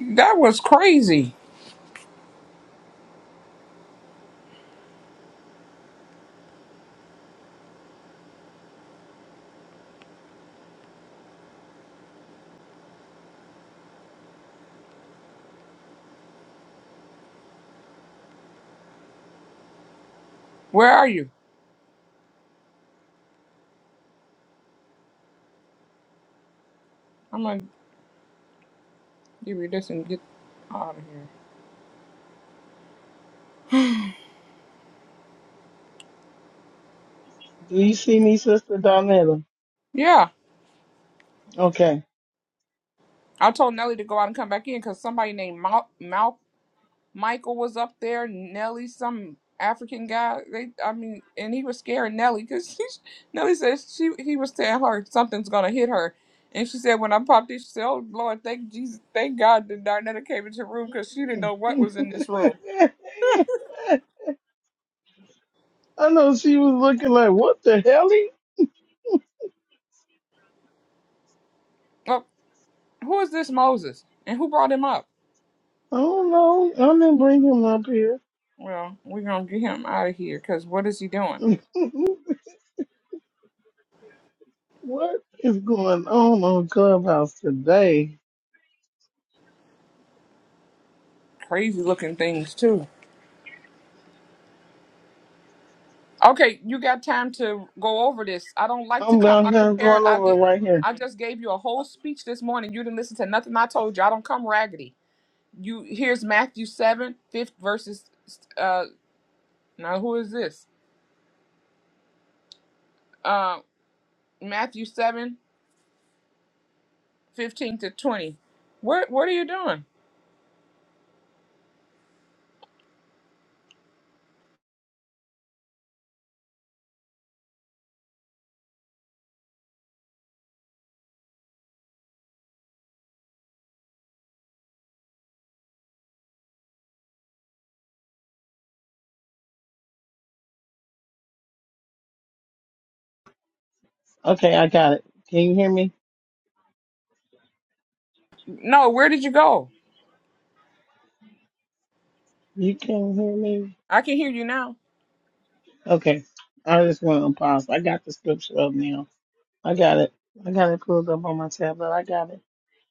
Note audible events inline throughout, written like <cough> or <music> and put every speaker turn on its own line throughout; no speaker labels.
That was crazy. Where are you? I'm gonna give you this and get out of here.
Do you see me, Sister Donetta?
Yeah,
Okay.
I told Nelly to go out and come back in because somebody named Mal, Mal Michael was up there. Nelly, some African guy. They, I mean, and he was scaring Nelly because <laughs> Nelly says she he was telling her something's gonna hit her, and she said when I popped in, she said, "Oh Lord, thank Jesus, thank God that Darnetta came into the room because she didn't know
<laughs>
what was in this room."
I know she was looking like, what the hell? He?
Well, who is this Moses and who brought him up?
I don't know. I didn't bring him up here.
Well, we're gonna get him out of here because what is he doing?
<laughs> what is going on on Clubhouse today?
Crazy looking things too. Okay, you got time to go over this. I don't like to
I'm
come
down here
unprepared.
going
I
over it
did.
right here.
I just gave you a whole speech this morning. You didn't listen to nothing I told you. I don't come raggedy. You here's Matthew seven fifth verses. Uh, now who is this? Uh, Matthew seven fifteen to twenty. What What are you doing?
Okay, I got it. Can you hear me?
No, where did you go?
You can hear me?
I can hear you now.
Okay. I just want to pause. I got the scripture up now. I got it. I got it pulled up on my tablet. I got it.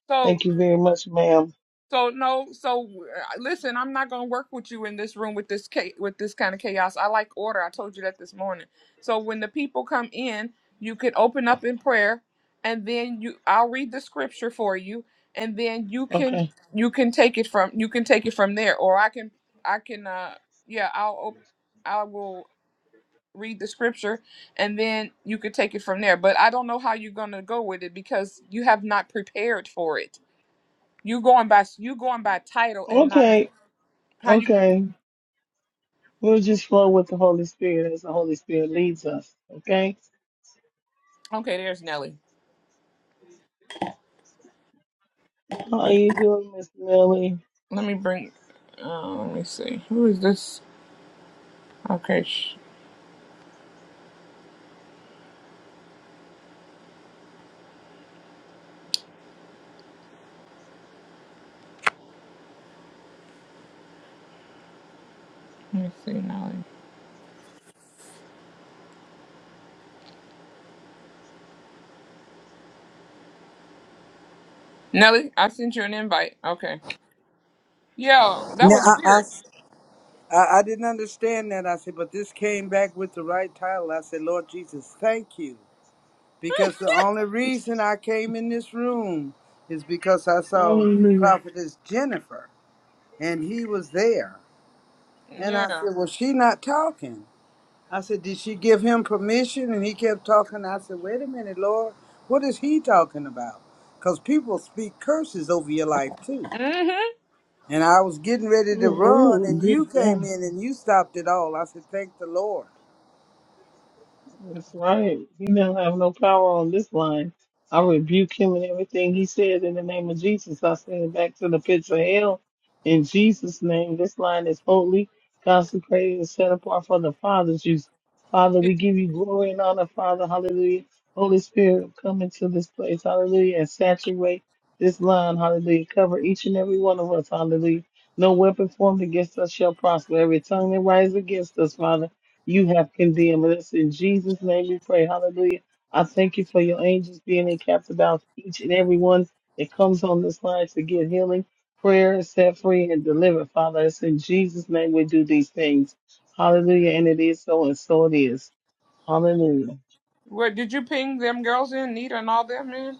So
Thank you very much, ma'am.
So no, so uh, listen, I'm not gonna work with you in this room with this cha- with this kind of chaos. I like order. I told you that this morning. So when the people come in, you can open up in prayer, and then you I'll read the scripture for you, and then you can
Okay.
you can take it from you can take it from there, or I can I can uh yeah I'll op- I will read the scripture, and then you could take it from there. But I don't know how you're gonna go with it because you have not prepared for it you going by you going by title and not
Okay.
how you.
Okay. We'll just flow with the Holy Spirit as the Holy Spirit leads us. Okay.
Okay, there's Nelly.
How are you doing, Miss Millie?
Let me bring. Uh, let me see. Who is this? Okay, sh- let me see Nelly. Nelly, I sent you an invite. Okay. Yo, that
Now, I,
was
I,
weird.
s- I- I didn't understand that. I said, but this came back with the right title. I said, Lord Jesus, thank you. Because the only reason I came in this room is because I saw
Hallelujah.
Prophetess Jennifer and he was there. And I
Yeah.
said, well, she not talking. I said, did she give him permission? And he kept talking. I said, wait a minute, Lord, what is he talking about? Because people speak curses over your life too.
Mhm.
And I was getting ready to run,
Oh,
and you came
good
in and you stopped it all. I said, Thank the Lord.
That's right. He don't have no power on this line. I rebuke him and everything he said in the name of Jesus. I send it back to the pits of hell in Jesus' name. This line is holy, consecrated, and set apart for the Father's use. Father,
Did-
we give you glory and honor, Father. Hallelujah. Holy Spirit, come into this place. Hallelujah. And saturate this line. Hallelujah. Cover each and every one of us. Hallelujah. No weapon formed against us shall prosper. Every tongue that rises against us, Father you have condemned us. In Jesus' name we pray. Hallelujah. I thank you for your angels being encamped about each and every one that comes on this line to get healing, prayer, set free, and delivered. Father, it's in Jesus' name we do these things. Hallelujah. And it is so, and so it is. Hallelujah.
What did you ping them girls in Nita and all them in?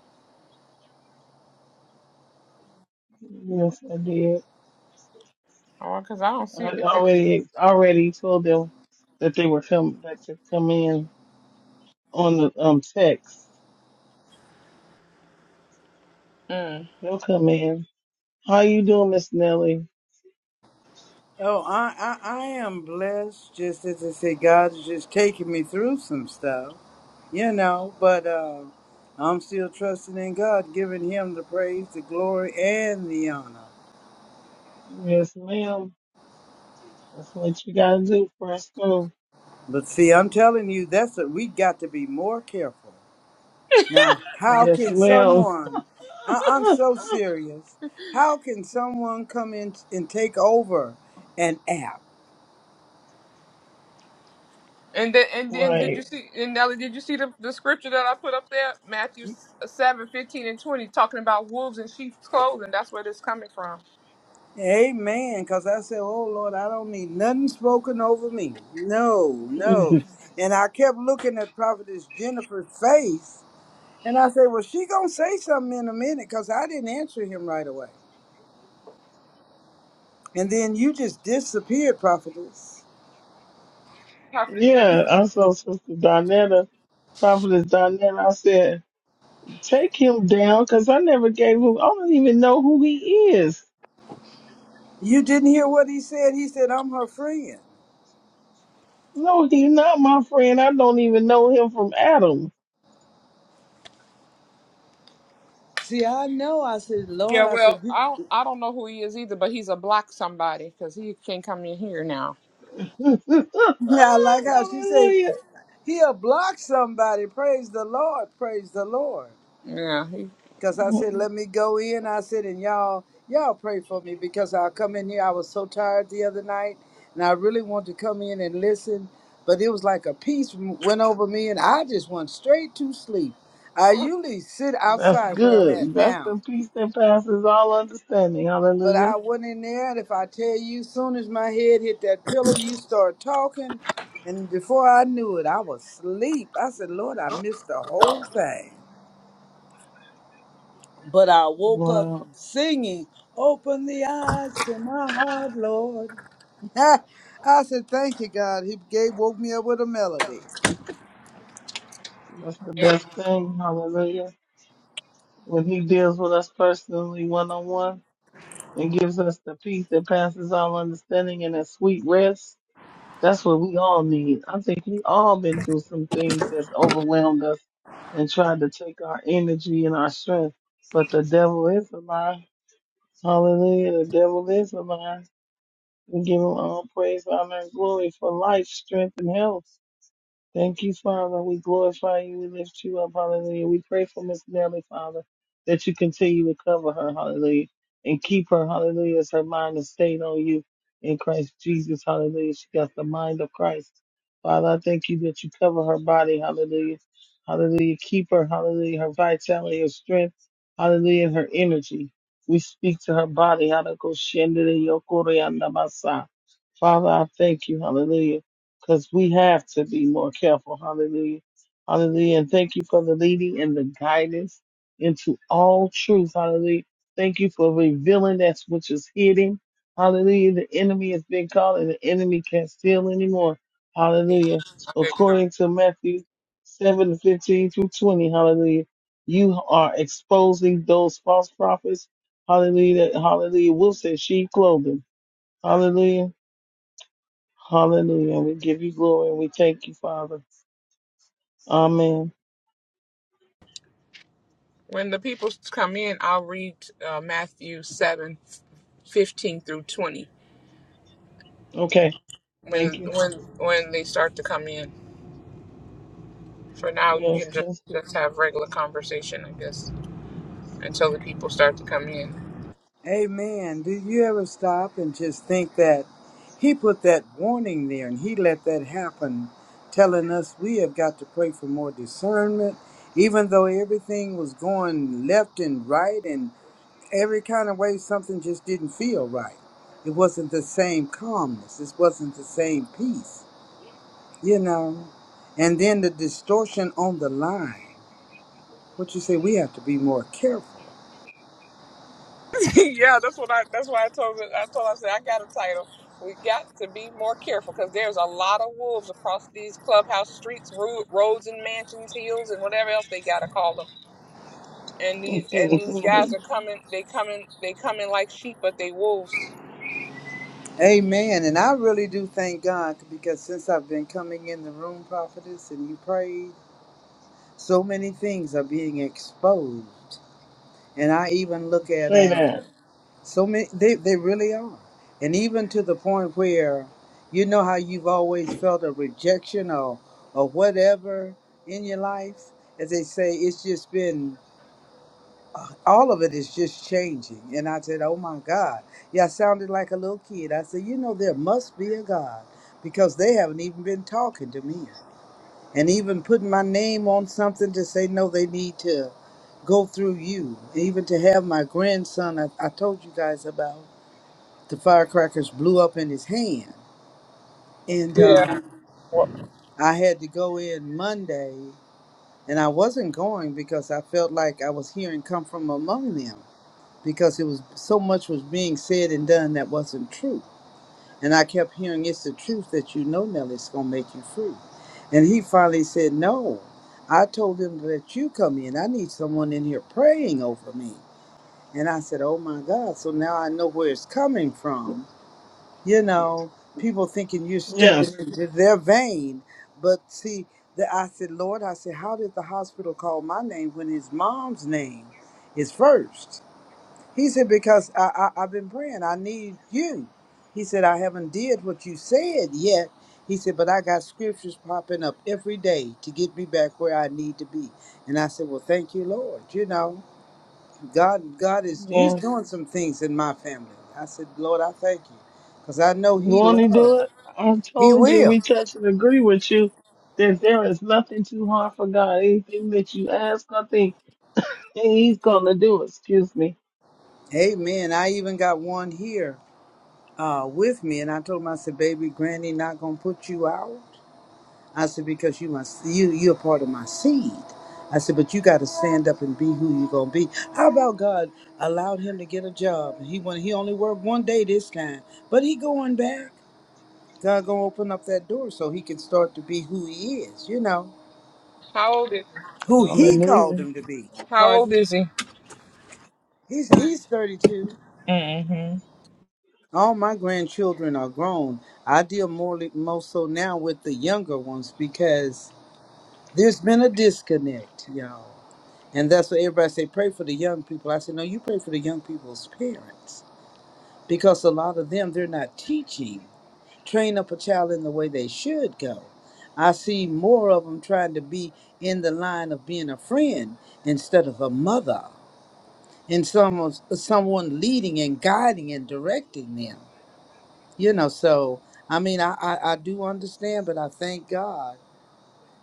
Yes, I did.
Oh, cause I don't
I
see.
already already told them that they were come that to come in on the um text.
Mm.
They'll come in. How you doing, Miss Nelly?
Oh, I, I, I am blessed, just as I said, God is just taking me through some stuff, you know, but uh, I'm still trusting in God, giving Him the praise, the glory, and the honor.
Yes, ma'am. That's what you gotta do, Presto.
But see, I'm telling you, that's what we got to be more careful. Now, how
Yes,
can
ma'am.
someone, I, I'm so
<laughs>
serious, how can someone come in and take over an app?
And then and then did you
right.
see? And Nelly, did you see the, the scripture that I put up there? Matthew seven fifteen and twenty, talking about wolves in sheep's clothing. That's where this coming from.
Amen. Because I said, Oh Lord, I don't need nothing spoken over me. No, no. And I kept looking at Prophetess Jennifer's face. And I said, Well, she going to say something in a minute because I didn't answer him right away. And then you just disappeared, Prophetess.
Prophet
yeah,
Jennifer.
I saw Sister Donetta, Prophetess Donetta. I said, take him down because I never gave him, I don't even know who he is.
You didn't hear what he said. He said, I'm her friend.
No, he's not my friend. I don't even know him from Adam.
See, I know. I said, Lord,
Yeah,
I said,
well,
you,
I don't, I don't know who he is either, but he's a black somebody because he can't come in here now.
<laughs>
<laughs> I like how she said,
Hallelujah.
He'll block somebody. Praise the Lord. Praise the Lord.
Yeah, he,
Cause I said, let me go in. I said, and y'all, y'all pray for me because I'll come in here. I was so tired the other night, and I really wanted to come in and listen, but it was like a peace went over me, and I just went straight to sleep. I usually sit
That's
outside where I'm
good.
at
That's
now,
the peace that passes all understanding.
but
Hallelujah.
I went in there, and if I tell you, soon as my head hit that pillow, you start talking, and before I knew it, I was asleep. I said, Lord, I missed the whole thing. But I woke up
Wow.
singing, Open the eyes to my heart, Lord. <laughs> I said, Thank you, God. He gave, woke me up with a melody.
That's the
yeah,
best thing. Hallelujah. when he deals with us personally one on one and gives us the peace that passes all understanding and a sweet rest, that's what we all need. I think we all been through some things that's overwhelmed us and tried to take our energy and our strength. But the devil is a lie. Hallelujah. The devil is a lie. We give him all praise, honor, and glory for life, strength, and health. Thank you, Father. We glorify you. We lift you up. Hallelujah. We pray for Miss Nelly, Father, that you continue to cover her. Hallelujah. And keep her. Hallelujah. As her mind is stayed on you in Christ Jesus. Hallelujah. She got the mind of Christ. Father, I thank you that you cover her body. Hallelujah. Hallelujah. Keep her. Hallelujah. Her vitality, her strength. Hallelujah. And her energy. We speak to her body. Hallelujah. Father, I thank you, hallelujah, because we have to be more careful, hallelujah, hallelujah. And thank you for the leading and the guidance into all truth, hallelujah. Thank you for revealing that which is hidden, hallelujah. The enemy has been called, and the enemy can't steal anymore,
he-
hallelujah.
there you go.
According to Matthew 7 15 through 20, hallelujah, you are exposing those false prophets, hallelujah, that- hallelujah, wolves in sheep clothing, hallelujah Hallelujah. We give you glory and we thank you, Father. Amen.
When the people come in, I'll read uh, Matthew seven fifteen through twenty.
Okay. Thank
When
you.
when when they start to come in. For now, you
Yes,
can just
that's good.
just have regular conversation, I guess, until the people start to come in.
Amen. Do you ever stop and just think that He put that warning there and He let that happen, telling us we have got to pray for more discernment, even though everything was going left and right and every kind of way something just didn't feel right. It wasn't the same calmness, it wasn't the same peace. you know and then the distortion on the line what you say we have to be more careful
<laughs> yeah, that's what I. That's why I told. her- I told. her, I said I got a title. We got to be more careful because there's a lot of wolves across these clubhouse streets, ro- roads, and mansions, hills, and whatever else they gotta call them. And these and these guys
<laughs>
are coming. They coming. They coming like sheep, but they wolves.
amen and i really do thank god because since i've been coming in the room prophetess and you prayed so many things are being exposed and i even look at
Say
um,
that.
so many they, they really are and even to the point where you know how you've always felt a rejection or or whatever in your life as they say it's just been all of it is just changing. And I said, Oh my God. Yeah, I sounded like a little kid. I said, You know, there must be a God because they haven't even been talking to me and even putting my name on something to say, No, they need to go through you. Even to have my grandson, I, I told you guys about the firecrackers blew up in his hand. And
Yeah.
uh,
Well,
I had to go in Monday. And I wasn't going because I felt like I was hearing come from among them. because it was so much was being said and done that wasn't true. And I kept hearing it's the truth that you know, Nelly, it's gonna make you free. And he finally said, No. I told him that you come in. I need someone in here praying over me. And I said, Oh my God. So now I know where it's coming from. You know, people thinking you're
Yes.
stepping into their vein. But see, the, I said, Lord, I said, how did the hospital call my name when his mom's name is first? He said, because I, I, I've been praying, I need you. He said, I haven't did what you said yet. He said, but I got scriptures popping up every day to get me back where I need to be. And I said, well, thank you, Lord. You know, God, God is, he's
Yes.
doing some things in my family. I said, Lord, I thank you because I know
You
he
want to do
loves.
it? I
He
told you
will.
we touch and agree with you that there is nothing too hard for God. Anything that you ask, I think and He's going to do. it. Excuse me.
Amen. I even got one here uh, with me. And I told him, I said, baby, granny not going to put you out. I said, because you must you you're part of my seed. I said, but you gotta stand up and be who you're gonna be. How about God allowed him to get a job? He went he only worked one day this time, but he going back. God gonna open up that door so he can start to be who he is, you know.
How old is? He?
Who he called
Hallelujah.
him to be.
How old
Pardon?
is he?
He's he's thirty two.
hmm
All my grandchildren are grown. I deal more more so now with the younger ones because there's been a disconnect, y'all. And that's what everybody say, pray for the young people. I said, no, you pray for the young people's parents because a lot of them, they're not teaching. Train up a child in the way they should go. I see more of them trying to be in the line of being a friend instead of a mother and someone, someone leading and guiding and directing them. You know, so I mean, I, I, I do understand, but I thank God.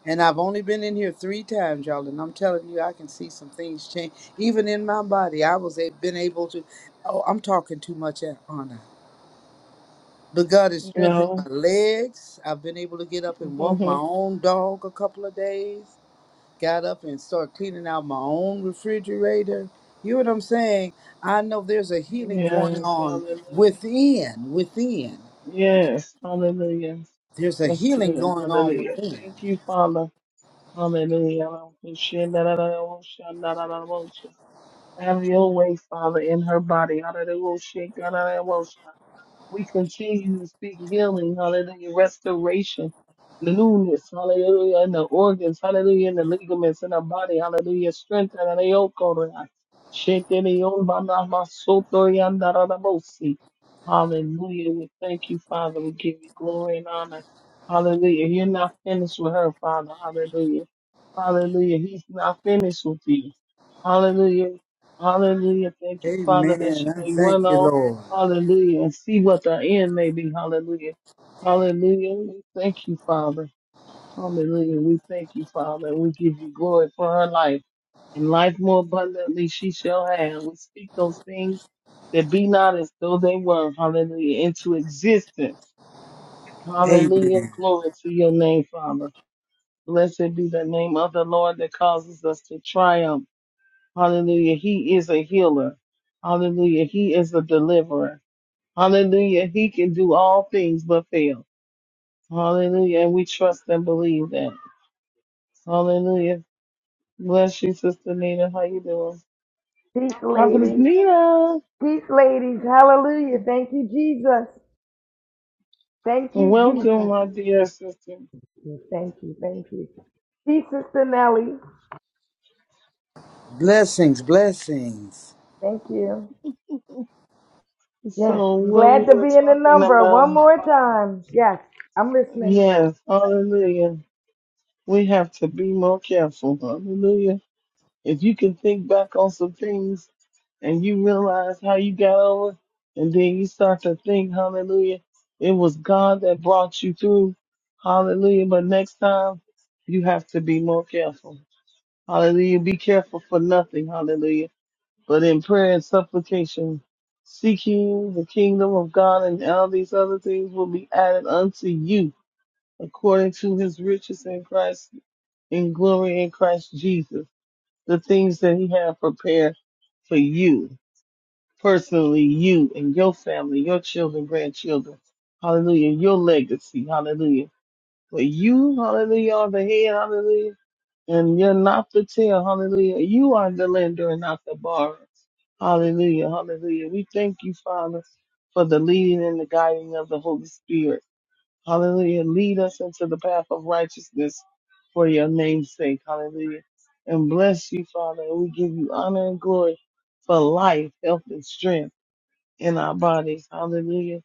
And I've only been in here three times, y'all, and I'm telling you, I can see some things change. Even in my body, I was a, been able to. Oh, I'm talking too much, eh, Anna. But God has
You
strengthened my
know?
legs. I've been able to get up and walk my own dog a couple of days. Got up and started cleaning out my own refrigerator. You know what I'm saying? I know there's a
<laughs>
healing going
Yes.
on
Hallelujah.
within. Within,
Yes. Hallelujah.
there's a
That's
healing
good.
going on
Hallelujah.
within.
Thank you, Father. Hallelujah. Have your way, Father, in her body. Hallelujah. We continue to speak healing, hallelujah, restoration, the newness, hallelujah, in the organs, hallelujah, in the ligaments, in the body, hallelujah, strength, and the yoke, hallelujah. Shetelion banamasotoriandarabosi. Hallelujah. We thank you, Father. We give you glory and honor. Hallelujah. You're not finished with her, Father. Hallelujah. Hallelujah. He's not finished with you. Hallelujah. Hallelujah. Thank you, Father, that she
Amen. I
may
thank
run
you,
on.
Lord.
Hallelujah. And see what the end may be. Hallelujah. Hallelujah. We thank you, Father. Hallelujah. We thank you, Father. We give you glory for her life. And life more abundantly she shall have. We speak those things that be not as though they were. Hallelujah. Into existence.
Amen.
Hallelujah. Glory to your name, Father. Blessed be the name of the Lord that causes us to triumph. Hallelujah. He is a healer. Hallelujah. He is a deliverer. Hallelujah. He can do all things but fail. Hallelujah. And we trust and believe that. Hallelujah. Bless you, Sister Nina. How you doing?
Peace,
Prophetess
ladies.
Nina.
Peace, ladies. Hallelujah. Thank you, Jesus. Thank you,
Welcome,
Jesus.
my dear sister.
Thank you. Thank you. Peace, Sister Nellie.
Blessings, blessings.
Thank you. Yes.
So
I'm
what we
glad to
were
be in the
talking
number one
about,
more time. Yes. I'm listening.
yes, hallelujah. We have to be more careful. Hallelujah. If you can think back on some things and you realize how you got over, and then you start to think, hallelujah, it was God that brought you through, hallelujah. But next time, you have to be more careful, hallelujah. Be careful for nothing, hallelujah. But in prayer and supplication, seeking the kingdom of God, and all these other things will be added unto you according to his riches in Christ, in glory in Christ Jesus the things that He has prepared for you personally, you and your family, your children, grandchildren. Hallelujah. Your legacy. Hallelujah. But you, hallelujah, are the head. Hallelujah. And you're not the tail. Hallelujah. You are the lender and not the borrower. Hallelujah. Hallelujah. We thank you, Father, for the leading and the guiding of the Holy Spirit. Hallelujah. Lead us into the path of righteousness for your name's sake. Hallelujah. And bless you, Father. And we give you honor and glory for life, health, and strength in our bodies. Hallelujah.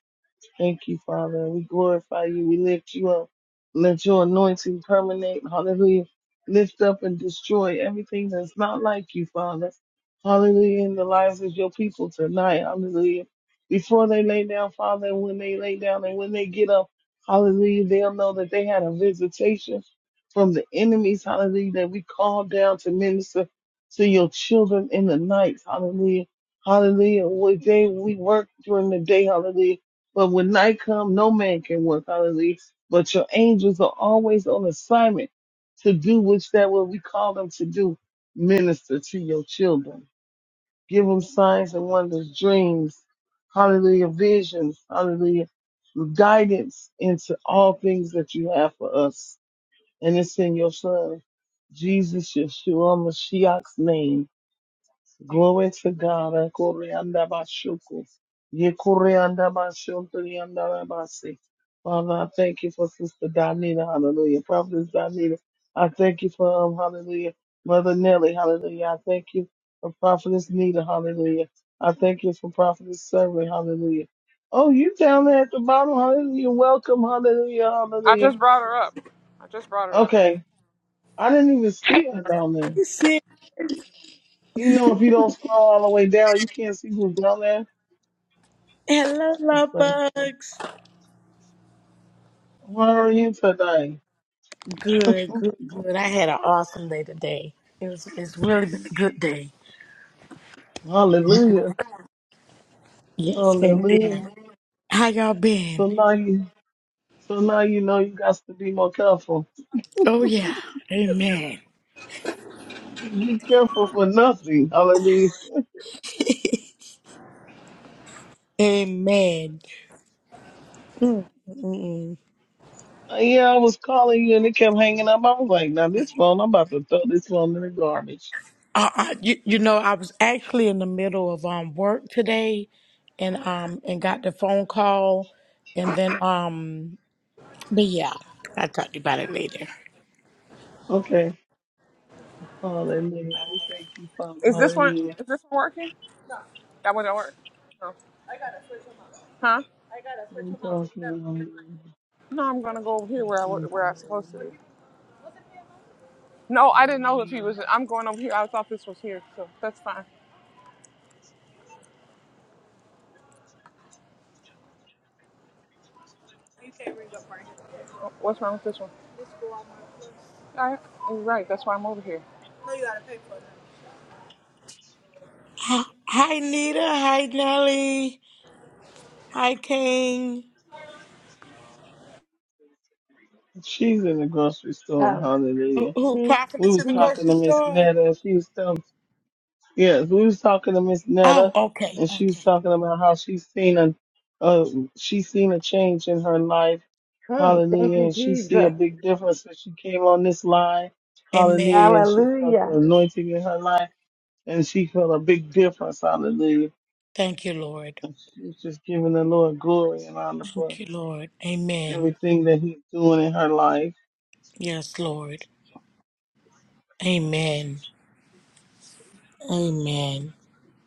Thank you, Father. We glorify you. We lift you up. Let your anointing permeate. Hallelujah. Lift up and destroy everything that's not like you, Father. Hallelujah. In the lives of your people tonight. Hallelujah. Before they lay down, Father, and when they lay down and when they get up, hallelujah, they'll know that they had a visitation from the enemies. Hallelujah. That we called down to minister to your children in the night. Hallelujah. Hallelujah. We, they, we work during the day. Hallelujah but when night come, no man can work. Hallelujah. But your angels are always on assignment to do which that what we call them to do. Minister to your children. Give them signs and wonders, dreams. Hallelujah. Visions. Hallelujah. Guidance into all things that you have for us. And it's in your son, Jesus Yeshua Mashiach's name. Glory to God. Koreanda Bashuku. Ye Koreanda Bashuntrianda Basi. Father, I thank you for Sister Donita. Hallelujah. Prophetess Donita. I thank you for um, hallelujah. Mother Nelly, hallelujah. I thank you for Prophetess Nita, hallelujah. I thank you for Prophetess Survey, hallelujah. Oh, you down there at the bottom, hallelujah. Welcome, hallelujah,
I
hallelujah.
just brought her up. I just brought her up.
Okay. I didn't even see her down there.
You said,
You know, if you don't scroll all the way down, you can't see who's down
hello, love
there.
bugs.
How are you today?
Good, good, good. I had an awesome day today. It was, it's really been a good day.
Hallelujah.
Yes,
Hallelujah.
indeed. How y'all been?
So now you so now you know you got to be more careful.
Oh, yeah. Amen.
Be careful for nothing. Hallelujah.
Amen. Mm, mm, mm.
Uh, Yeah, I was calling you and it kept hanging up. I was like, now this phone, I'm about to throw this phone in the garbage.
Uh, uh, you, you know, I was actually in the middle of um work today and um and got the phone call and then um but yeah, I'll talk to you about it later.
Okay. Hallelujah. We thank you, Father.
Is this one?
Hallelujah.
Is this one working? That one don't work. No. Huh?
We thank you. Hallelujah.
No, I'm gonna go over
We
here where I wa-
thank you,
where I'm supposed to be.
Hallelujah.
No, I didn't know if he
Hallelujah.
was. I'm going over here. I thought this was here, so that's fine. What's wrong with this one? I, you're right. That's why I'm over here.
Hi hi, Nita, hi Nelly, hi King.
She's in the grocery store.
Um,
Who,
Hallelujah.
who
peace.
we
profited to
was
the
Peace.
talking
grocery
to Miss
store?
Netta. and She was telling, yes, we was talking to Miss
Oh,
Netta,
okay,
and she was
okay.
talking about how she's seen a, uh, she's seen a change in her life.
Mm, thank
Hallelujah,
you,
and she see a
Jesus.
big difference when she came on this line.
Amen.
Hallelujah, and she felt
Hallelujah.
the anointing in her life, and she felt a big difference. Hallelujah,
Thank you, Lord.
and she was just giving the Lord glory and honor for
Thank you, Lord. Amen.
everything that He's doing in her life.
Yes, Lord. Amen. Amen.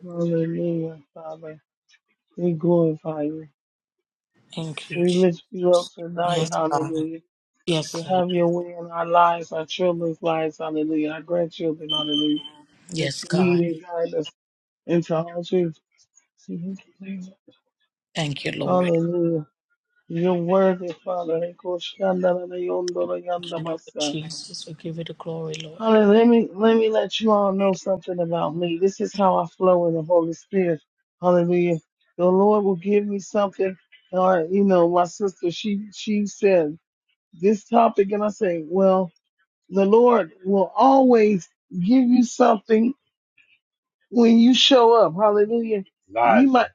Hallelujah, Father, we glorify you.
Thank you.
We
Je-
lift you up tonight,
Yes, God.
hallelujah, to
Yes, Lord.
have your way in our lives, our children's lives, hallelujah, our grandchildren, hallelujah, that
Yes,
you lead
God.
and guide us into all truth.
Thank you, Lord.
Hallelujah. You're worthy, Father. Hallelujah.
Thank you, Lord Jesus. We give you the glory, Lord.
Let me, let me let you all know something about me. This is how I flow in the Holy Spirit. Hallelujah. The Lord will give me something. Or, you know, my sister, she, she said, this topic and I say, well, the Lord will always give you something when you show up. Hallelujah. He You might,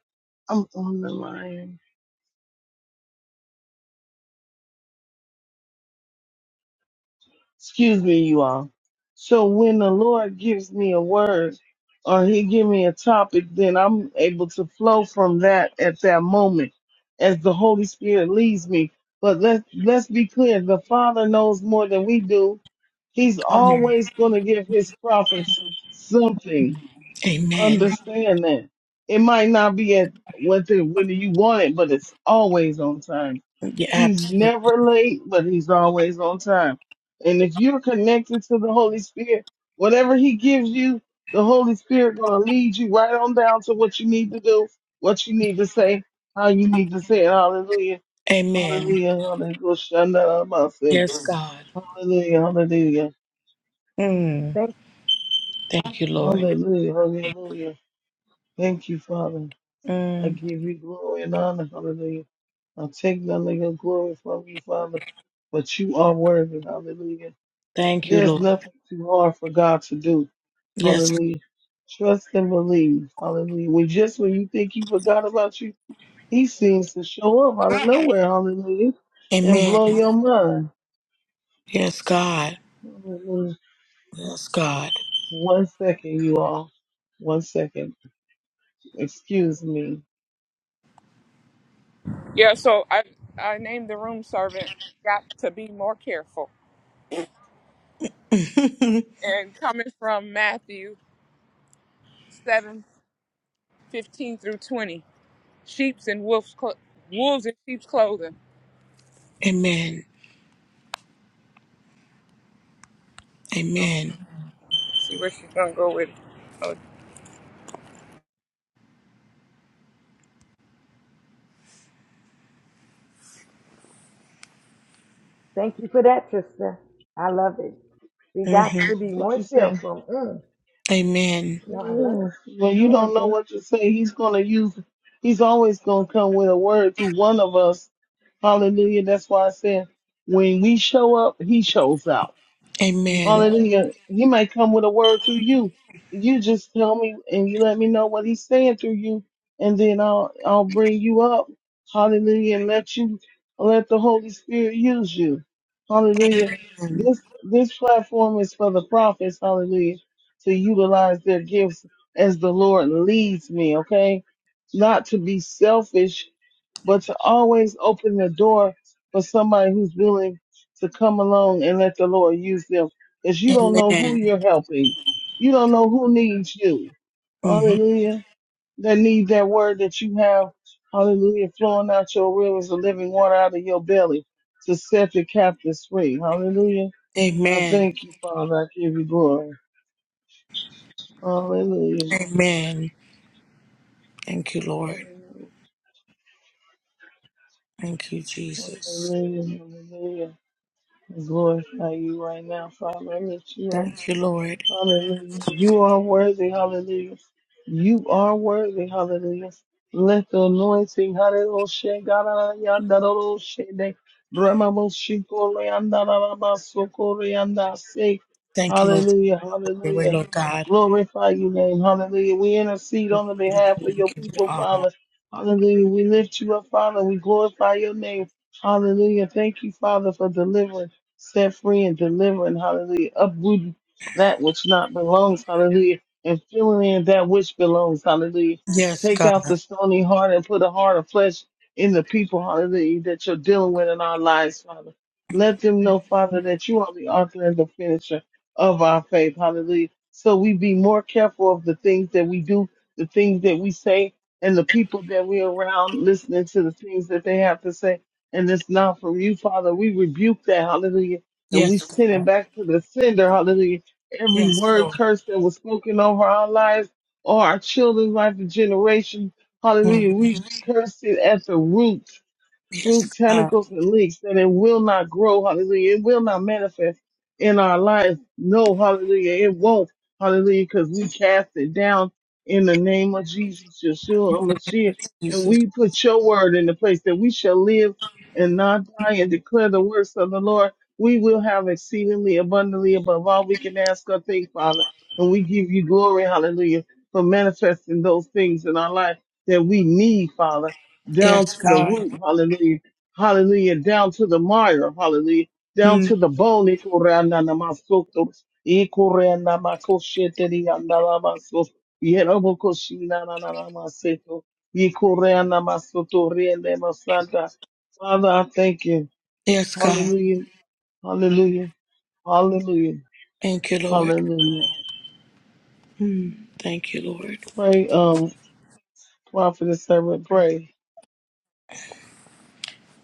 I'm on the line. Excuse me, you all. So when the Lord gives me a word or he give me a topic, then I'm able to flow from that at that moment as the Holy Spirit leads me. But let's, let's be clear. The Father knows more than we do. He's always going to give his prophets something
Amen.
understand that. It might not be at what the, when you want it, but it's always on time.
Yeah,
He's
absolutely.
never late, but he's always on time. And if you're connected to the Holy Spirit, whatever he gives you, the Holy Spirit gonna lead you right on down to what you need to do, what you need to say, how you need to say it. Hallelujah.
Amen.
Hallelujah. Hallelujah. Shanda Amase.
Yes, God.
Hallelujah. Hallelujah.
Mm.
Thank,
Thank you, Lord.
Hallelujah. Hallelujah. Thank you, Father. I
Mm.
give you glory and honor, hallelujah. I take none of your glory from you, Father, but you are worthy, hallelujah.
Thank you,
There's
Lord.
nothing too hard for God to do,
Yes.
hallelujah. Trust and believe, hallelujah. When just when you think he forgot about you, he seems to show up out of nowhere, hallelujah, and
Amen.
blow your mind.
Yes, God.
Hallelujah.
Yes, God.
One second, you all. One second. Excuse me.
Yeah. So I I named the room servant. Got to be more careful.
<laughs>
And coming from Matthew seven fifteen through twenty, sheep's and wolves cl- wolves in sheep's clothing.
Amen. Amen.
See where she's gonna go with it. Oh,
thank you for that, sister. I love it. We got
Mhm.
to be
What you
more
say?
cheerful. Mm.
Amen.
No, I love
Yeah. When
it.
you
Man,
don't know
thank
what to say, he's gonna use he's always gonna come with a word through one of us. Hallelujah. That's why I said when we show up, he shows out.
you,
Amen.
guys.
Hallelujah. He might come with a word to you. You just tell me and you let me know what he's saying to you, and then I'll I'll bring you up. Hallelujah. And let you let the Holy Spirit use you. Hallelujah.
Amen.
This this platform is for the prophets, hallelujah, to utilize their gifts as the Lord leads me, okay? Not to be selfish but to always open the door for somebody who's willing to come along and let the Lord use them. Because you don't know who
Amen.
you're helping. You don't know who needs you.
Mhm.
Hallelujah. They need that word that you have. Hallelujah. Flowing out your rivers of living water out of your belly to set the captives free. Hallelujah. I
Amen.
thank you, Father. I give you glory. Hallelujah.
Amen. Thank you, Lord.
Hallelujah.
Thank you, Jesus.
Hallelujah. Hallelujah. I glorify you right now, Father. I lift you up.
Thank you, Lord.
Hallelujah. You are worthy. Hallelujah. You are worthy. Hallelujah. Let the anointing. Hallelujah. God, yanda, do, shede. Rama, bo, shiko, leanda, la, la, ba, soko, leanda, se.
Thank you, Lord.
Hallelujah.
Your way,
Hallelujah.
Lord God.
Glorify your name. Hallelujah. We intercede on the behalf of your
Thank you,
people,
honor.
Father. Hallelujah. We lift you up, Father. We glorify your name. Hallelujah. Thank you, Father, for delivering, set free and delivering. Hallelujah. Uprooting that which not belongs, hallelujah, and filling in that which belongs, hallelujah.
Yes,
Take
God.
out the stony heart and put a heart of flesh in the people, hallelujah, that you're dealing with in our lives, Father. Let them know, Father, that you are the author and the finisher of our faith, hallelujah. So we be more careful of the things that we do, the things that we say, and the people that we're around listening to the things that they have to say. And it's not from you, Father. We rebuke that, hallelujah. And we
Yes, God.
send it back to the sender, hallelujah every
Yes,
word
Lord.
curse that was spoken over our lives or our children's life and generation.
Mhm.
Hallelujah. We curse it at the root through
Yes, God.
tentacles and leaks, that it will not grow, hallelujah. It will not manifest in our lives. No, hallelujah. It won't, hallelujah, because we cast it down in the name of Jesus, Yeshua, Mashiach. And
Jesus.
we put your word in the place that we shall live and not die and declare the works of the Lord. We will have exceedingly abundantly above all we can ask or think, Father. And we give you glory, hallelujah, for manifesting those things in our life that we need, Father down
Yes,
to the
God.
root, hallelujah, hallelujah, down to the mire, hallelujah, down
Mm.
to the bone, ikorananamasoto, ikoranamakoshetheriandanamaso, yerobokoshinananamaseto, ikoranamasoto, rienemasanta. Father, I thank you.
Yes, God.
Hallelujah, hallelujah, hallelujah,
Thank you, Lord.
hallelujah.
Mm. Thank you, Lord.
Pray, um, prophetess, servant, pray.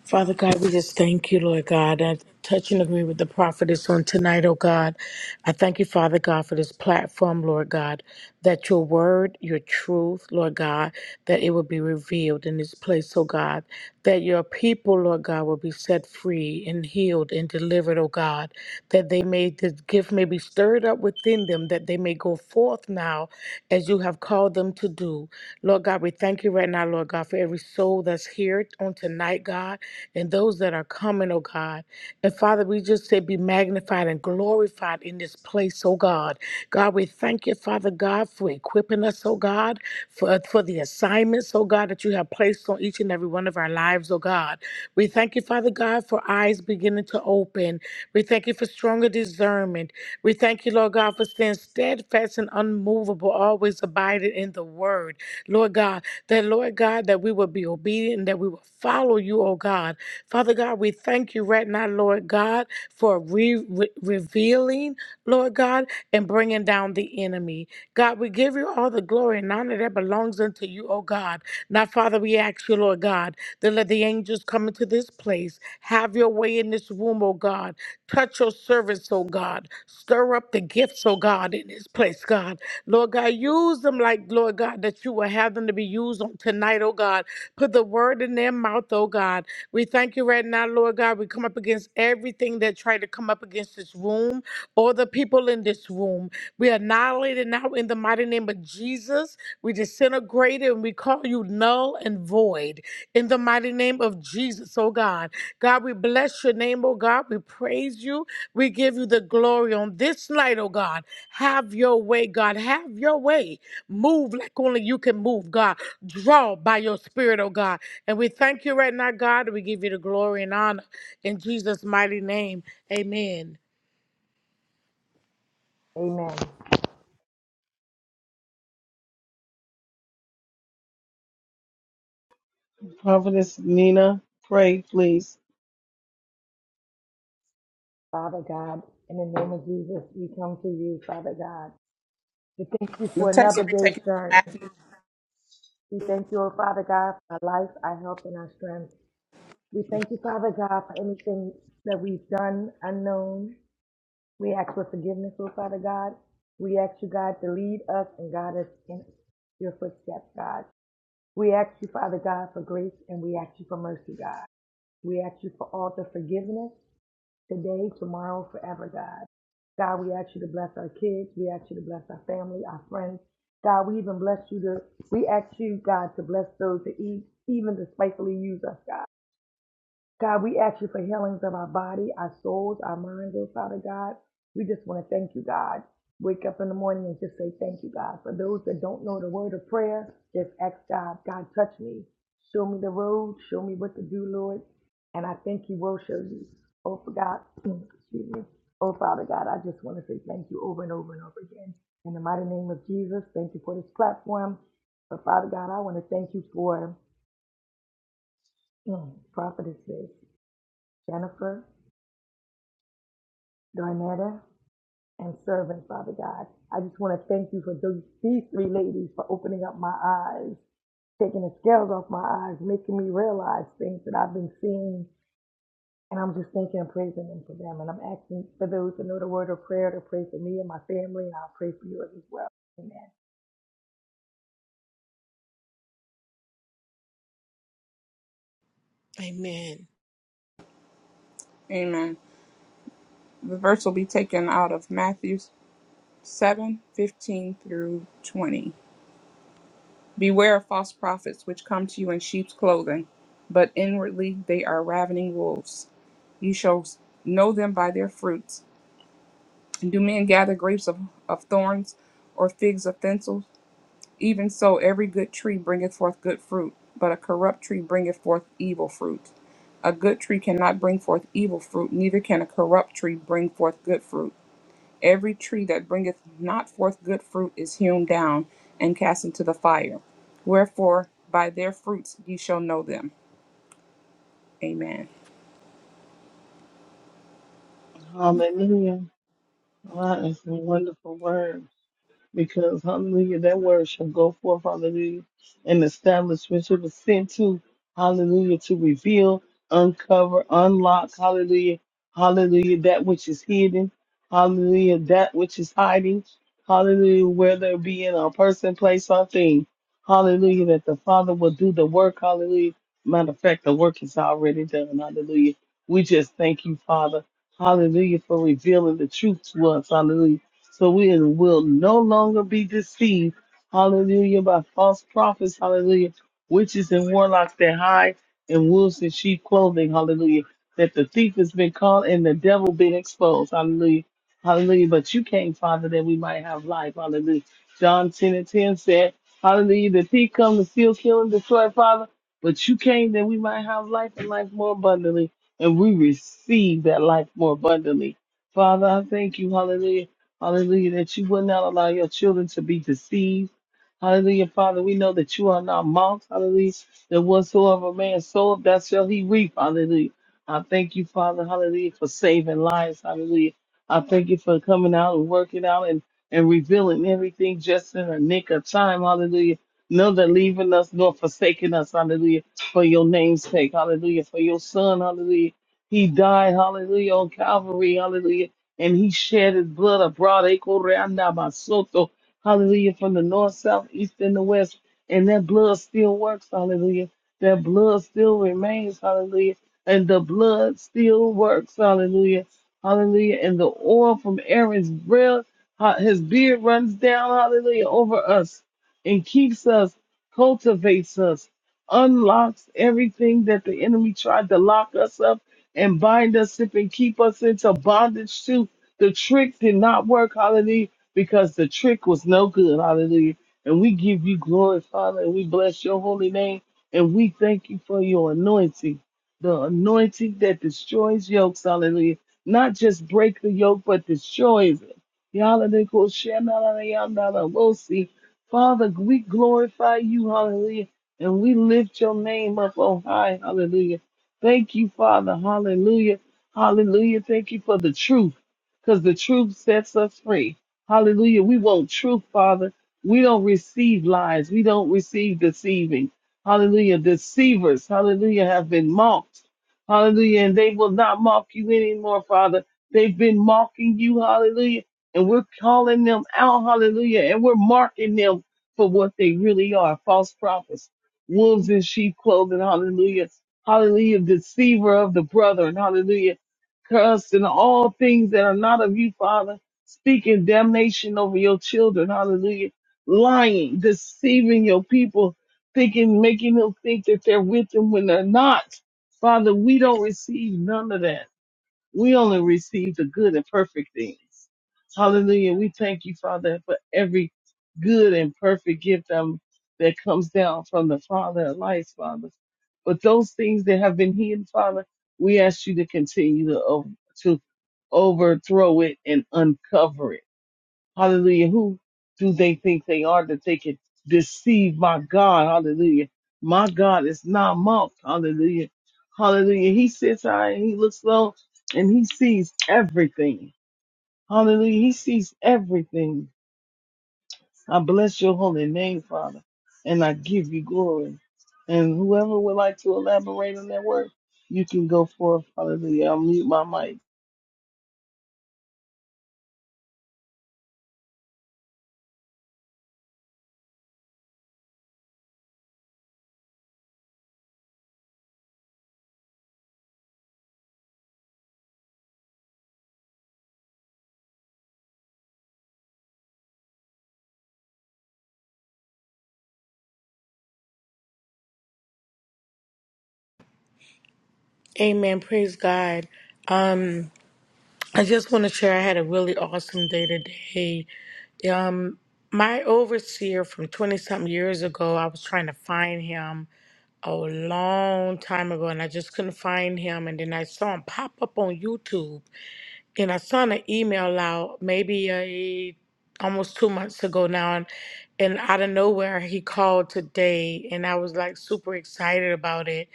Father God, we just thank you, Lord God. I touch and agree with the prophetess on tonight, oh God. I thank you, Father God, for this platform, Lord God, that your word, your truth, Lord God, that it will be revealed in this place, oh God, that your people, Lord God, will be set free and healed and delivered, oh God, that they may, the gift may be stirred up within them, that they may go forth now as you have called them to do. Lord God, we thank you right now, Lord God, for every soul that's here on tonight, God, and those that are coming, oh God. And Father, we just say be magnified and glorified in this place, oh God. God, we thank you, Father God, for equipping us, oh God, for, for the assignments, oh God, that you have placed on each and every one of our lives, oh God. We thank you, Father God, for eyes beginning to open. We thank you for stronger discernment. We thank you, Lord God, for staying steadfast and unmovable, always abiding in the word. Lord God, that Lord God, that we will be obedient and that we will follow you, oh God. Father God, we thank you right now, Lord God, for re- re- revealing, Lord God, and bringing down the enemy. God, we give you all the glory and honor that belongs unto you, oh God. Now, Father, we ask you, Lord God, to let the angels come into this place. Have your way in this room, oh God. Touch your servants, oh God. Stir up the gifts, oh God, in this place, God. Lord God, use them like, Lord God, that you will have them to be used on tonight, oh God. Put the word in their mouth, oh God. We thank you right now, Lord God. We come up against everything that tried to come up against this room or the people in this room. We annihilate it now in the mighty name of Jesus. We disintegrate it and we call you null and void in the mighty name of Jesus, oh God. God, we bless your name, oh God. We praise you. We give you the glory on this night, oh God. Have your way, God. Have your way. Move like only you can move, God. Draw by your spirit, oh God. And we thank you right now, God. We give you the glory and honor in Jesus' mighty name. Amen.
Amen.
Prophetess Nina, pray, please.
Father God, in the name of Jesus, we come to you, Father God. We thank you
The
for
text will
another
be
day's
taken from
journey.
Matthew.
We thank you, oh Father God, for our life, our health, and our strength. We thank you, Father God, for anything that we've done unknown. We ask for forgiveness, oh Father God. We ask you, God, to lead us and guide us in your footsteps, God. We ask you, Father God, for grace, and we ask you for mercy, God. We ask you for all the forgiveness today, tomorrow, forever, God. God, we ask you to bless our kids. We ask you to bless our family, our friends. God, we even bless you to, we ask you, God, to bless those that e- even despitefully use us, God. God, we ask you for healings of our body, our souls, our minds, oh Father God. We just want to thank you, God. Wake up in the morning and just say thank you, God. For those that don't know the word of prayer, just ask God, God, touch me. Show me the road. Show me what to do, Lord. And I think He will show you. Oh, for God, excuse me. Oh, Father God, I just want to say thank you over and over and over again. In the mighty name of Jesus, thank you for this platform. But Father God, I want to thank you for mm, prophetesses, Jennifer, Darnetta, and servant, Father God. I just want to thank you for those, these three ladies for opening up my eyes, taking the scales off my eyes, making me realize things that I've been seeing. And I'm just thanking and praising them for them. And I'm asking for those who know the word of prayer to pray for me and my family, and I'll pray for yours as well. Amen.
Amen.
Amen. The verse will be taken out of Matthew seven fifteen through twenty. Beware of false prophets which come to you in sheep's clothing, but inwardly they are ravening wolves. You shall know them by their fruits. Do men gather grapes of, of thorns or figs of thistles? Even so, every good tree bringeth forth good fruit, but a corrupt tree bringeth forth evil fruit. A good tree cannot bring forth evil fruit, neither can a corrupt tree bring forth good fruit. Every tree that bringeth not forth good fruit is hewn down and cast into the fire. Wherefore, by their fruits ye shall know them. Amen.
Hallelujah. Wow, that's a wonderful word because hallelujah, that word shall go forth, hallelujah, and establish which it was sent to, hallelujah, to reveal, uncover, unlock, hallelujah, hallelujah, that which is hidden, hallelujah, that which is hiding, hallelujah, whether it be in a person, place, or thing, hallelujah, that the Father will do the work, hallelujah. Matter of fact, the work is already done, hallelujah. We just thank you, Father, hallelujah, for revealing the truth to us, hallelujah so we will no longer be deceived, hallelujah, by false prophets, hallelujah, witches and warlocks that hide in wolves and sheep clothing, hallelujah, that the thief has been caught and the devil been exposed, hallelujah, hallelujah. But you came, Father, that we might have life, hallelujah. John 10 and 10 said, hallelujah, the thief come to steal, kill, and destroy, Father, but you came that we might have life and life more abundantly, and we receive that life more abundantly. Father, I thank you, hallelujah Hallelujah, that you will not allow your children to be deceived. Hallelujah, Father, we know that you are not mocked. Hallelujah, that whatsoever man soweth, that shall he reap. Hallelujah. I thank you, Father, hallelujah, for saving lives. Hallelujah. I thank you for coming out and working out and, and revealing everything just in a nick of time. Hallelujah. Know that leaving us nor forsaking us. Hallelujah. For your name's sake. Hallelujah. For your son. Hallelujah. He died. Hallelujah. On Calvary. Hallelujah and he shed his blood abroad. Ekoreanda basoto. Hallelujah. From the north, south, east, and the west. And that blood still works. Hallelujah. That blood still remains. Hallelujah. And the blood still works. Hallelujah. Hallelujah. And the oil from Aaron's breath, ha- his beard runs down. Hallelujah. Over us and keeps us, cultivates us, unlocks everything that the enemy tried to lock us up and bind us up and keep us into bondage to. The trick did not work, hallelujah, because the trick was no good, hallelujah. And we give you glory, Father, and we bless your holy name, and we thank you for your anointing, the anointing that destroys yokes, hallelujah. Not just break the yoke, but destroys it. Hallelujah. Father, we glorify you, hallelujah, and we lift your name up on high, hallelujah. Thank you, Father, hallelujah. Hallelujah. Thank you for the truth because the truth sets us free. Hallelujah. We want truth, Father. We don't receive lies. We don't receive deceiving. Hallelujah. Deceivers, hallelujah, have been mocked. Hallelujah. And they will not mock you anymore, Father. They've been mocking you, hallelujah. And we're calling them out, hallelujah. And we're marking them for what they really are false prophets, wolves in sheep clothing, hallelujah. Hallelujah. Deceiver of the brethren, hallelujah Cursing all things that are not of you, Father, speaking damnation over your children, hallelujah, lying, deceiving your people, thinking, making them think that they're with them when they're not. Father, we don't receive none of that. We only receive the good and perfect things. Hallelujah. We thank you, Father, for every good and perfect gift um, that comes down from the Father of lights, Father. But those things that have been hidden, Father, we ask you to continue to, o- to overthrow it and uncover it Hallelujah. Who do they think they are that they can deceive my God? Hallelujah. My God is not mocked. Hallelujah. Hallelujah. He sits high and he looks low and he sees everything. Hallelujah. He sees everything. I bless your holy name, Father, and I give you glory. And whoever would like to elaborate on that word, you can go forth. Hallelujah. I'll mute my mic.
Amen. Praise God. Um, I just want to share I had a really awesome day today. Um, my overseer from 20 something years ago, I was trying to find him a long time ago and I just couldn't find him. And then I saw him pop up on YouTube and I sent an email out maybe a, almost two months ago now. And, and out of nowhere, he called today and I was like super excited about it.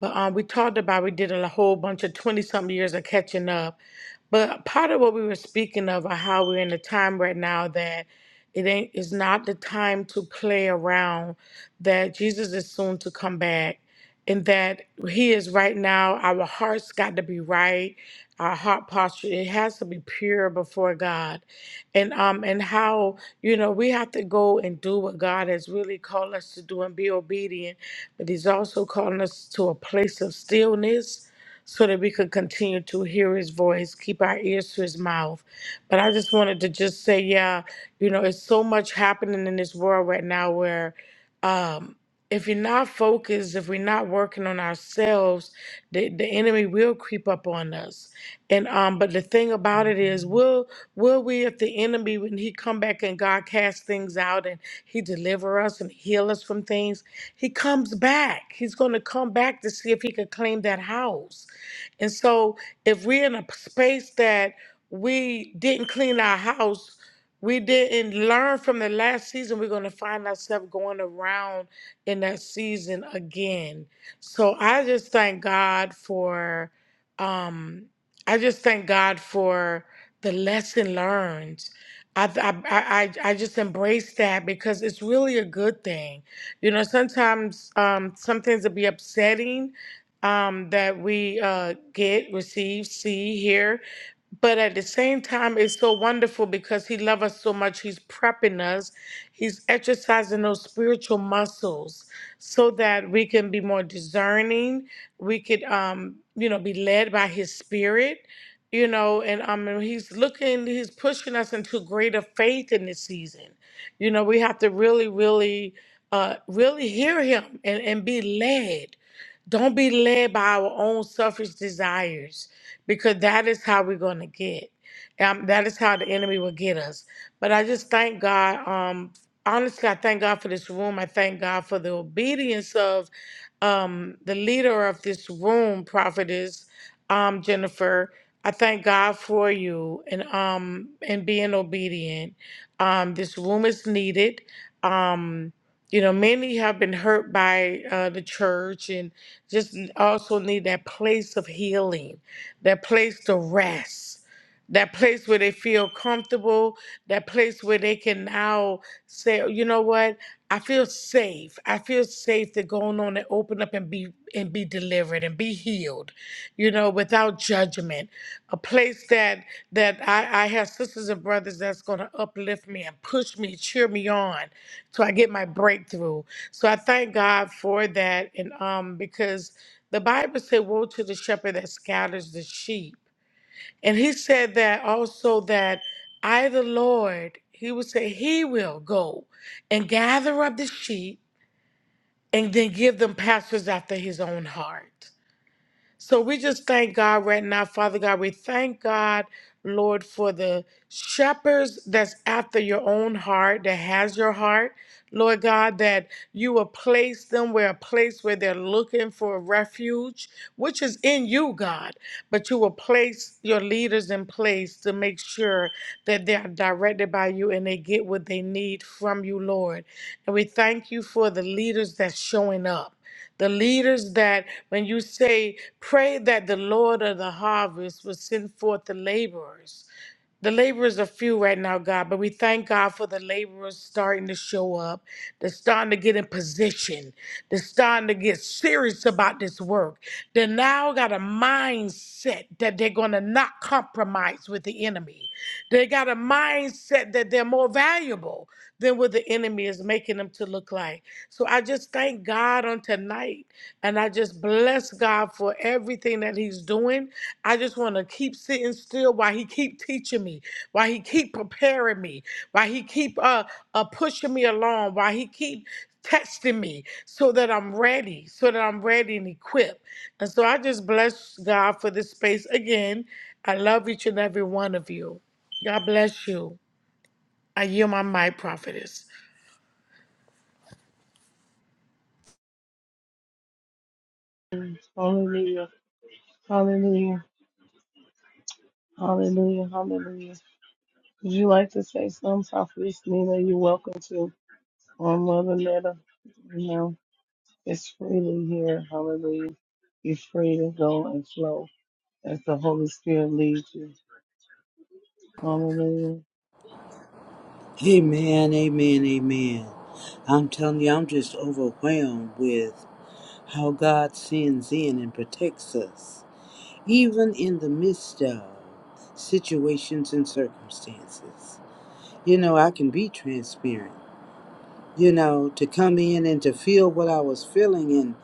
But um, we talked about, we did a whole bunch of 20 something years of catching up but part of what we were speaking of are how we're in a time right now that it ain't it's not the time to play around, that Jesus is soon to come back. And that he is right now, our hearts got to be right, our heart posture, it has to be pure before God. And um and how, you know, we have to go and do what God has really called us to do and be obedient. But he's also calling us to a place of stillness so that we could continue to hear his voice, keep our ears to his mouth. But I just wanted to just say, yeah, you know, it's so much happening in this world right now where um if you're not focused, if we're not working on ourselves, the, the enemy will creep up on us. And um, but the thing about it is, will will we, if the enemy, when he come back and God cast things out and he deliver us and heal us from things, he comes back. He's going to come back to see if he could claim that house. And so if we're in a space that we didn't clean our house, we didn't learn from the last season, we're going to find ourselves going around in that season again. So I just thank God for um I just thank God for the lesson learned. I, I, I, I I just embrace that because it's really a good thing. You know, sometimes um, some things will be upsetting um, that we uh, get, receive, see, hear. But at the same time, it's so wonderful because He loves us so much. He's prepping us, He's exercising those spiritual muscles so that we can be more discerning. We could, um, you know, be led by His Spirit. You know, and um, and he's looking, he's pushing us into greater faith in this season. You know, we have to really, really, uh, really hear him and, and be led don't be led by our own selfish desires because that is how we're going to get. Um, that is how the enemy will get us. But I just thank God. Um, honestly, I thank God for this room. I thank God for the obedience of um, the leader of this room, prophetess um, Jennifer. I thank God for you and um and being obedient. Um, this room is needed. Um, you know, many have been hurt by uh, the church and just also need that place of healing, that place to rest that place where they feel comfortable, that place where they can now say, "Oh, you know what, I feel safe. I feel safe to go on and open up and be and be delivered and be healed, you know, without judgment. A place that that I, I have sisters and brothers that's gonna uplift me and push me, cheer me on till I get my breakthrough. So I thank God for that and um because the Bible said, Woe to the shepherd that scatters the sheep and he said that also that I, the Lord, he would say, He will go and gather up the sheep and then give them pastors after his own heart. So we just thank God right now, Father God. We thank God, Lord, for the shepherds that's after your own heart, that has your heart. Lord God, that you will place them where a place where they're looking for refuge, which is in you, God. But you will place your leaders in place to make sure that they are directed by you and they get what they need from you, Lord. And we thank you for the leaders that's showing up. The leaders that, when you say, pray that the Lord of the harvest will send forth the laborers. The laborers are few right now, God, but we thank God for the laborers starting to show up. They're starting to get in position. They're starting to get serious about this work. They now got a mindset that they're going to not compromise with the enemy. They got a mindset that they're more valuable than what the enemy is making them to look like. So I just thank God on tonight. And I just bless God for everything that He's doing. I just want to keep sitting still while He keep teaching me, while He keep preparing me, while He keep uh, uh pushing me along, while He keep testing me so that I'm ready, so that I'm ready and equipped. And so I just bless God for this space again. I love each and every one of you. God bless you. I yield my mic, prophetess.
Hallelujah. Hallelujah. Hallelujah. Hallelujah. Would you like to say something, Prophetess Nina? You're welcome to on Mother Netta. You know, it's freely here. Hallelujah. You're free to go and flow as the Holy Spirit leads you. Hallelujah.
Amen, amen, amen. I'm telling you, I'm just overwhelmed with how God sends in and protects us, even in the midst of situations and circumstances. You know, I can be transparent. you know, to come in and to feel what I was feeling, and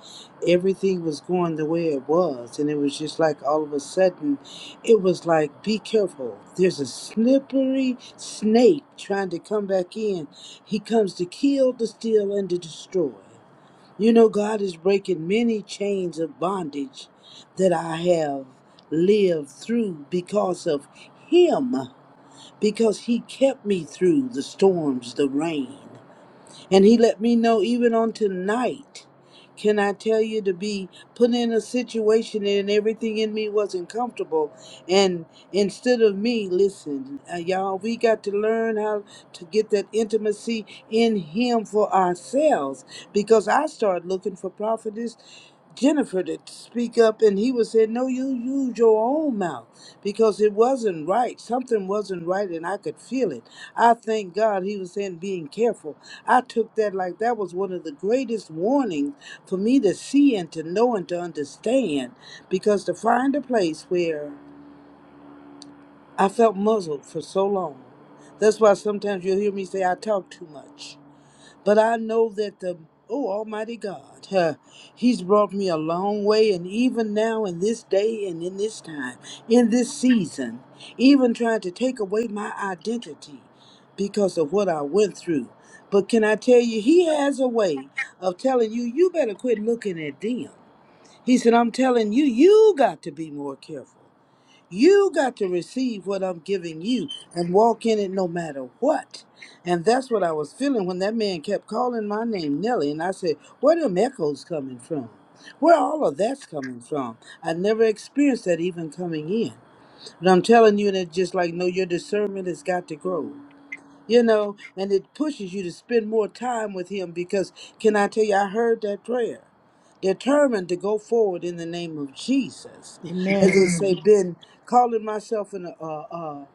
everything was going the way it was. And it was just like all of a sudden, it was like, be careful. There's a slippery snake trying to come back in. He comes to kill, to steal, and to destroy. You know, God is breaking many chains of bondage that I have lived through because of Him, because He kept me through the storms, the rain. And he let me know even on tonight. Can I tell you to be put in a situation and everything in me wasn't comfortable? And instead of me, listen, uh, y'all, we got to learn how to get that intimacy in Him for ourselves. Because I started looking for prophetess Jennifer to speak up, and he was saying, "No, you use your own mouth because it wasn't right. Something wasn't right, and I could feel it." I thank God he was saying, "Being careful." I took that like that was one of the greatest warnings for me to see and to know and to understand, because to find a place where I felt muzzled for so long. That's why sometimes you'll hear me say I talk too much. But I know that the oh Almighty God, <laughs> huh, He's brought me a long way, and even now in this day and in this time, in this season, even trying to take away my identity because of what I went through. But can I tell you, He has a way of telling you, you better quit looking at them. He said, I'm telling you, you got to be more careful. You got to receive what I'm giving you and walk in it no matter what. And that's what I was feeling when that man kept calling my name, Nelly. And I said, Where them echoes coming from? Where all of that's coming from? I never experienced that even coming in. But I'm telling you, that just like, no, your discernment has got to grow you know, and it pushes you to spend more time with Him because, can I tell you, I heard that prayer. Determined to go forward in the name of Jesus. As they
Amen.
say, Mhm. been calling myself an, uh, uh,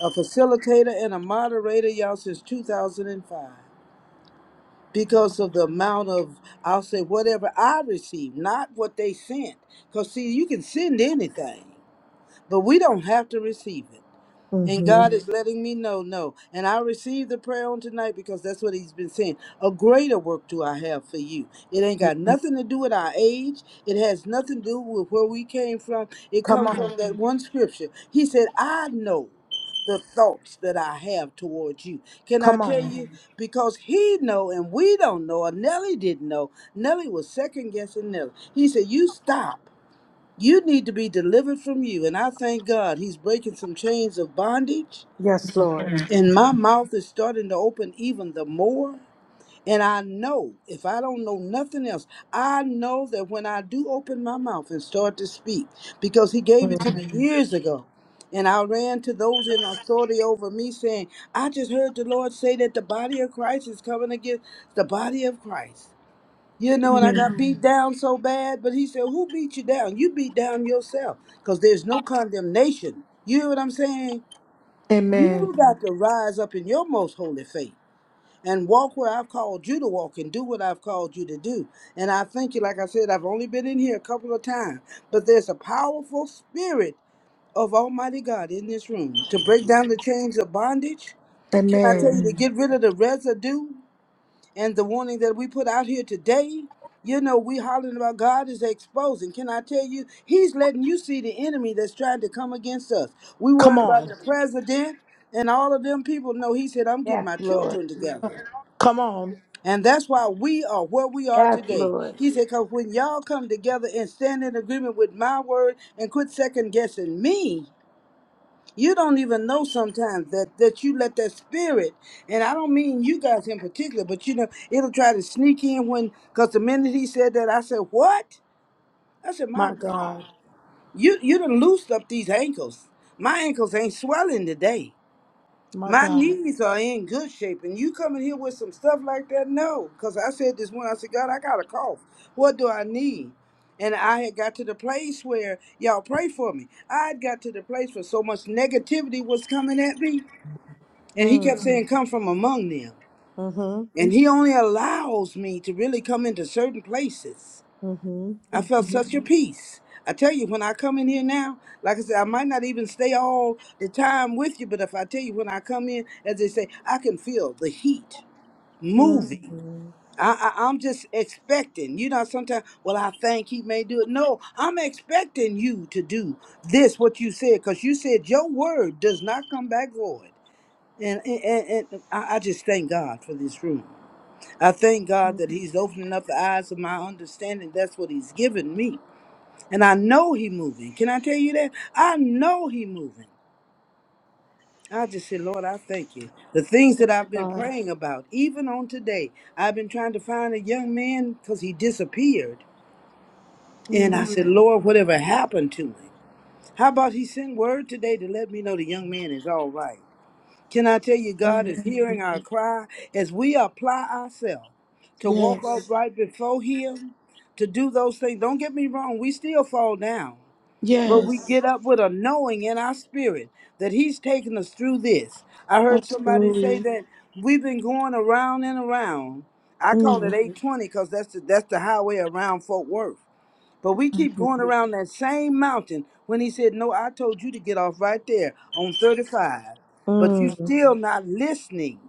a facilitator and a moderator, y'all, since 2005 because of the amount of, I'll say, whatever I received, not what they sent. Because, see, you can send anything, but we don't have to receive it. And
hmm
God is letting me know, no. And I received the prayer on tonight because that's what He's been saying. A greater work do I have for you. It ain't got nothing to do with our age. It has nothing to do with where we came from. It
Come
comes
on.
from that one scripture. He said, I know the thoughts that I have towards you. Can I
Come on.
tell you? Because he know and we don't know, or Nellie didn't know. Nellie was second guessing Nellie. He said, You stop. You need to be delivered from you. And I thank God he's breaking some chains of bondage.
Yes, Lord.
And my mouth is starting to open even the more. And I know, if I don't know nothing else, I know that when I do open my mouth and start to speak, because he gave it to
Mm.
me years ago. And I ran to those in authority over me saying, I just heard the Lord say that the body of Christ is coming against the body of Christ. You know, and I
Mm.
got beat down so bad, but he said, Who beat you down? You beat down yourself because there's no condemnation. You hear what I'm saying?
Amen.
You got to rise up in your most holy faith and walk where I've called you to walk and do what I've called you to do. And I thank you, like I said, I've only been in here a couple of times, but there's a powerful spirit of Almighty God in this room to break down the chains of bondage. Can I tell
Amen.
you to get rid of the residue? and the warning that we put out here today, you know, we hollering about God is exposing. Can I tell you, He's letting you see the enemy that's trying to come against us. We
Come
worried about
on.
the president and all of them people. No, He said, I'm getting
Yes,
my
Lord.
children together.
Come on.
And that's why we are where we are
Yes,
today.
Lord.
He said, because when y'all come together and stand in agreement with my word and quit second guessing me, you don't even know sometimes that that you let that spirit and i don't mean you guys in particular but you know it'll try to sneak in when because the minute he said that i said what i said my
My
god
God.
you you done loosed up these ankles my ankles ain't swelling today
My
my
God.
knees are in good shape, and you coming here with some stuff like that? No, because I said this one. I said, God, I got a cough. What do I need? And I had got to the place where y'all pray for me. I had got to the place where so much negativity was coming at me, and He
Mm.
kept saying, "Come from among them."
Mm-hmm.
And He only allows me to really come into certain places.
Mm-hmm.
I felt such a peace. I tell you, when I come in here now, like I said, I might not even stay all the time with you, but if I tell you when I come in, as they say, I can feel the heat
Mm-hmm.
moving.
Mm-hmm.
I, I, I'm just expecting. You know, sometimes, well, I think he may do it. No, I'm expecting you to do this, what you said, because you said your word does not come back void. And, and, and and I I just thank God for this room. I thank God that He's opening up the eyes of my understanding. That's what He's given me and I know he moving. Can I tell you that? I know he moving. I just said, Lord, I thank you. The things that I've been
God.
praying about, even on today, I've been trying to find a young man because he disappeared. And I
Mm.
said, Lord, whatever happened to him? How about he sent word today to let me know the young man is all right? Can I tell you, God is hearing
Amen.
our cry as we apply ourselves to walk
Yes.
upright before him, to do those things. Don't get me wrong, we still fall down. But we
Yes.
get up with a knowing in our spirit that He's taking us through this. I heard somebody say
Absolutely.
that we've been going around and around. I call it
Mm.
820 because that's the, that's the highway around Fort Worth. But we keep
Mm-hmm.
going around that same mountain when He said, No, I told you to get off right there on 35, but you
Mm.
still not listening.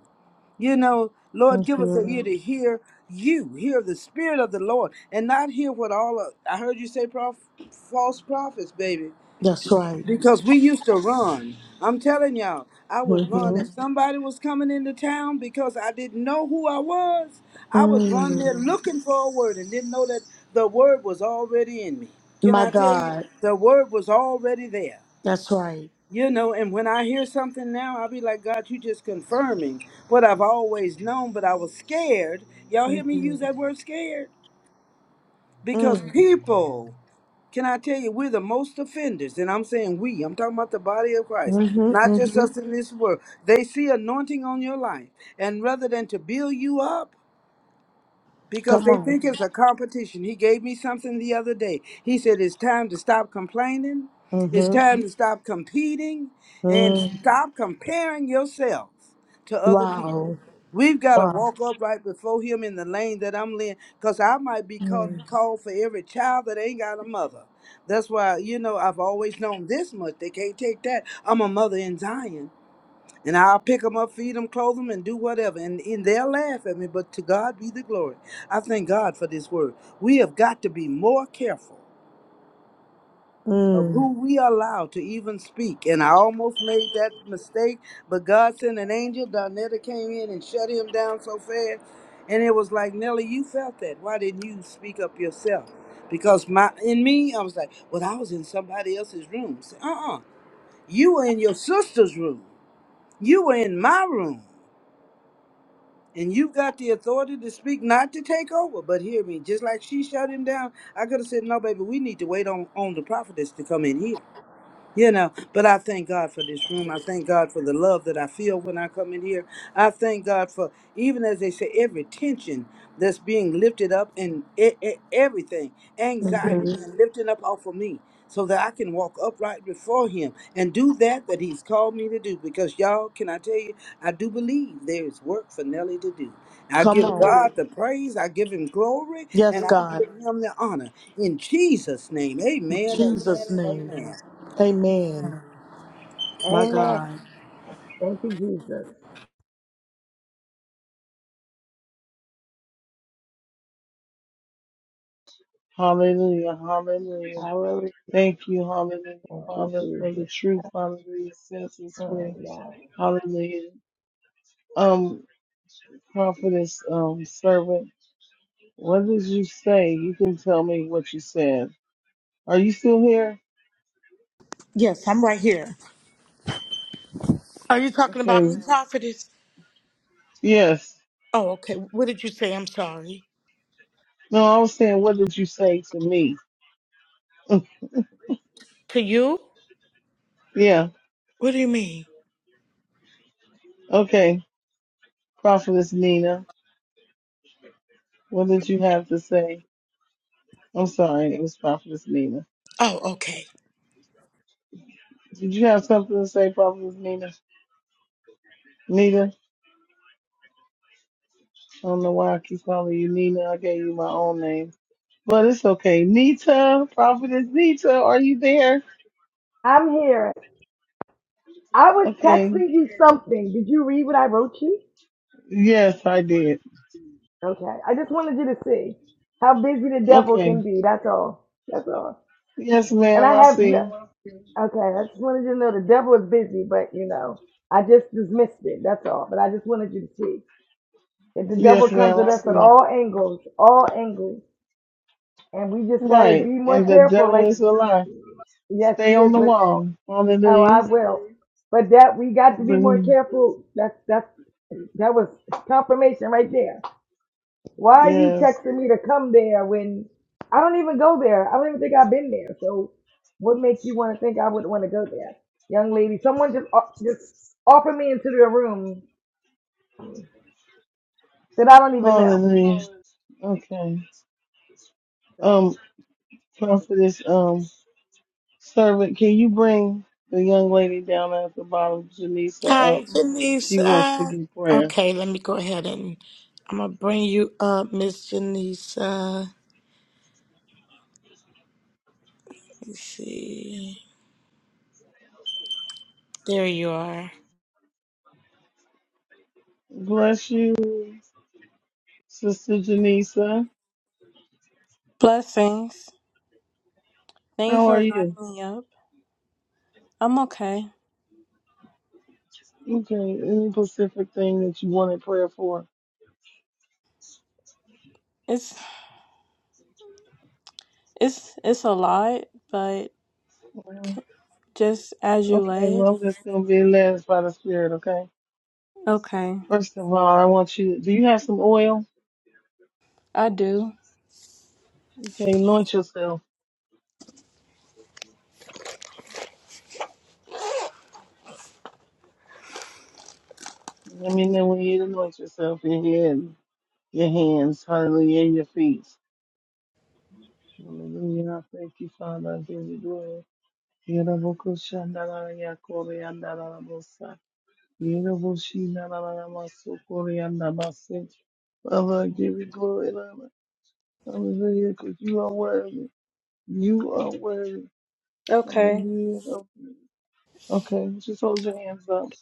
You know, Lord, give us
Mm-hmm.
an ear to hear you, hear the Spirit of the Lord, and not hear what all of, I heard you say, prof, false prophets, baby
That's right.
because we used to run. I'm telling y'all, I would run
Mm-hmm.
if somebody was coming into town because I didn't know who I was. I would run
Mm.
there looking for a word and didn't know that the word was already in me. Can
My
I tell you?
God.
The word was already there.
That's right.
You know, and when I hear something now, I'll be like, God, you just confirming what I've always known, but I was scared. Y'all hear me
Mm-hmm.
use that word scared? Because
Mm.
people can I tell you, we're the most offenders, and I'm saying we. I'm talking about the body of Christ,
Mm-hmm.
not just
Mm-hmm.
us in this world. They see anointing on your life, and rather than to build you up, because
Come
they
on.
think it's a competition. He gave me something the other day. He said it's time to stop complaining, it's
Mm-hmm.
time to stop competing, and
Mm.
stop comparing yourself to other people.
Wow.
We've got to
Wow.
walk up right before him in the lane that I'm in because I might be called,
Mm.
called for every child that ain't got a mother. That's why, you know, I've always known this much. They can't take that. I'm a mother in Zion and I'll pick them up, feed them, clothe them, and do whatever. And, and they'll laugh at me, but to God be the glory. I thank God for this word. We have got to be more careful of
Mm.
who we allow to even speak. And I almost made that mistake, but God sent an angel. Donetta came in and shut him down so fast. And it was like, Nellie, you felt that. Why didn't you speak up yourself? Because my in me, I was like, well, I was in somebody else's room. Uh uh You were in your sister's room. You were in my room. And you've got the authority to speak, not to take over, but hear me. Just like she shut him down, I could have said, No, baby, we need to wait on, on the prophetess to come in here. You know, but I thank God for this room. I thank God for the love that I feel when I come in here. I thank God for, even as they say, every tension that's being lifted up and e- e- everything, anxiety
hmm
being lifted up off of me so that I can walk upright before Him and do that that He's called me to do. Because, y'all, can I tell you, I do believe there is work for Nelly to do. I
Come
give Amen.
on.
God the praise, I give Him glory,
Yes,
and I
God.
give Him the honor. In Jesus' name,
In
amen, amen,
Jesus'
and
name.
amen.
Amen. My
Amen.
God.
Thank you, Jesus.
Hallelujah. Hallelujah.
Hallelujah.
Thank you, hallelujah,
Thank you,
Father, for the
Jesus.
truth. Hallelujah. Sets us
Oh
free.
yeah.
Hallelujah. Um, prophetess, um, servant, what did you say? You can tell me what you said. Are you still here?
Yes, I'm right here. Are you talking about me,
Okay.
prophetess?
Yes.
Oh, okay. What did you say? I'm sorry.
No, I was saying, what did you say to me?
To you?
<laughs> yeah.
What do you mean?
Okay. Prophetess Nina, what did you have to say? I'm sorry, it was Prophetess Nina.
Oh, okay.
Did you have something to say, Prophetess Nina? Nita? I don't know why I keep calling you Nina. I gave you my own name. But it's okay. Nita, Prophetess Nita, are you there?
I'm here. I was
Okay.
texting you something. Did you read what I wrote you?
Yes, I did.
Okay. I just wanted you to see how busy the devil
Okay.
can be. That's all. That's all.
Yes,
And
ma'am,
I
I
have
see.
no. Okay. I just wanted you to know the devil is busy, but you know, I just dismissed it. That's all. But I just wanted you to see if the
Yes,
devil
ma'am,
comes at
I
us at
see.
all angles, all angles, and we just got to be
Right.
more
And the
careful.
devil
Like,
is a lie.
yes, he
Stay on
is,
the
but
wall.
oh,
Hallelujah.
I will. But that we got to be more
Hallelujah.
careful. That's that's that was confirmation right there Why are you
Yes.
texting me to come there when I don't even go there? I don't even think I've been there. So what make you want to think I would want to go there, young lady? Someone just o- just offered me into their room that I don't even know.
Hallelujah. Okay.
So
Um, prophetess, um, servant, can you bring the young lady down at the bottom, Janisa, up?
Hi,
She wants to
Janisa.
give prayer.
Okay, let me go ahead and I'm going to bring you up, Miss Janisa. Let me see. There you are.
Bless you, Sister Janisa.
Blessings. Thank you
How
for
are
inviting
you?
me up. I'm okay.
Okay. Any specific thing that you wanted prayer for?
It's it's it's a lot, but
Well,
just as you
Okay.
laid.
Well, I'm just going to be led by the Spirit, okay?
Okay.
First of all, I want you, do you have some oil?
I do.
Okay. Anoint yourself. Let me know when you anoint yourself, your head, your hands, hallelujah, and your feet. Hallelujah. I Thank you, Father. I give you glory. Yerabokushandaraya koreandarabasa. Yeraboshinarabasa koreandabasa. Father, I give you glory, Lord. Hallelujah, because you are worthy. You are worthy.
Okay.
Hallelujah. Okay, just hold your hands up.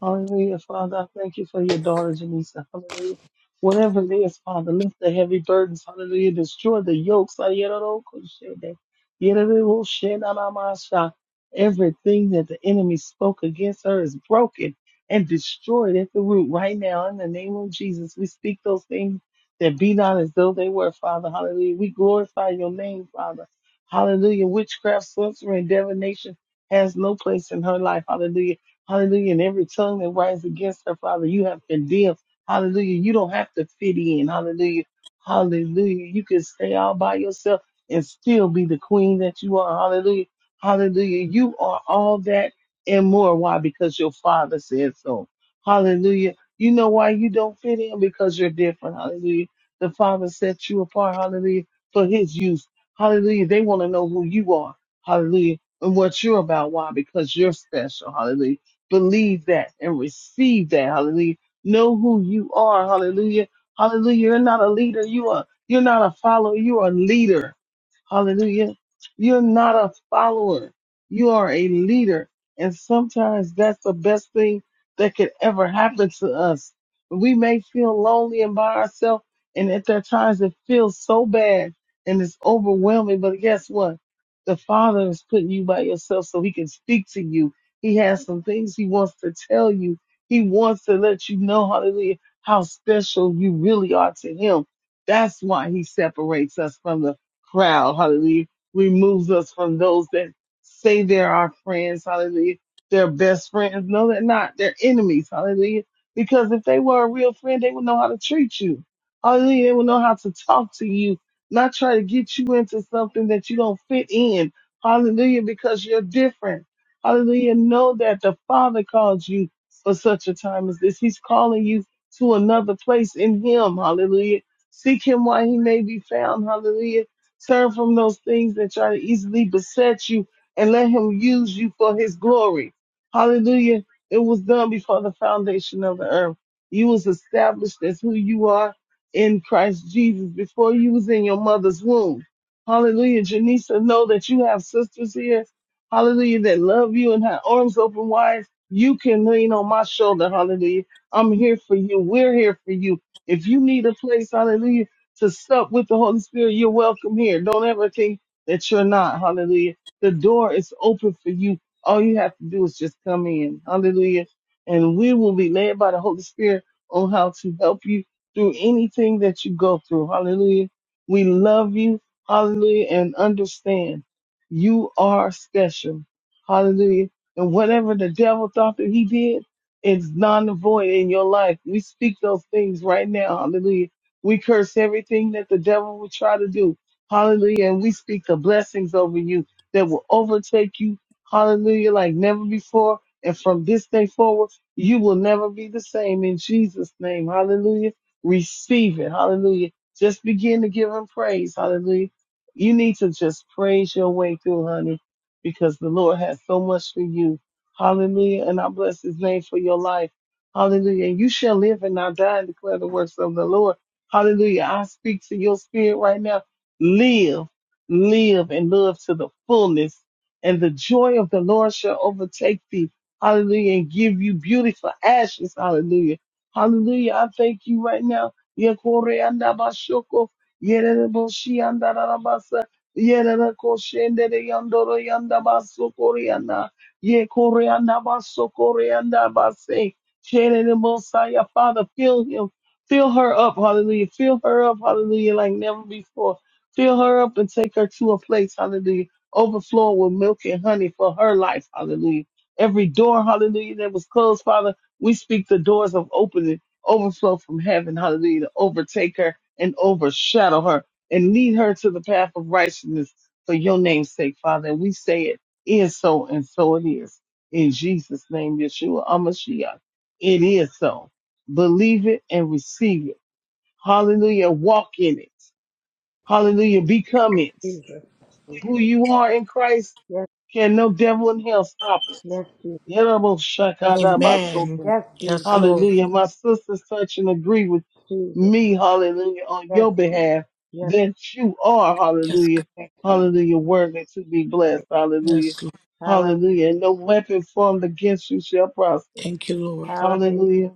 Hallelujah, Father. I thank you for your daughter, Janisa. Hallelujah. Whatever it is, Father, lift the heavy burdens. Hallelujah. Destroy the yokes. Ayerokoshere. Yerereboshenanamasha. Everything that the enemy spoke against her is broken and destroyed at the root right now. In the name of Jesus, we speak those things that be not as though they were, Father. Hallelujah. We glorify your name, Father. Hallelujah. Witchcraft, sorcery, and divination has no place in her life. Hallelujah Hallelujah. And every tongue that rises against her, Father, you have condemned. Hallelujah. You don't have to fit in. Hallelujah. Hallelujah. You can stay all by yourself and still be the queen that you are. Hallelujah. Hallelujah. You are all that and more. Why? Because your father said so. Hallelujah. You know why you don't fit in? Because you're different. Hallelujah. The father set you apart. Hallelujah. For his use. Hallelujah. They want to know who you are. Hallelujah. And what you're about. Why? Because you're special. Hallelujah believe that and receive that. Hallelujah. Know who you are. Hallelujah. Hallelujah. You're not a leader. You are, you're not a follower. You are a leader. Hallelujah. You're not a follower. You are a leader. And sometimes that's the best thing that could ever happen to us. We may feel lonely and by ourselves. And at that times it feels so bad and it's overwhelming. But guess what? The Father is putting you by yourself so he can speak to you he has some things he wants to tell you. He wants to let you know, hallelujah, how special you really are to him. That's why he separates us from the crowd, hallelujah, removes us from those that say they're our friends, hallelujah, they're best friends. No, they're not. They're enemies, hallelujah. Because if they were a real friend, they would know how to treat you. Hallelujah. They would know how to talk to you, not try to get you into something that you don't fit in. Hallelujah, because you're different. Hallelujah. Know that the Father calls you for such a time as this. He's calling you to another place in Him. Hallelujah. Seek Him while He may be found. Hallelujah. Turn from those things that try to easily beset you and let Him use you for His glory. Hallelujah. It was done before the foundation of the earth. You was established as who you are in Christ Jesus before you was in your mother's womb. Hallelujah. Janisa, know that you have sisters here hallelujah, that love you and have arms open wide, you can lean on my shoulder, hallelujah. I'm here for you. We're here for you. If you need a place, hallelujah, to sup with the Holy Spirit, you're welcome here. Don't ever think that you're not, hallelujah. The door is open for you. All you have to do is just come in, hallelujah. And we will be led by the Holy Spirit on how to help you through anything that you go through, hallelujah. We love you, hallelujah, and understand. You are special. Hallelujah. And whatever the devil thought that he did, it's non and void in your life. We speak those things right now. Hallelujah. We curse everything that the devil would try to do. Hallelujah. And we speak the blessings over you that will overtake you. Hallelujah. Like never before. And from this day forward, you will never be the same in Jesus' name. Hallelujah. Receive it. Hallelujah. Just begin to give him praise. Hallelujah you need to just praise your way through, honey, because the Lord has so much for you. Hallelujah. And I bless his name for your life. Hallelujah. And you shall live and not die and declare the works of the Lord. Hallelujah. I speak to your spirit right now. Live, live and live to the fullness. And the joy of the Lord shall overtake thee. Hallelujah. And give you beauty for ashes. Hallelujah. Hallelujah. I thank you right now. Yereboshi and Arabasa, Yerako Shendere Yandoro Yandabaso Koreana, Ye Koreana Baso Koreana Base, Sherebosaya, Father, fill him, fill her up, hallelujah, fill her up, hallelujah, like never before. Fill her up and take her to a place, hallelujah, overflowing with milk and honey for her life, hallelujah. Every door, hallelujah, that was closed, Father, we speak the doors of opening, overflow from heaven, hallelujah, to overtake her and overshadow her and lead her to the path of righteousness for your name's sake, Father. And we say it is so, and so it is. In Jesus' name, Yeshua Amashiach. It is so. Believe it and receive it. Hallelujah. Walk in it. Hallelujah. Become
but
it.
Jesus,
Who
Jesus,
you are in Christ
yes,
can no devil in hell stop it?
yes, Jesus,
Yerobo shakada
Amen.
masoto.
yes,
Yes,
Jesus,
Lord.
Hallelujah. My sisters touch and agree with
Jesus,
me, hallelujah, on
yes,
your
Jesus,
behalf
yes,
that you are,
Yes,
hallelujah,
yes, Jesus.
hallelujah, worthy to be blessed, hallelujah,
Yes, Lord.
Hallelujah,
hallelujah. And no weapon formed against you shall prosper,
Thank you, Lord.
hallelujah.
hallelujah.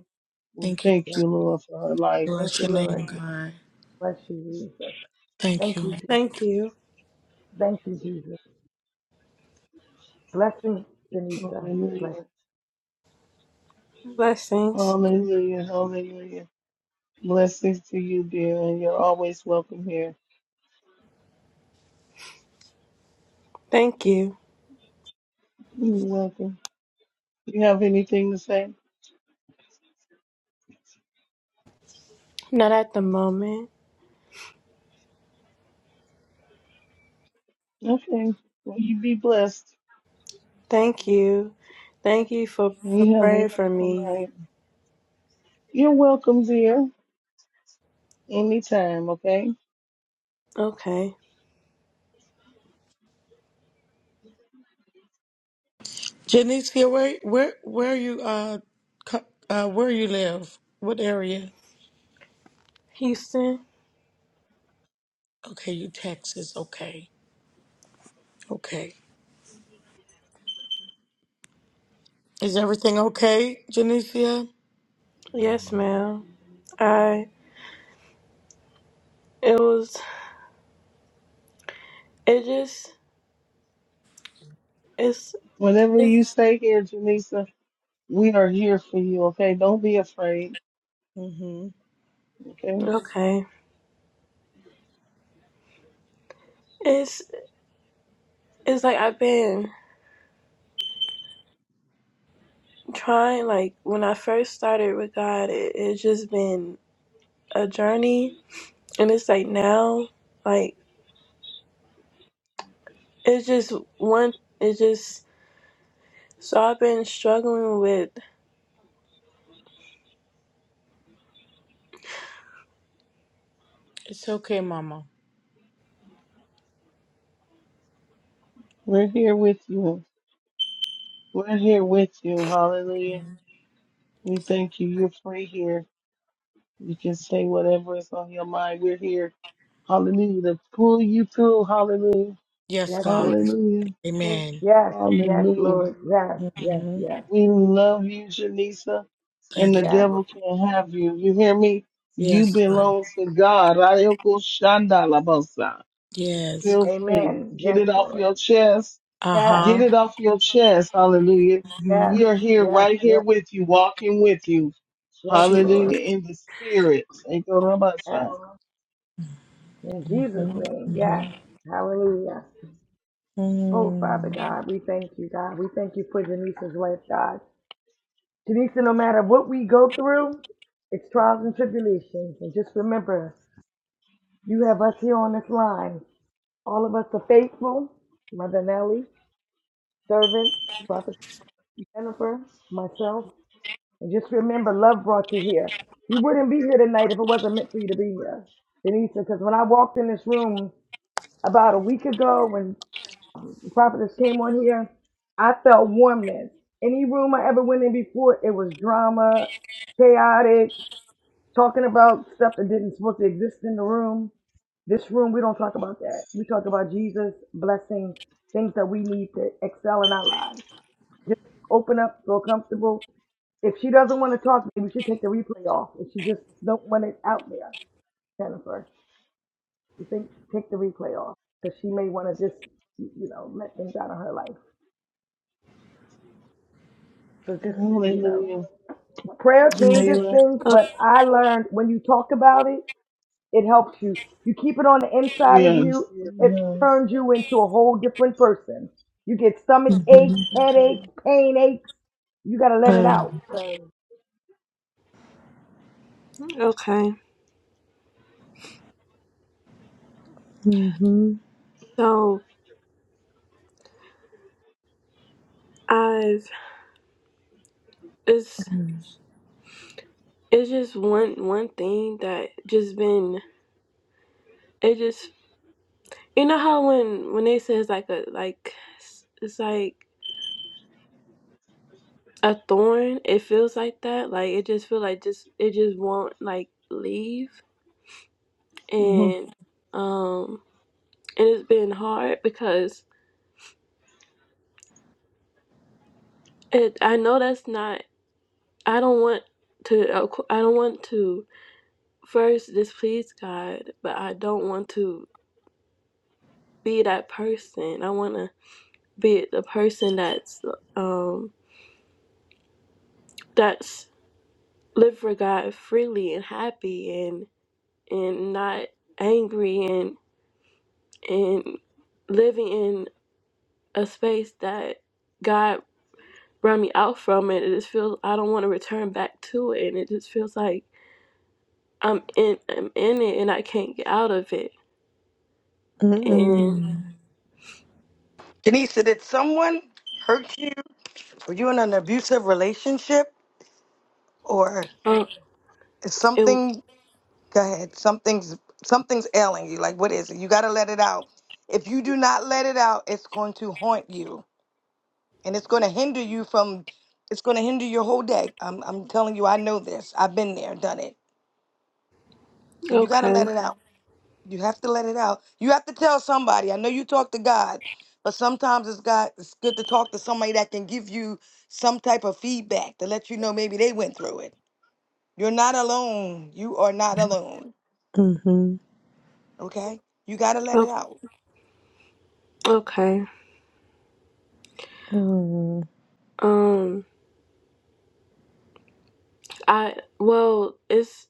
Well,
Thank you.
thank
Yes,
you, Lord, for her life,
thank
Bless
you,
your name,
Lord.
God.
Bless you, Jesus.
Thank
Thank
you.
you, Je-
Thank you.
thank you, Jesus. Blessing, Denisa.
hallelujah,
Blessings.
hallelujah, hallelujah. Blessings to you, dear, and you're always welcome here.
Thank you.
You're welcome. Do You have anything to say?
Not at the moment.
Okay. Well, you be blessed.
Thank you. Thank you for,
And
for
you have a
praying for
wonderful
me.
night. You're welcome, dear. Anytime, okay?
Okay.
Janicia, where where where you uh co- uh where you live? What area?
Houston.
Okay, you Texas. Okay. Okay. Is everything okay, Janicia?
Yes, ma'am. I it was it just it's
Whenever
it's
you stay here, Janisa, we are here for you, okay? Don't be afraid,
Mm-hmm.
okay?
okay. It's it's like I've been trying like when I first started with God, it, it's just been a journey, and it's like now, like it's just one. It's just so I've been struggling with.
It's okay, Mama.
We're here with you. We're here with you. Hallelujah. We thank you. You're free here. You can say whatever is on your mind. We're here. Hallelujah. To pull you through. Hallelujah.
Yes,
Yes,
God.
Lord.
That's right.
Hallelujah.
Okay,
Amen.
Yes, yes,
Hallelujah.
Lord. Yes, yes,
Mm-hmm.
yes,
We love you, Janisa, and
Thank
the
you.
yes.
devil can't have you. You hear me? You
Yes, God.
belong to God. Rayoko Shandalabosa.
Yes.
Feel free.
Amen.
Get
Yes,
it off
Lord.
your chest.
Yes,
Get
Uh-huh.
it off your chest. Hallelujah.
yes,
Mm-hmm.
We are here,
yes,
right here
yes,
with you, walking with you.
yes, Lord.
Hallelujah. In the spirit.
Yes.
Ekorabasa.
In Jesus' name. Yes.
Mm-hmm.
Hallelujah. Oh, Father
Mm-hmm.
God, we thank you, God. We thank you for Janice's life, God. Janisha, no matter what we go through, it's trials and tribulations. And just remember, you have us here on this line. All of us are faithful. Mother Nelly, servant, prophet Jennifer, myself, And just remember, love brought you here. You wouldn't be here tonight if it wasn't meant for you to be here, Denise. Because when I walked in this room about a week ago, when the prophetess came on here, I felt warmness. Any room I ever went in before, it was drama, chaotic, talking about stuff that didn't supposed to exist in the room. This room, we don't talk about that. We talk about Jesus, blessings, things that we need to excel in our lives. Just open up, feel comfortable, if she doesn't want to talk, maybe we should take the replay off. If she just don't want it out there, Jennifer, you think take the replay off because she may want to just you know let things out of her life. So just you know,
Hallelujah.
prayer changes
Jamila.
things.
O-
But I learned when you talk about it, it helps you. You keep it on the inside of
Yes.
you. It
Yes.
turns you into a whole different person. You get stomach
Mm-hmm.
aches, headaches, pain aches. You got to let it
Mm.
out.
okay.
Mhm.
so I've it's
Mm.
it's just one one thing that just been it just you know how when when they say it's like a like s- it's like a thorn it feels like that like it just feel like just it just won't like leave
hmm
and um and it's been hard because it I know that's not I don't want to of cou- I don't want to first displease God, but I don't want to be that person. I want to be the person that's um that's live for God freely and happy and and not angry and and living in a space that God brought me out from it. It just feels I don't want to return back to it, and it just feels like I'm in I'm in it and I can't get out of it. And
Mm-mm.
Denise, did someone hurt you? Were you in an abusive relationship or
um,
is
it,
something go ahead, something's something's ailing you. Like what is it? You gotta let it out. If you do not let it out, it's going to haunt you. And it's gonna hinder you from it's gonna hinder your whole day. I'm I'm telling you, I know this. I've been there, done it. So you gotta let
okay,
it out. You have to let it out. You have to tell somebody. I know you talk to God, but sometimes it's God it's good to talk to somebody that can give you some type of feedback to let you know maybe they went through it You're not alone. You are not alone.
Mhm.
Okay? You got to let it
oh,
out.
okay.
Mm.
Um, I well, it's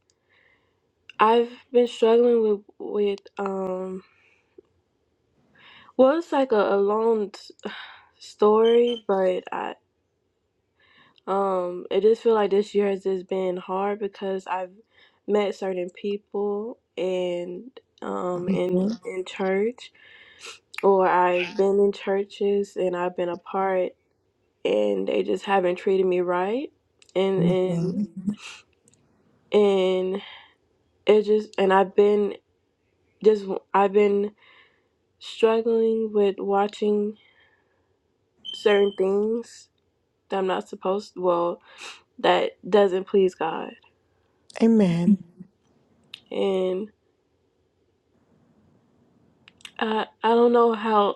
I've been struggling with with um. Well, it's like a, a long t- story, but I Um, it just feel like this year has just been hard because I've met certain people and um in
Mhm.
in church or I've been in churches and I've been a part and they just haven't treated me right and
Mhm.
and and it just and I've been just I've been struggling with watching certain things that I'm not supposed well that doesn't please God
Amen.
and I I don't know how.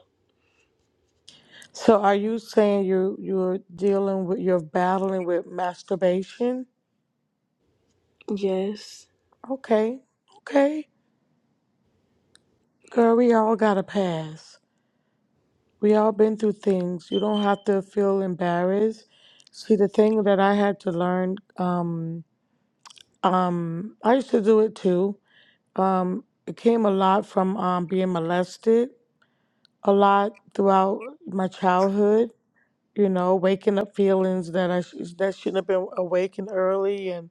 So, are you saying you you're dealing with you're battling with masturbation?
Yes.
Okay, okay, girl, we all got a pass. We all been through things. You don't have to feel embarrassed. See, the thing that I had to learn, um, um, I used to do it too. Um, it came a lot from um being molested a lot throughout my childhood. You know, waking up feelings that I sh- that shouldn't have been awakened early, and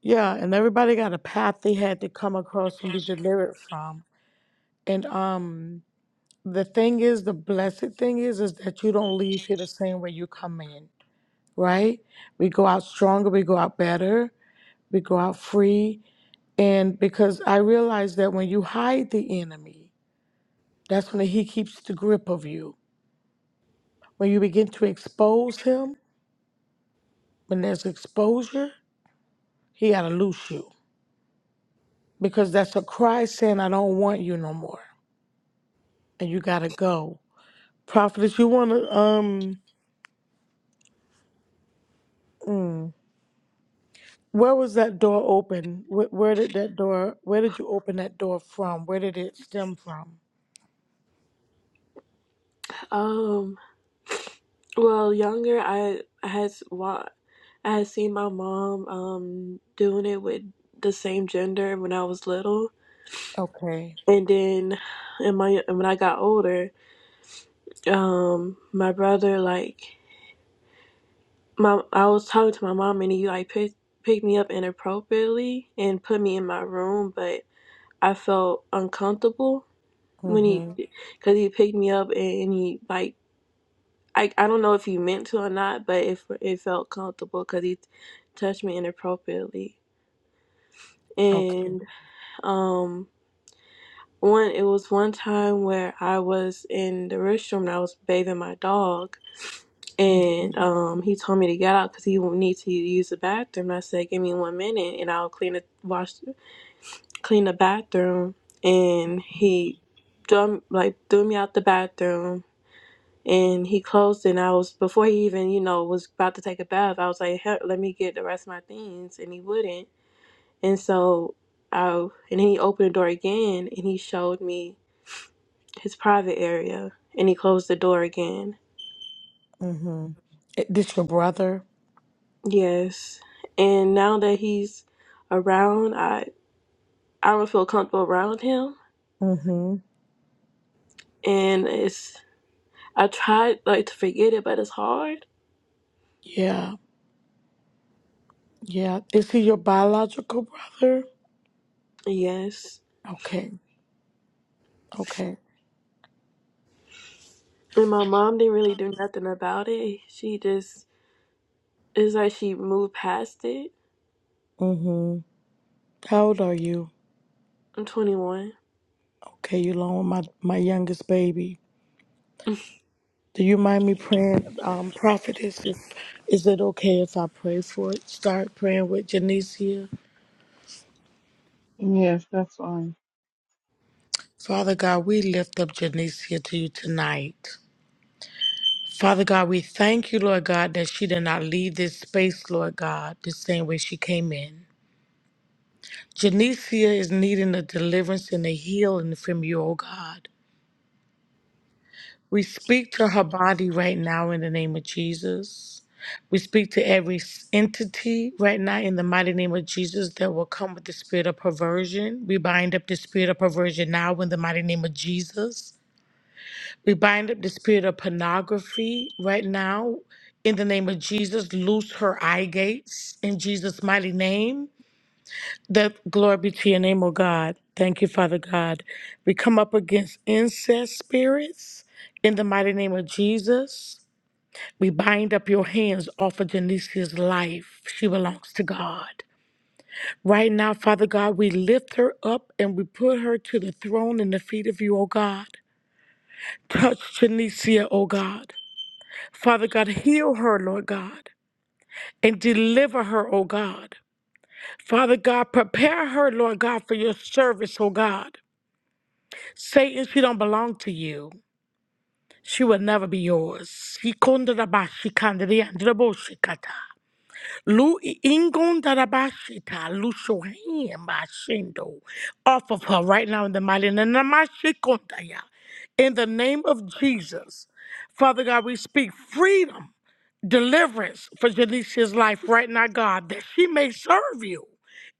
yeah, and everybody got a path they had to come across and be delivered from. And um, the thing is, the blessed thing is, is that you don't leave here the same way you come in. Right? We go out stronger. We go out better. We go out free. And because I realize that when you hide the enemy, that's when he keeps the grip of you. When you begin to expose him, When there's exposure, he got to loose you because that's a cry saying, I don't want you no more. And you got to go. Prophetess, you want to, um, where was that door open? Where, where did that door, where did you open that door from? Where did it stem from?
Um. Well, younger, I I had wa- I had seen my mom um doing it with the same gender when I was little,
Okay.
and then in my when I got older, um, my brother like my I was talking to my mom and he like picked picked me up inappropriately and put me in my room, but I felt uncomfortable when he
Mm-hmm.
because he picked me up and he like I I don't know if he meant to or not, but it it felt comfortable because he touched me inappropriately.
Okay.
And um, one it was one time where I was in the restroom and I was bathing my dog, and um, he told me to get out because he would need to use the bathroom. And I said, "Give me one minute, and I'll clean the wash, clean the bathroom." And he, threw, like threw me out the bathroom and he closed and i was before he even you know was about to take a bath i was like "Hell, let me get the rest of my things and he wouldn't and so i and then he opened the door again and he showed me his private area and he closed the door again
Mm-hmm. This your brother?
yes and now that he's around i i don't feel comfortable around him
Mm-hmm.
and it's i tried like to forget it but it's hard
Yeah. Yeah. Is he your biological brother?
yes
Okay. Okay.
and my mom didn't really do nothing about it she just It's like she moved past it.
Mm-hmm. How old are you?
I'm 21.
Okay, you along with my, my youngest baby. Do you mind me praying, um, prophetess? If, is it okay if I pray for it? Start praying with Janicia.
Yes, that's fine.
Father God, we lift up Janicia to you tonight. Father God, we thank you, Lord God, that she did not leave this space, Lord God, the same way she came in. Janicia is needing a deliverance and a healing from you, oh God. We speak to her body right now in the name of Jesus. We speak to every s- entity right now in the mighty name of Jesus that will come with the spirit of perversion. We bind up the spirit of perversion now in the mighty name of Jesus. We bind up the spirit of pornography right now in the name of Jesus. Loose her eye gates in Jesus' mighty name. That glory be to your name, O God. Thank you, Father God. We come up against incest spirits in the mighty name of Jesus. We bind up your hands off of Genesia's life. She belongs to God. Right now, Father God, we lift her up and we put her to the throne and the feet of you, O God. Touch Genesia, O God. Father God, heal her, Lord God, and deliver her, O God. Father God, prepare her, Lord God, for your service, O God. Satan, she don't belong to you. She will never be yours. Shikundarabashi-kandariyandaraboshikata. Lu ingundarabashita. Loose your hand by Shindo off of her right now in the mighty name of Mashikundaya. In the name of Jesus. Father God, we speak freedom, deliverance for Janicia's life right now, God, that she may serve you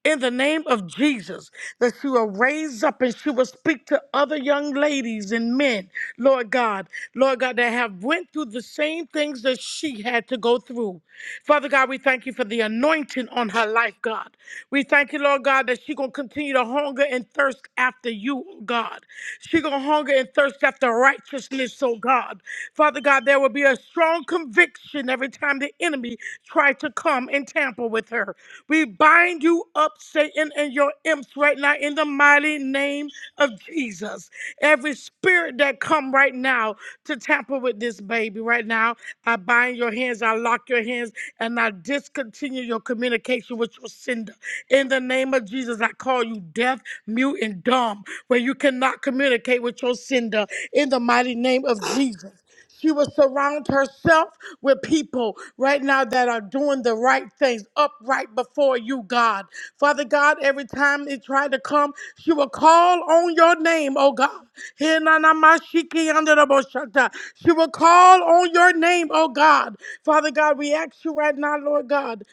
in the name of Jesus, that she will raise up and she will speak to other young ladies and men, Lord God, Lord God, that have went through the same things that she had to go through. Father God, we thank you for the anointing on her life, God. We thank you, Lord God, that she gonna continue to hunger and thirst after you, oh God. She gonna hunger and thirst after righteousness, oh God. Father God, there will be a strong strong conviction every time the enemy tried to come and tamper with her. We bind you up, Satan, and your imps right now in the mighty name of Jesus. Every spirit that come right now to tamper with this baby right now, I bind your hands, I lock your hands, and I discontinue your communication with your sender. In the name of Jesus, I call you deaf, mute, and dumb, where you cannot communicate with your sender in the mighty name of Jesus. She will surround herself with people right now that are doing the right things upright before you, God. Father God, every time they try to come, she will call on your name, oh God. Hinanamashikiandaraboshata. She will call on your name, oh God. Father God, we ask you right now, Lord God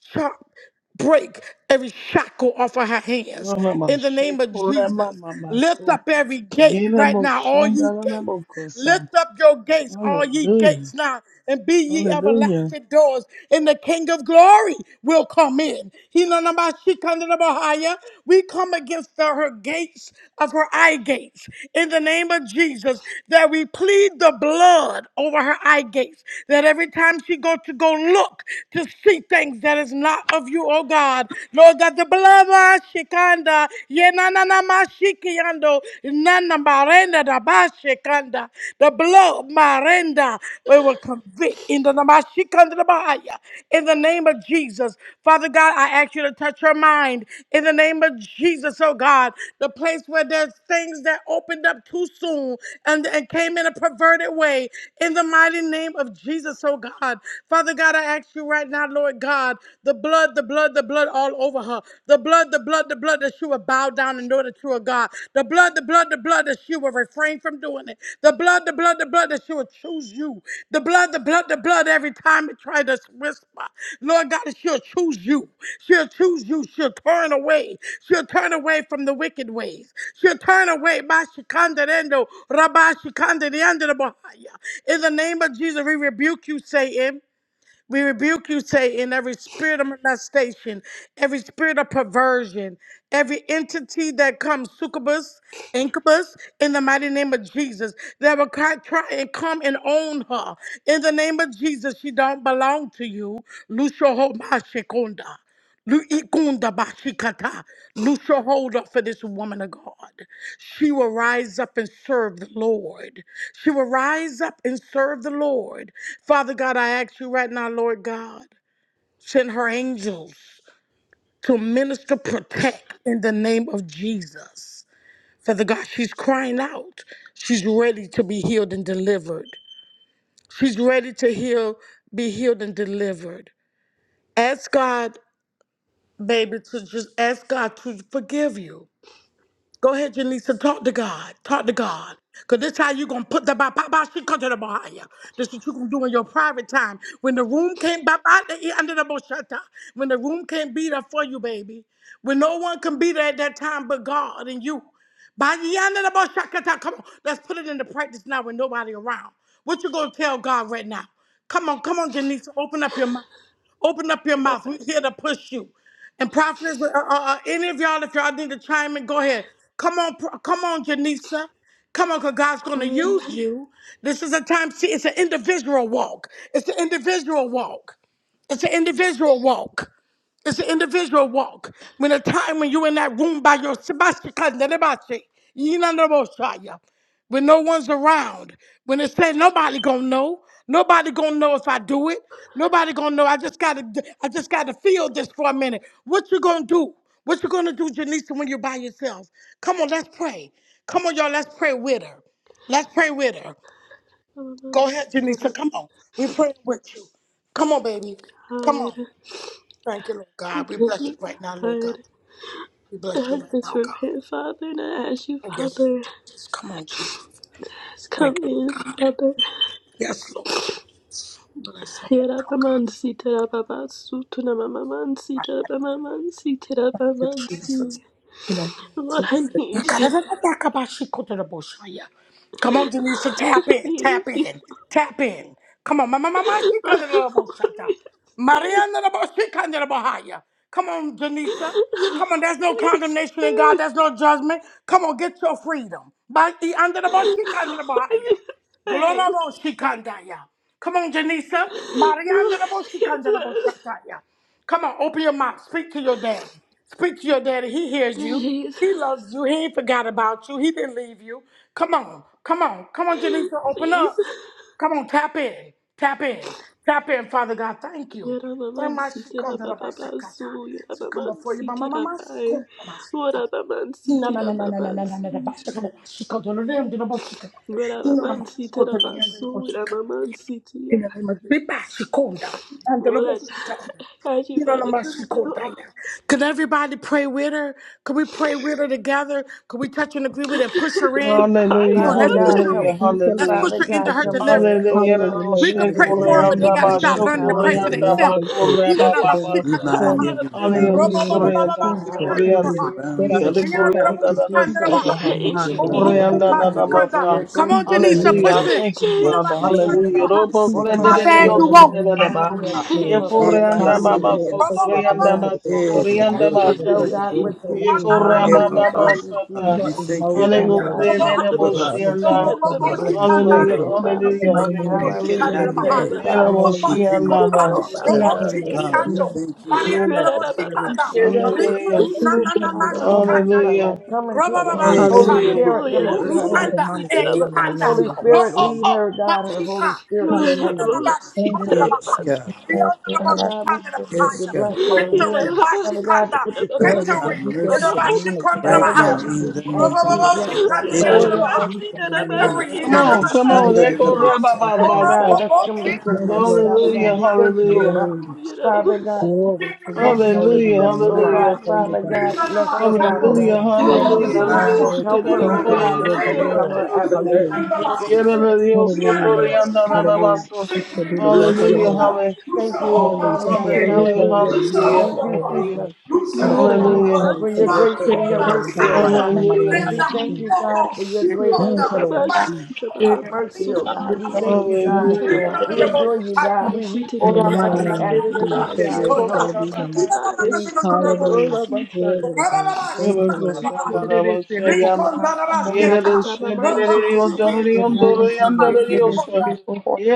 chop, break every shackle off of her hands.
Mama,
In the name of Jesus, lift up every gate right now, all ye gates.
Yenamushandanamokosa.
Lift up your gates, all ye
Hallelujah.
gates now, and be ye
Hallelujah.
everlasting doors. And the King of Glory will come in. He none of my she come to the Bahia. We come against the, her gates of her eye gates in the name of Jesus. That we plead the blood over her eye gates. That every time she go to go look to see see things that is not of you, oh God. Lord God, the blood of Shikanda, Yenanana Mashikiando, Nana Marenda da Bashikanda, the blood Marenda, we will convict in the Namashikanda da Bahaya, in the name of Jesus. Father God, I ask you to touch her mind in the name of Jesus, oh God, the place where there's things that opened up too soon and, and came in a perverted way, in the mighty name of Jesus, oh God. Father God, I ask ask you right now, Lord God, the blood, the blood, the blood all over her. The blood, the blood, the blood that she will bow down and know that you are God. The blood, the blood, the blood that she will refrain from doing it. The blood, the blood, the blood that she will choose you. The blood, the blood, the blood every time it tries to whisper. Lord God, that she'll choose you. She'll choose you. She'll turn away. She'll turn away from the wicked ways. She'll turn away. Bashikandarendo, Rabashikandarendo, Bahaya. In the name of Jesus, we rebuke you, Satan. We rebuke you, Satan, every spirit of molestation, every spirit of perversion, every entity that comes succubus, incubus, in the mighty name of Jesus, that will try try and come and own her. In the name of Jesus, she don't belong to you. Lucio Homa Shekonda. Lu- Ikunda Bashikata. Loose your hold off of this woman of God. She will rise up and serve the Lord. She will rise up and serve the Lord. Father God, I ask you right now, Lord God, send her angels to minister, protect in the name of Jesus. Father God, she's crying out. She's ready to be healed and delivered. She's ready to heal, be healed and delivered. Ask God baby, to just ask God to forgive you. Go ahead, Janisa, talk to God. Talk to God. Because this how you going to put the ba ba ba- she come to the bahaya. This what you going to do in your private time. When the room can't ba ba the- eh, under the boshata. When the room can't be there for you, baby. When no one can be there at that time but God and you. By the end the most come on, let's put it into practice now with nobody around. What you gonna tell God right now? Come on, come on, Janice, open up your mouth. Open up your mouth. We're here to push you. And prophets, uh, uh, uh, any of y'all, if y'all need to chime in, go ahead. Come on, pro- come on, Janisa. Come on, because God's going to
God,
use you. This is a time, see, it's an individual walk. It's an individual walk. It's an individual walk. It's an individual walk. When a time when you're in that room by yourself, when no one's around, when it said nobody gonna know, nobody gonna know if I do it, nobody gonna know. I just gotta, d- I just gotta feel this for a minute. What you gonna do? What you gonna do, Janisa, when you're by yourself? Come on, let's pray. Come on, y'all, let's pray with her. Let's pray with her.
I'm about
Go
to
ahead,
sit
Janisa.
up,
Come on, we praying with you. Come on, baby. Come
God.
on. Thank you, Lord God. We
Forgive
bless you
me,
right now, Lord God.
God.
We bless you
I
right
just
now,
repent,
God.
Father, and I ask you,
Yes, Lord
Father,
Jesus. Come on, Jesus.
just
Thank
come
you,
in,
Lord God.
Father.
Yes, Lord Jesus. Bless her right now,
Yarabamansita, rababatsu, tunamamansita,
God.
rabamamansita,
Thank you, Jesus.
rabamansi.
In the name of
Lord, I
Jesus.
need you.
Yakadadadadakabashikotodoboshaya. Come on, Denise,
<laughs>
tap
I
in,
need
tap
you.
in, tap in. Come on, mama, mama, she
<laughs> Lord,
kind
I don't want you to stay.
Mariana Come on, Janisa.
I
Come on, there's
don't want
no
you to
condemnation in
stay.
God. There's no judgment. Come on, get your freedom. By the under the bus, she can the kind
<laughs> Thanks.
Glorabo Shikandaya. Come on, Janisa.
Lord
Mariana, she can the
Jesus.
Boshikanda Come on, open your mouth. Speak to your daddy. Speak to your daddy. He hears you.
Jesus.
He loves you. He ain't forgot about you. He didn't leave you. Come on. Come on. Come on, Janisa. Open
Jesus.
up. Come on, tap in. Tap in. Tap in, Father God. Thank you.
Yaramaman
Mama, she come to the Bashakata.
sitirabababasu.
She come
Yaramaman
before you. Mama, mama, she
sitirabai.
come to the Bashakata.
Warabaman
No, no, no, no, no, no, no, no, no, no.
sitirababasi.
Bashakata, Bashakata, no, no, no, no, no, Bashakata. No, no, no,
Warabaman
Bashakata, no, no, no,
sitirabasu.
Bashakata.
Yaramaman sitiria.
In the name of the Bashakata. And the
Lord,
Bashakata.
I ask you,
You know,
Father,
my
come into
secret
our,
diet. Can everybody pray with her? Can we pray with her together? Can we touch and agree with her? Push
come
her
into
in.
our
Come
Hallelujah.
on,
Father
let's push
Father.
God,
her
Hallelujah.
Hallelujah.
in.
help.
Thank you,
Let's
Lord
Hallelujah.
push
Father
her into
God,
her
Jesus.
come to her.
deliverance.
Oh,
Hallelujah.
Hallelujah,
Father,
Lord.
We
We
could pray
rebuke
hallelujah.
for her,
these
Thank
but they
you,
line
got to
up
start
Jesus.
every
learning to pray
demonic
for
and
Hallelujah,
Lord,
themselves.
they
Come
say,
You know,
next
my
into
to their
secret
message
Roshekoreandabashokoreandabakorebababasa.
to
my
God.
for me.
Father. <laughs>
In the
We
mighty
Aleyoti
thank
Robo, bo,
name
you,
bo,
of
bo,
Korean
bo, bo,
God.
Jackson
Jesus.
secret to
Korean
Hallelujah.
Hallelujah.
Lord,
E
I
And
the
come up
Rihanna,
Lord,
fast
Korean
the
thank
da
to
you,
da da
secret to
Jesus.
peace
Change
over
God,
Santa
her
the
mind. In
Boom,
the
me.
boom,
name
Korean
boom,
of
we
da
my
da da
ask
Jesus.
you
secret
for
to-
Masa.
your
Come
grace
Peace
on,
and your
in the
mercy.
Janisa,
Hallelujah.
push
name
I
of
it.
thank you,
You know,
Jesus.
Change
my
Father.
me.
secret to
Hallelujah.
Hallelujah. Robo
Peace
Holy
sende
I
and
de
Messiah,
de
bad
still
yo
you
in the
se
hallelujah.
won't.
de
name
de
of
I
ba.
know that,
Jesus,
Ye
Lord.
oh,
Change me,
Father
Korean
God,
da ba
Jesus.
Hallelujah,
Father.
ba
Lord. I
so
thank
Yes,
you for the
da
Lord that
ba
God.
is
so
equivalent.
da
Ask,
This
ba
I
kind of
can't
tell
ke
blood is
God
see.
what
deep
you
over
Ye
her
need.
mind,
Korean
over
ba
her
Hallelujah.
ba
Thank
ba
heart,
you,
and
Santa.
her
Jesus. Father
emotions,
Hallelujah.
over
God,
the
Korean
we
Ramamansi,
da
heart,
da
thank you.
and
mo
what our
shi
Ramamansi,
Thank
beginning, children, living
you
Ramamansi,
to
Ramamansi,
for the
help
Hallelujah.
her.
Lord, Father.
In
Hallelujah.
God.
Ramamansi,
my name
Hallelujah.
of
Thank you.
Hallelujah. We
Jesus,
thank
but
you,
Ye
God.
da
Ramamansi.
mo
We
shi
hallelujah,
thank
ba.
feel, Father
thank you,
God,
Lord.
Lord, Lord, Lord.
Jesus. Glory,
Marianda Robo
hallelujah.
Shikanda,
Ramamansi,
Ribi
Ramamansi,
Hallelujah.
Thank you,
Nana Nama
Lord.
Father, walk
Jesus.
into
Shikanda,
Ramamansi.
her
Hallelujah.
life. Come into her life.
Robaba
Yes,
Holy
Hallelujah,
spirit
Shikando.
Hallelujah.
Lord.
Oh,
Spirit,
We
come
yeah,
of
Ru
into
rebuke
her
perversion
every
life.
Ianda.
that
Ramamansi,
demonic
is
E
lie in
throughout
the
the
Ianda.
Ramamansi.
name
Holy
of Jesus,
Ro
Spirit,
house.
O
Lord.
lead
O
her, God, her Holy
Mashika.
Spirit.
Oh,
We
yeah,
ask
Yanaba
Hallelujah.
you, oh
Ramamansi,
Thank you, Lord.
Yes,
Jesus.
Ramamansi.
God.
Father God, we ask you
Yes,
to
Shikanda.
God.
bless her.
Yeah,
We
Victory,
ask you,
Hallelujah.
Father God,
Ramamansi,
to
Mashikanda,
put the shield
Lord,
Lord,
of
we
Ramamansi,
have
victory,
protection.
rebuke
in
every
the
mercy
Ramamansi.
demonic
Mashikanda
right
Father
word
now
God, we
Bahaya,
person who
in
is
just
the
ask
name
spoken
you,
of
out
Robobo
yes,
of us.
Jesus.
Father God.
Lord,
Shikanda
we
Edibles,
Baha,
rebuke
Yarababasi,
in the
Yes,
name
yarabasi,
victory,
God,
Come
of
we thank
on,
Jesus.
come
you,
Send
on.
it
Father.
back
yarababasi,
Echo
to the
Tekeshandarables.
dark
Yes,
yarababa-
place.
God,
Rababasa.
bless them, Lord.
Thank
Yes,
you,
Yes,
Lord
Father
Lord.
God,
Hallelujah,
Jesus.
we thank you, oh,
hallelujah.
Father.
Oh,
Hallelujah.
Father
yarababasi,
God.
Glory to your
Walk in
yarababasi.
her
holy
Hallelujah,
footsteps,
name. You
oh
are
hallelujah.
God,
holy
Father
God.
God, bless her,
Thank
Father
you,
God.
Hallelujah,
Lord.
Thank
Hallelujah.
hallelujah.
you,
Yarababasi,
Jesus. Help
Hallelujah. Da,
in
her,
da, da,
Thank
oh
you,
kutabababasi,
Lord.
da,
Father, to
Your
da, da, da, da,
overcome
the
glory.
kitabai.
her
da,
adversary.
Hallelujah.
Yeah, da, da, da, so,
Hallelujah,
da,
Lord.
da, da, da,
My
da, da,
Hallelujah.
so.
She shall do
victory,
the
loose
work
your
of the
Hallelujah,
Hallelujah,
hold
Lord.
Father.
up.
halle-
Loose
Thank
your
you, oh
hold up.
Hallelujah.
Father
Thank you,
God.
Lord, for your
hallelujah,
glory
Hallelujah.
Loose
and
your
hallelujah,
mercy
hold up.
Thank you,
over us,
hallelujah,
Jesus.
Lord.
Loose your
I
Thank you,
hold
declare the
up. of her.
Jesus,
hallelujah,
credit
for
to
Yarababasi,
your
what
Rock
grace
me
shall be
and
on
your
done
down.
over
The
kitabababasi,
her
mercy, oh
eyes
life
up.
God.
in the mighty
Red
hallelujah,
name
We
of
kutabababasi.
down.
thank you,
Jesus.
Walk
God,
on.
for
He
your grace
come
Thank
down.
you, Lord
and
My
Yarababasi,
shit
Jesus.
hold up. He
mercy,
kitabababasi,
na na
oh
na
God.
na
We thank you,
kutabababasi,
God.
Thank you,
hallelujah,
We
kitarabai.
na na.
Jesus.
adore you, God. We reach
In
for
the
Ora
you,
Yeah, na
mighty
God.
na
We
na
Yoshitetababasi,
name of
ask
masandere
na
de
na
you,
na.
Jesus,
Father
de
your
She
God,
de
will
to
kutabababasi,
hold up.
shall
help.
hokora
be
He
done.
baha.
yatatatai,
us
Hallelujah.
Ora
yashikitabansi.
masandere.
Glory to God. Thank you, Lord
Hallelujah,
Ora
Jesus.
Rakata mamansu kumamansi.
Thank you, Lord Jesus.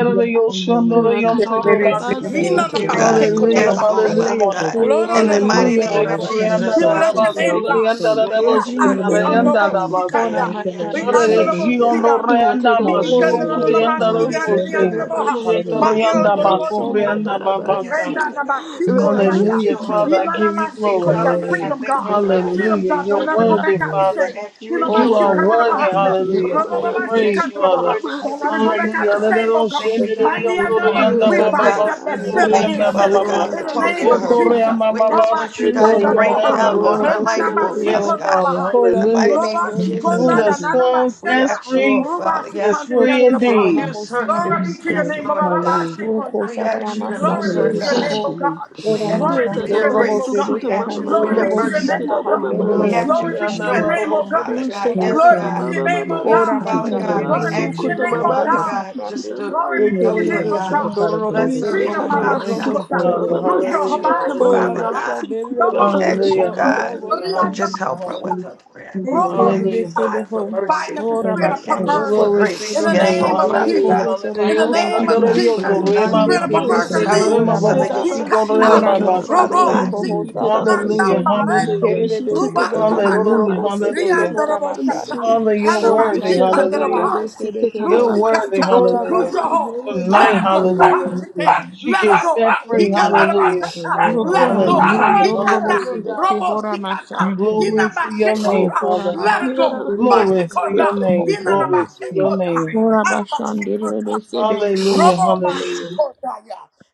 Bless in the name of Jesus.
Rakata da
Thank you, thank you,
babasi
Bless
Yina na
Thank
kita
it
you,
in
ba
the
God.
name of
sheko te na
hallelujah,
mansu.
Yes,
ba
Jesus.
oh
Bless it.
shanda.
Father
Bless
God.
it.
Glory
In
na
the
na
Rishita
ba
da
Yes,
mighty
hallelujah.
sha.
name
Lord.
of
I
babasi
declare
kita
Recorriendo
Jesus,
We
la
that
la
God,
she
bless your name,
shall
basura
mamansu.
be
y
God.
anda
free.
la la
we
Lord
ask you to
In the
Ah,
boceta,
i
walk in
name
her
Jesus.
of
ando
reanda
bo
life,
la
si
oh
Jesus,
base.
God.
kanda.
thank
We
you,
ask
We
you
Lord.
Ora
to
ando
de
na
bless
bo
her,
Hallelujah.
si
kiondo
God.
ando.
Irata
reanda
da
Mi i kanda
bansu
Hallelujah,
basoto
na na
kuta
Lord.
na
You
ma
reanda
turn
si
the
mamamansi
ando
joy
ni
of
kita
ando
rocose.
na
life.
bo ha.
mamansi
Sheto
Hallelujah.
Ma
kita
i
reanda
Thank
ando
you,
na bo
Lord, for
baco
si
mamamansu
giving
kanda.
reanda
us peace.
Yes,
babasa.
Renda
yatarabansi.
Father
na ma
God. We
si
just
Thank you,
konda
ask you
Lord,
to
ya.
Radamansi
Hallelujah,
heal her.
kita
Jesus.
Father, I
Yina na
give
ma
you
babasi
si
Please,
glory.
kita
konda.
mansi
hallelujah.
Freedom,
Hallelujah.
kita
Thank you,
God.
Father God,
Freedom,
dadarashi
Hallelujah.
God.
You're
Don't
kita
Jesus.
let it go
Thank
bai.
you,
worthy,
back out
We
the
Lord.
Father.
just
same.
ask you
You
to
know, my
You
heal
Roshna
she
are
Oh,
her,
come to the
oh
worthy,
God.
nanamansi
Thank
Bahia.
kita
you.
hallelujah, to be
My she
mamamansi
Yes,
praised,
come to
you
kita
the
are
Father.
Bahia.
worthy to
Don't
be
let
mamamasu
it go back
praised,
out
Hallelujah.
the
God.
same,
yatarabai.
oh God.
Thank you, God,
Mighty
for
under the book.
walking with
We
her,
bind
God.
Hallelujah.
up that
Thank
We
Roshetadabasu
spirit
you.
of
thank you,
incense
Father God,
in
for
the
yatadabababansi
talking
name
to
of
her.
Jesus.
We
kitidabai.
Oh,
just
my
want you,
she
God,
come to
to
the
rain
Bahia.
down on
Rishitadabamansi
her
Renana,
life,
my
oh
kitidabai.
she
Father
Yes,
come to the
God.
Father.
baha.
In the mighty
Hallelujah.
Roba
name of
she
Thank you,
come
Jesus'
Who
Lord,
down,
the
and
name,
Jesus.
nana, my
Son
we
sets
sender.
ask you, oh
free
Roba
Father,
she
is
come
yes,
to
Yo,
the
free
under
Coach
the
Sarah, I'm
baha.
indeed.
on
loose her,
Sunday.
Glory
Thank
be
loose,
to
you,
your
yes,
name,
Lord.
oh, Baba
Lord God.
Baba she
Hallelujah.
come
Roko
We
down.
ask you
Sharama
to
Thank
loose
you,
Sandu
Glory be
her,
to
Jesus.
Lord,
your
for
God.
name,
us
oh
Bikoho,
God.
release to the
We
Rorama
name
ask
of
Glory
you
be
for
Jesus
Sandu
to
your
your
Christ.
name,
Robo
oh
Retadabasu
grace.
God.
Sebe
We ask you
Kehan,
for
Glory
your
be
Robo
kutumamamansi
to your
mercy.
Hallelujah.
name, oh
Sibaha,
God.
Thank you,
We
Robo
Lord,
kitidabamamansi.
ask you
Glory
Sebe
for
be to your
Handir,
strength,
Jesus.
name,
Robo
oh
oh
Sebe
Father
God.
God.
Praise
Kehorama
Yes,
Glory
God, in
God.
the
be
Sab,
to your
name of
name, oh
We,
Jesus.
Rushetadadababamansi
God.
Orama
Father
Praise the
God,
Sandir
we
Glory
kitidabasu
Rebe
be to
ask
your
name
you,
Sebe
name,
oh
of
oh
Father
Jesus.
Kohona
kutumamansi
God.
God, just
Masandi,
to
Glory
kitidabai.
be to your
help her,
name,
Hallelujah.
Ekerebe
oh
This
God.
is a
God.
Sandu
part of
Robo
Bless
bloating.
her,
Sebe
oh
Freedom, Mama
Handir,
Father
Rishetadabasu
Thank
God.
Robo
you,
Shikota.
Sebe
Father.
Hallelujah.
We
Kahandir,
Lucio
kutumamamansi
ask you,
Hallelujah.
Haba
oh
Hallelujah.
Father
Orama
Shikota.
God.
kitamamamansi
Sandir
Robo
Rebe
We
Sebe
ask you,
kidababamansu
Hallelujah,
Ho,
Shikota.
God,
Arabo
hallelujah,
to
yatadabai.
Thank you,
just
hallelujah,
help
Lord
her
Rianda
with
Jesus.
her
hallelujah,
prayer. We
Robo
Ikele
ask
hallelujah,
you,
Hallelujah.
Shata.
God,
besebeho.
for
We
hallelujah,
bind
mercy.
up the
hallelujah.
Thank you,
Ora
spirit
Lord.
of
We ask you
bashando
Thank
for
perversion
kobo
Glory to
in
grace.
your
the
bebeka
Yes,
name,
oh
name
hande
of
Father
beko
hallelujah,
God.
Jesus.
hoso
In
hallelujah.
the
Oh,
bahanda
Thank
name
you,
of
Shandora
Father
base.
you, Lord.
Dios,
Jesus,
do
God.
Thank
I
you,
Rema
love
Ande
spirit
you,
of
ke
Lord.
Mama,
Jesus.
Jesus.
perversion,
Thank
besebe
you, Lord.
leave.
Hallelujah.
Rema
hora
So
Hallelujah.
Babo,
like I
basa.
He
said,
Shigo
Yerabasu,
kata
Ora
Thank
Rema
you, oh Father
mashande
Basute.
robo
God.
beko
yerabababansi,
Thank
si
hosa
you,
nana
bahande.
kiterabasu.
Hallelujah,
Lord. Thank you, Lord.
marendo
hallelujah,
Ikele
ruba
besebe
sikana
hondoro
hallelujah,
bose
Rishitetabababansi,
beko
hallelujah.
rianda
hora
robo
kiterabansu.
mashande.
shata.
Father, you're
Ora
worthy,
bashando
hallelujah.
Hanamashikandarabaha.
Rishetatatarasi,
besebe ke
You're
ho.
Lucy
keterababasu,
worthy,
Kanta,
Ora
hallelujah.
Lucia
kutumamamansi,
Hall,
bashando
let
Tonight,
her go.
kiterabababa.
hallelujah.
Pashike,
She
let her
gets set
go. He
free,
Thank you, Lord. Hallelujah. Thank you, Lord
can't
Jesus,
hallelujah,
for your
let
word
her
Rokora
Oh,
and
go.
your
mashan
hallelujah,
He
shut
dorobo
up,
mercy.
kata,
little
hallelujah.
sibe ke
dog.
Robo
hora
Shikata,
mashan.
Thank you,
Glory
Hina
Lord.
to your name,
Bashikota,
Rokora
Father.
let her go.
nabashan
Yerab-
diribe
Glory to your
Bashikonda,
sibe
name.
Hina na
Hallelujah. Thank
Glory
you,
to
Lord.
your
Bashikota,
name.
Lord, I bless you. I'm dead, and
Arabashikota,
they say, "Make me
Hallelujah.
whole."
Robo
Hallelujah.
Bashikota,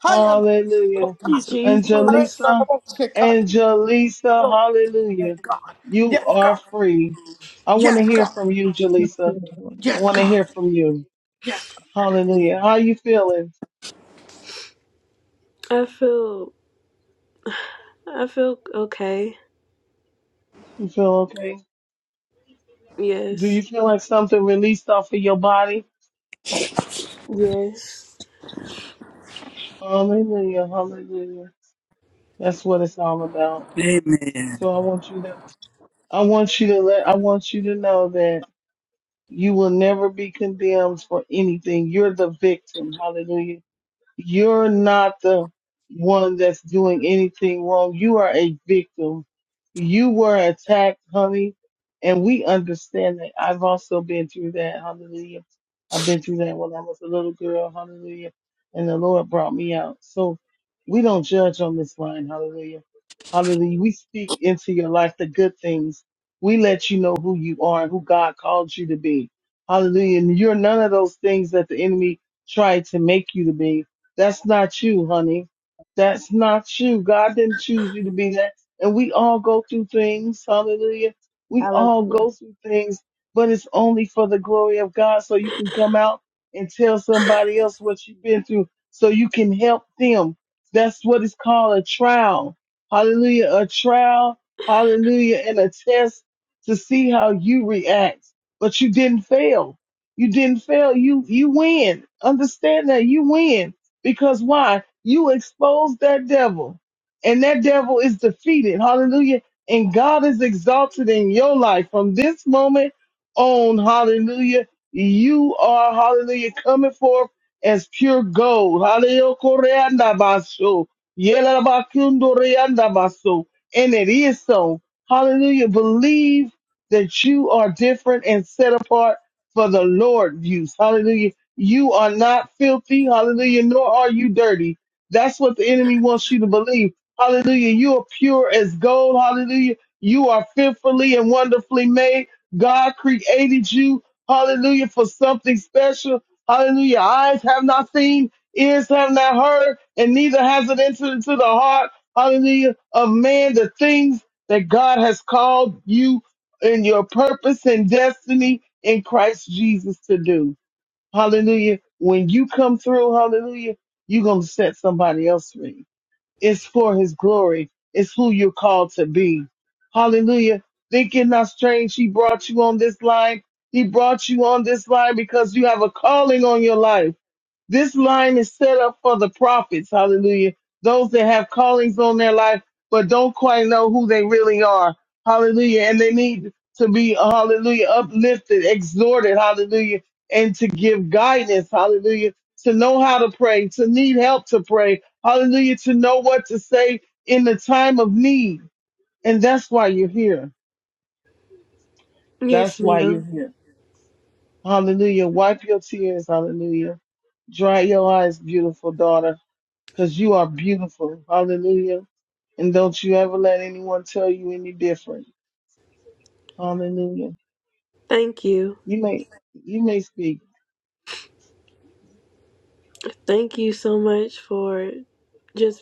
Hayana
Hallelujah.
Bashikota,
Jesus.
Mare na
Jesus.
Angelisa,
Robo Shikata.
Angelisa,
Glory to your name,
hallelujah.
God.
You
Yes,
are
God.
free. I want to
Yes,
hear
God.
from you,
Yes,
Jalisa.
Lord.
I
Yes,
want to
God.
hear from you.
Yes.
Hallelujah. How you feeling?
I feel, I feel okay.
You feel okay? Do you
Yes.
feel like something released off of your body?
Yes.
Hallelujah, hallelujah. That's what it's all about.
Amen.
So I want you to I want you to let I want you to know that You will never be condemned for anything. You're the victim. Hallelujah. You're not the one that's doing anything wrong. You are a victim. You were attacked, honey. And we understand that. I've also been through that. Hallelujah. I've been through that when I was a little girl. Hallelujah. And the Lord brought me out. So we don't judge on this line. Hallelujah. Hallelujah. We speak into your life the good things. We let you know who you are and who God called you to be. Hallelujah. And you're none of those things that the enemy tried to make you to be. That's not you, honey. That's not you. God didn't choose you to be that. And we all go through things. Hallelujah. We all
Hallelujah.
go through things, but it's only for the glory of God. So you can come out and tell somebody else what you've been through so you can help them. That's what it's called a trial. Hallelujah. A trial. Hallelujah. And a test to see how you react. But you didn't fail. You didn't fail. You, you win. Understand that you win because why? You expose that devil, and that devil is defeated. Hallelujah. And God is exalted in your life from this moment on. Hallelujah. You are, hallelujah, coming forth as pure gold. Hallelujah. Koreandabaso. Yelabakundoreandabaso. And it is so. Hallelujah. Believe that you are different and set apart for the Lord use. Hallelujah you are not filthy, hallelujah, nor are you dirty. That's what the enemy wants you to believe. Hallelujah. You are pure as gold, hallelujah. You are fearfully and wonderfully made. God created you, hallelujah, for something special. Hallelujah. Eyes have not seen, ears have not heard, and neither has it entered into the heart, hallelujah, of man the things that God has called you in your purpose and destiny in Christ Jesus to do. Hallelujah. When you come through, hallelujah, you're going to set somebody else free. It's for his glory. It's who you're called to be. Hallelujah. Think it not strange. He brought you on this line. He brought you on this line because you have a calling on your life. This line is set up for the prophets, hallelujah, those that have callings on their life, but don't quite know who they really are, hallelujah, and they need to be, hallelujah, uplifted, exhorted, hallelujah, and to give guidance, hallelujah, to know how to pray, to need help to pray, hallelujah, to know what to say in the time of need. And that's why you're here.
Yes,
That's why you're
ma'am.
here. Hallelujah. Wipe your tears, hallelujah. Dry your eyes, beautiful daughter. because you are beautiful. Hallelujah. And don't you ever let anyone tell you any different. Hallelujah.
Thank you.
You may you may speak,
Thank you so much for just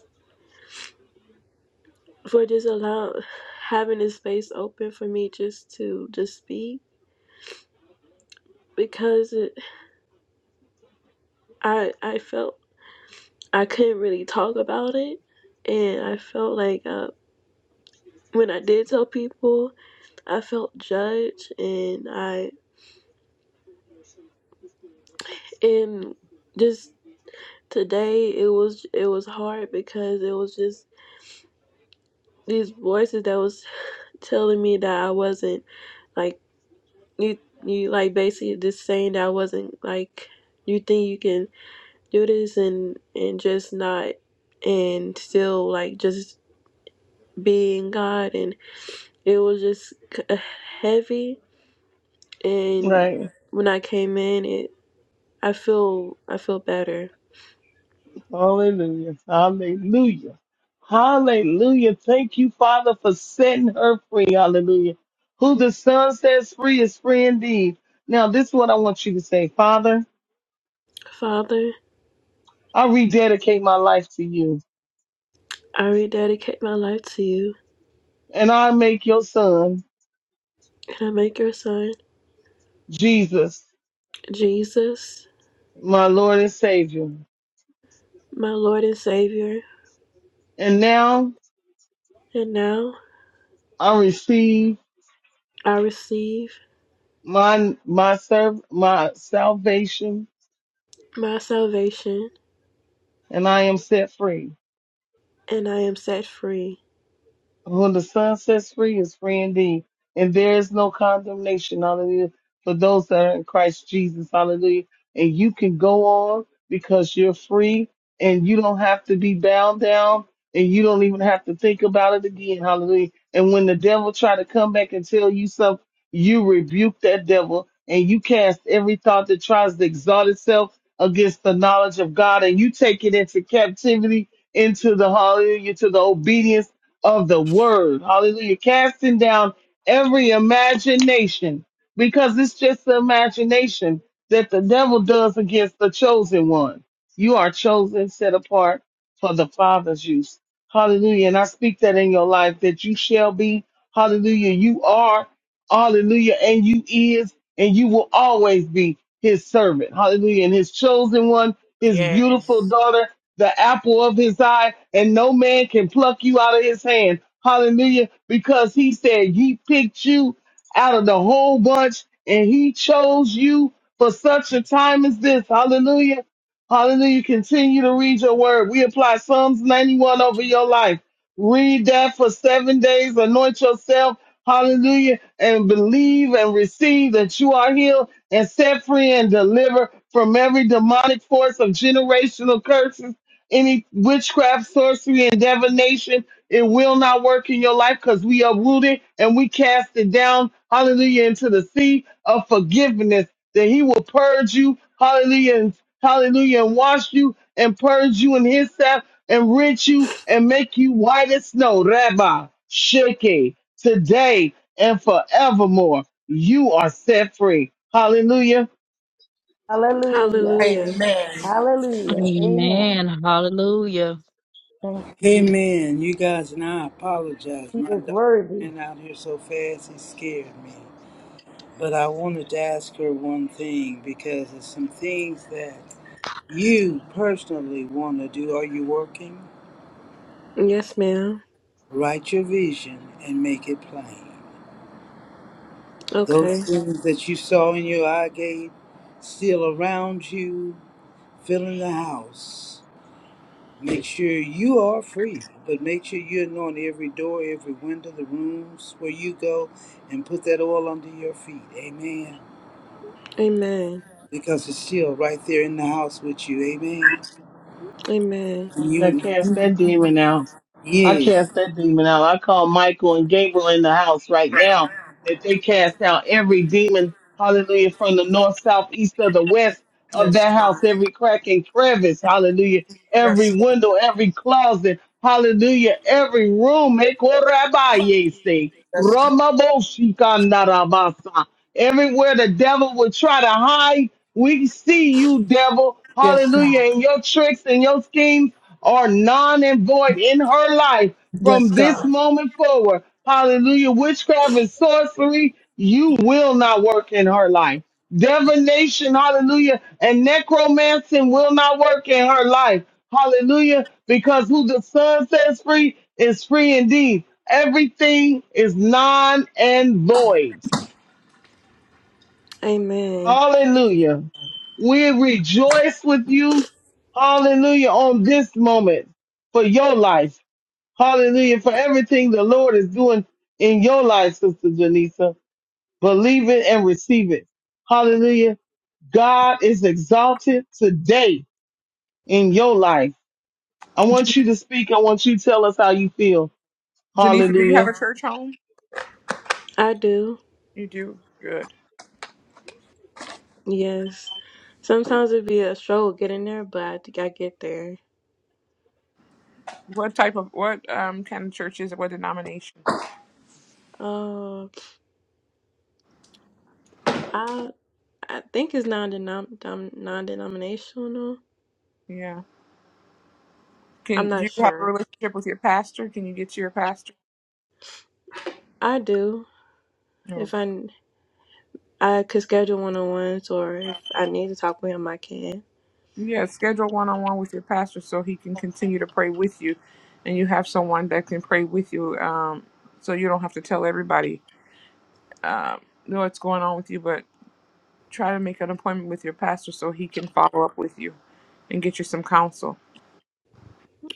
for just allow having this space open for me just to just speak because it, I I felt I couldn't really talk about it, and I felt like uh, when I did tell people, I felt judged, and I and just today it was it was hard because it was just these voices that was telling me that I wasn't like you you like basically just saying that I wasn't like you think you can Duties and and just not and still like just being God and it was just c- heavy and
right?
when I came in it I feel I feel better.
Hallelujah. Hallelujah. Hallelujah. Thank you, Father, for setting her free. Hallelujah. Who the Son sets free is free indeed. Now, this is what I want you to say. Father,
Father,
I rededicate my life to you.
I rededicate my life to you
And I make your son,
and I make your son
Jesus,
Jesus
my Lord and Savior.
my Lord and Savior
And now
and now
I receive
I receive
my my serv my salvation
my salvation
and I am set free.
and I am set free.
When the Son sets free is free indeed. And there is no condemnation, hallelujah, for those that are in Christ Jesus, hallelujah. And you can go on because you're free and you don't have to be bound down and you don't even have to think about it again, hallelujah. And when the devil try to come back and tell you something, you rebuke that devil and you cast every thought that tries to exalt itself against the knowledge of God and you take it into captivity into the hallelujah, to the obedience of the word. Hallelujah. Casting down every imagination because it's just the imagination that the devil does against the chosen one. You are chosen, set apart for the Father's use. Hallelujah. And I speak that in your life that you shall be. Hallelujah. You are. Hallelujah. And you is and you will always be his servant. Hallelujah. And his chosen one, his beautiful
Yes.
daughter the apple of his eye, and no man can pluck you out of his hand. Hallelujah. Because he said he picked you out of the whole bunch and he chose you for such a time as this. Hallelujah. Hallelujah. Continue to read your word. We apply Psalms 91 over your life. Read that for seven days. Anoint yourself. Hallelujah. And believe and receive that you are healed and set free and delivered from every demonic force of generational curses any witchcraft, sorcery, and divination. It will not work in your life because we uproot it and we cast it down, hallelujah, into the sea of forgiveness. That he will purge you, hallelujah, and hallelujah, and wash you and purge you in his self and rinse you and make you white as snow. Rabbi, Sheke, today and forevermore, you are set free. Hallelujah.
Hallelujah.
Hallelujah.
Hallelujah. Amen.
Amen. Hallelujah.
Thank you, Jesus.
Amen. You guys, and I apologize.
He
My
is
dog
worthy.
ran out here so fast, it scared me. But I wanted to ask her one thing because there's some things that you personally want to do? Are you working?
Yes, ma'am.
Write your vision and make it plain. Those
Okay.
things that you saw in your eye gate, still around you, filling the house. Make sure you are free, but make sure you anoint every door, every window, the rooms where you go, and put that oil under your feet. Amen.
Amen.
Because it's still right there in the house with you. Amen.
Amen.
And
I cast
you,
that demon out. I
yes.
cast that demon out. I call Michael and Gabriel in the house right now that they cast out every demon, hallelujah, from the north, south, east, or the west of
Yes,
that house,
God.
every crack and crevice, hallelujah,
Yes,
every
Lord.
window, every closet, hallelujah, every room. Eh, korabaye se,
Yes, God.
ramaboshikandarabasa. Everywhere the devil would try to hide, we see you, devil,
Yes, God.
hallelujah, and your tricks and your schemes are non and void in her life
Yes,
from this
God.
moment forward. Hallelujah. Witchcraft and sorcery, you will not work in her life. Divination, hallelujah, and necromancy will not work in her life. Hallelujah. Because who the Son sets free is free indeed. Everything is non and void.
Amen.
Hallelujah. We rejoice with you. Hallelujah on this moment for your life Hallelujah. For everything the Lord is doing in your life, Sister Janisa. Believe it and receive it. Hallelujah. God is exalted today in your life. I
Jan-
want you to speak. I want you to tell us how you feel.
Janice, do you have
Hallelujah.
a church home?
I do.
You do. Good.
Yes. Sometimes it'd be a struggle getting there, but I think I get there.
What type of what um kind of church is it? What denomination?
Uh, I I think it's non non denominational.
Yeah.
I'm
Can do
not
you have a
sure.
relationship with your pastor? Can you get to your pastor?
I do.
No.
If I I could schedule one on ones, or if I need to talk with him, I can.
Yeah, schedule one on one with your pastor so he can continue to pray with you and you have someone that can pray with you. Um so you don't have to tell everybody know what's going on with you, but try to make an appointment with your pastor so he can follow up with you and get you some counsel.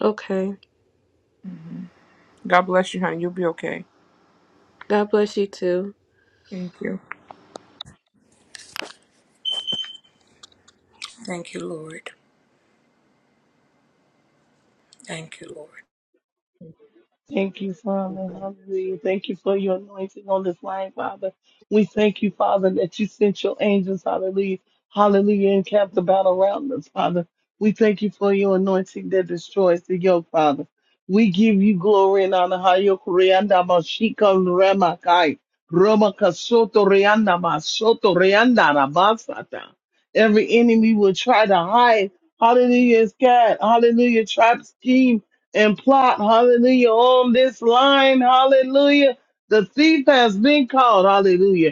Okay.
God bless you, honey. You'll be okay.
God bless you too.
Thank you.
Thank you, Lord. Thank you, Lord.
Thank you, Father. Hallelujah. Thank you for your anointing on this line, Father. We thank you, Father, that you sent your angels, hallelujah, hallelujah, and camped about around us, Father. We thank you for your anointing that destroys the yoke, Father. We give you glory and honor. Hayo Kurianda Mashika Ramakai. Romaka Soto Rianda Masoto Rianda Rabasata. Every enemy will try to hide. Hallelujah is God. Hallelujah. Trap scheme and plot, hallelujah, on this line, hallelujah. The thief has been caught, hallelujah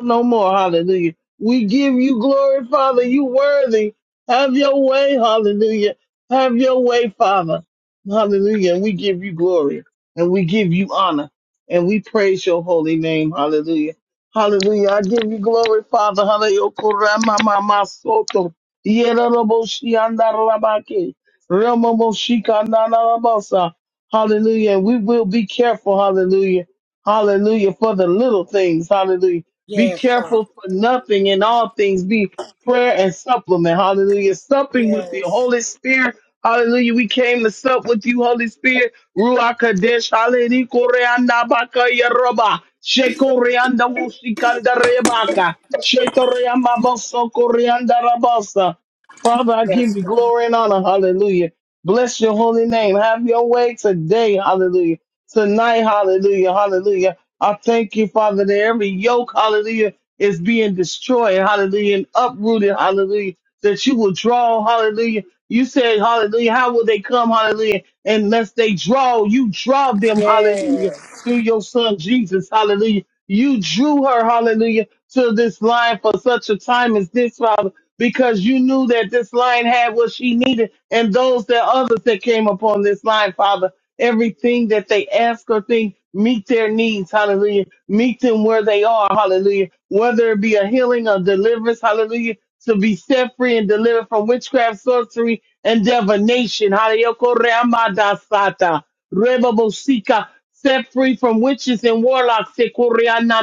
no more. Hallelujah. We give you glory, Father. You worthy. Have your way. Hallelujah. Have your way, Father. Hallelujah. And we give you glory and we give you honor and we praise your holy name. Hallelujah. Hallelujah. I give you glory, Father. Hallelujah. Korama mama soto. Yerobo shianda rabake. Remomo shikanda rabosa. Hallelujah. And we will be careful. Hallelujah. Hallelujah. For the little things. Hallelujah be
Yes, God.
careful for nothing in all things. Be prayer and supplement. Hallelujah. Supping with the
Yes.
Holy Spirit. Hallelujah. We came to sup with you, Holy Spirit. Ruach Kadesh. Hallelujah. Koreanda baka yaroba. Shekoreanda wushikanda rebaka. Shetoreamba boso koreanda rabosa. Father, I give you glory and honor. Hallelujah. Bless your holy name. Have your way today. Hallelujah. Tonight. Hallelujah. Hallelujah. I thank you, Father, that every yoke, hallelujah, is being destroyed, hallelujah, and uprooted, hallelujah, that you will draw, hallelujah. You said, hallelujah, how will they come, hallelujah, unless they draw, you draw them, hallelujah through your son Jesus. Hallelujah. You drew her, hallelujah, to this line for such a time as this, Father, because you knew that this line had what she needed and those that others that came upon this line, Father, everything that they ask or think, meet their needs, hallelujah. Meet them where they are, hallelujah. Whether it be a healing or deliverance, hallelujah, to be set free and delivered from witchcraft, sorcery, and divination. Hallelujah. Koreamadasata, rebabosika set free from witches and warlocks, Sekoriana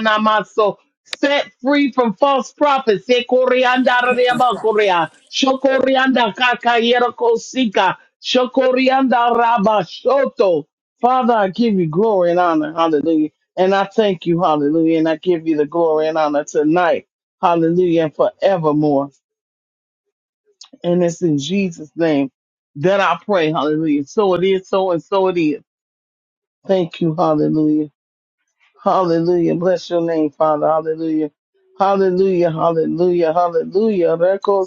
set free from false prophets, Sekorianda Reabakorea, Shokorianda Kakayero Kosika, Shokorianda Rabashoto. Father, I give you glory and honor, hallelujah. And I thank you, hallelujah. And I give you the glory and honor tonight, hallelujah, and forevermore. And it's in Jesus' name that I pray, hallelujah. So it is, so and so it is. Thank you, hallelujah. Hallelujah. Bless your name, Father. Hallelujah. Hallelujah. Hallelujah. Hallelujah. Reko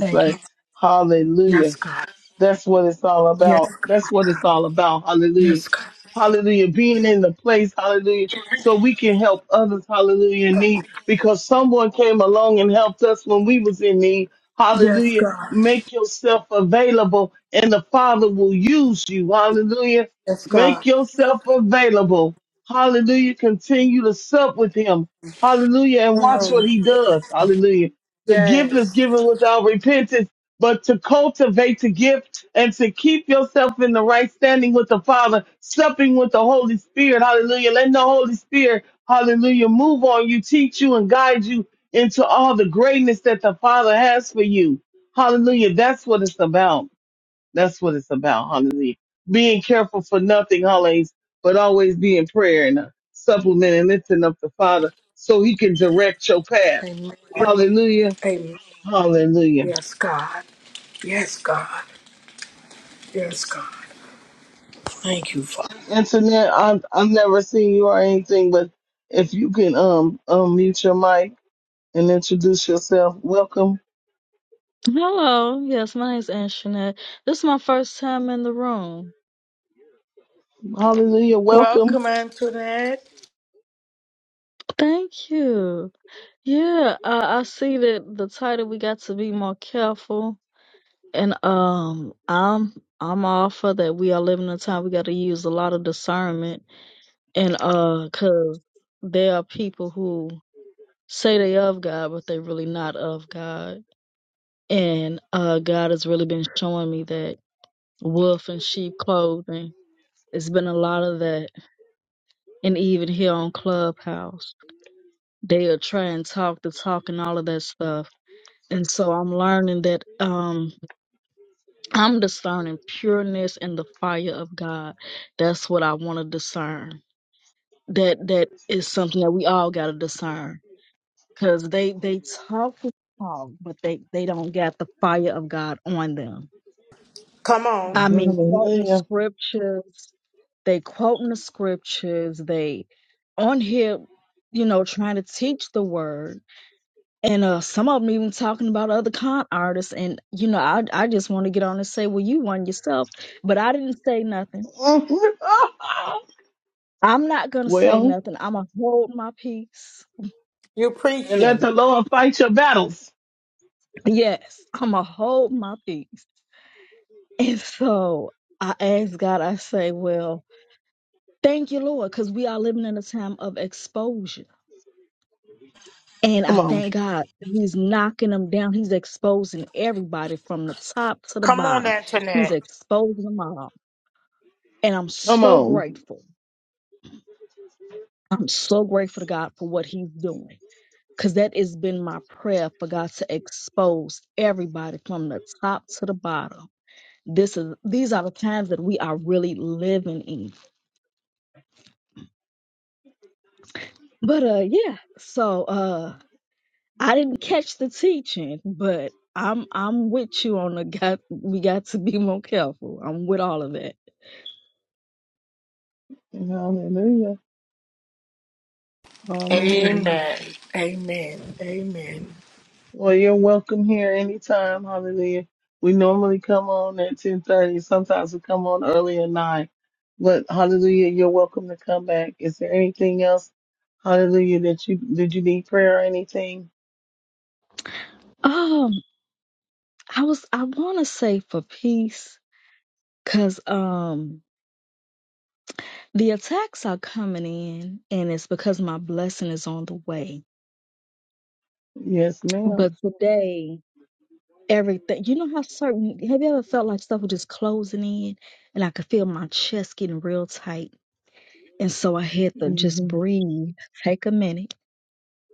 Thank you.
Hallelujah.
Yes, God.
That's what it's all about.
Yes.
That's what it's all about. Hallelujah.
Yes, God.
Hallelujah. Being in the place. Hallelujah. So we can help others. Hallelujah. In need because someone came along and helped us when we was in need.
Yes,
Hallelujah.
God.
Make yourself available and the Father will use you. Hallelujah.
Yes,
Make
God.
yourself available. Hallelujah. Continue to sup with him. Hallelujah. And watch what he does. Hallelujah. The gift is
Yes.
given without repentance but to cultivate the gift and to keep yourself in the right standing with the Father, supping with the Holy Spirit. Hallelujah. Let the Holy Spirit, hallelujah, move on you, teach you, and guide you into all the greatness that the Father has for you. Hallelujah. That's what it's about. That's what it's about. Hallelujah. Being careful for nothing, Hallelujah, but always be in prayer and uh, supplement and lifting up the Father so he can direct your path.
Amen.
Hallelujah.
Amen.
Hallelujah.
Yes, God. Yes, God. Yes,
internet. I've I've never seen you or anything, but if you can um unmute your mic and introduce yourself, welcome.
Hello, yes, my name's Anjanette. This is my first time in the room.
Hallelujah, welcome.
Thank you. Yeah, uh, I see that the title we got to be more careful, and um, I'm I'm all for that. We are living in a time we got to use a lot of discernment, and uh, cause there are people who say they of God, but they really not of God, and uh, God has really been showing me that wolf in sheep clothing. It's been a lot of that and even here on Clubhouse, they'll try and talk the talk and all of that stuff. And so I'm learning that um I'm discerning pureness and the fire of God. That's what I want to discern. That that is something that we all gotta discern. Cause they they talk the talk, but they they don't got the fire of God on them. I mean, quoting
Hallelujah.
scriptures, they quoting the scriptures, they on here, you know, trying to teach the word, And uh, some of them even talking about other con artists. And, you know, I, I just want to get on and say, well, you won yourself. But I didn't say nothing.
<laughs>
I'm not going to say
well,
nothing. I'm going to hold my peace.
and let
God.
the Lord fight your battles.
Yes, I'm going to hold my peace. And so I ask God, I say, well, thank you, Lord, because we are living in a time of exposure. And I
Come on,
thank God he's knocking them down. He's exposing everybody from the top to the
Come on,
bottom. He's
Antoinette.
exposing them all. And I'm
come
so
on.
grateful. I'm so grateful to God for what He's doing. Because that has been my prayer for God to expose everybody from the top to the bottom. This is these are the times that we are really living in. But uh yeah, so uh I didn't catch the teaching, but I'm I'm with you on the got we got to be more careful. I'm with all of that.
Hallelujah, hallelujah.
Amen.
Well, you're welcome here anytime. Hallelujah. We normally come on at 10:30. Sometimes we come on earlier at 9. But hallelujah, you're welcome to come back. Is there anything else? Hallelujah, that you did you need prayer or anything?
Oh. I was I want to say for peace cuz um the attacks are coming in and it's because my blessing is on the way.
Yes,
But
madam
today everything you know how certain have you ever felt like stuff was just closing in and I could feel my chest getting real tight and so I had to just
Mm-hmm.
breathe, take a minute,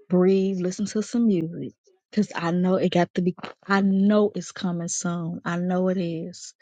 breathe, listen to some music cuz I know it got to be I know it's coming soon. I know it is.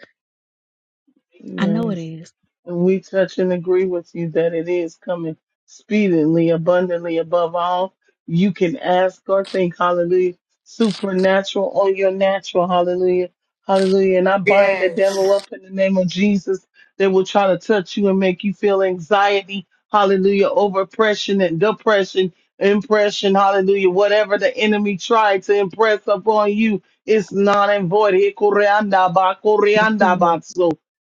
I know it
Yes.
is.
And we touch and agree with you that it is coming speedily, abundantly above all. You can ask or think, hallelujah, supernatural on your natural, hallelujah, hallelujah. And I bind the devil up in the name of Jesus that will try to touch you and make you feel anxiety, hallelujah, over oppression and depression, impression, hallelujah. Whatever the enemy tried to impress upon you, it's not and void.
Let's go.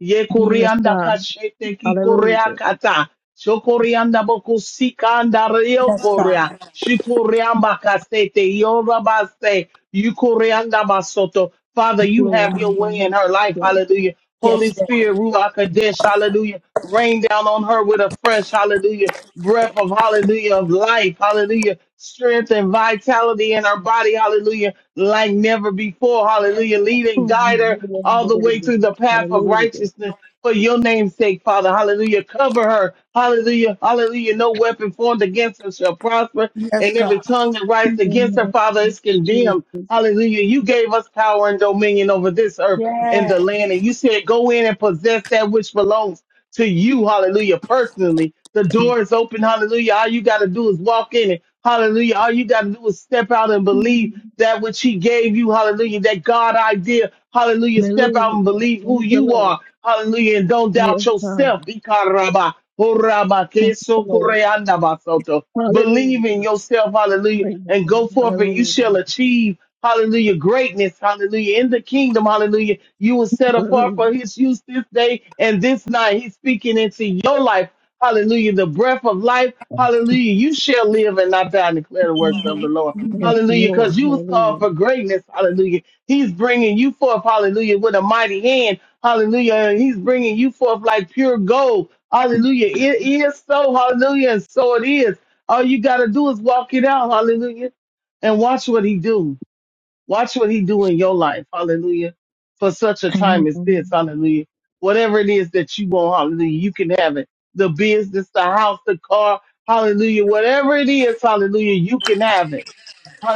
Ye
Yeah, let's
koreanda
go.
kashete ki
Hallelujah.
koreakata. Shokorianda boku sikanda rio
God.
korea. Shikoriamba kasete yorabaste. Yukorianda basoto. Father,
Thank
you
Lord,
have
in
your
the
way
name
in
of
her life.
Jesus.
Hallelujah. Holy
Yes, Lord.
Spirit, Ruach Kadesh. Hallelujah. Rain down on her with a fresh, hallelujah, breath of hallelujah of life. Hallelujah. Strength and vitality in her body. Hallelujah. Like never before. Hallelujah. Lead and
Oh,
guide her all the way through the path of
Hallelujah.
righteousness for your name's sake, Father. Hallelujah. Cover her. Hallelujah. Hallelujah. No weapon formed against her shall prosper,
Yes,
and every
God.
tongue that rises
In the
against her,
name
Father,
of
is condemned.
Jesus.
Hallelujah. You gave us power and dominion over this earth and the
Yes.
land, and you said, Go in and possess that which belongs to you, hallelujah, personally. The door is open, hallelujah. All you got to do is walk in it, hallelujah. All you got to do is step out and believe that which He gave you, hallelujah, that God idea, hallelujah. Step out and
Hallelujah.
believe who
Thank you,
you
Lord.
are, hallelujah, and don't doubt
Praise
yourself.
God.
Ikaraba, horaba
Thank you,
keso,
Lord.
koreanda, basoto. Believe in
Hallelujah.
yourself, hallelujah,
Praise
and go
God.
forth and you shall
Hallelujah.
achieve. Hallelujah. Greatness. Hallelujah. In the kingdom. Hallelujah. You were set apart
Hallelujah.
for his use this day and this night. He's speaking into your life. Hallelujah. The breath of life. Hallelujah. You shall live and not die and declare the works of the Lord.
Yes,
Hallelujah.
Lord.
Because you was called
Hallelujah.
for greatness. Hallelujah. He's bringing you forth. Hallelujah. With a mighty hand. Hallelujah. And he's bringing you forth like pure gold. Hallelujah. It is so. Hallelujah. And so it is. All you got to do is walk it out. Hallelujah. And watch what he do. Watch what he do in your life. Hallelujah. For such a time as this.
Amen.
Hallelujah. Whatever it is that you want. Hallelujah. You can have it. The business, the house, the car. Hallelujah. Whatever it is. Hallelujah. You can have it.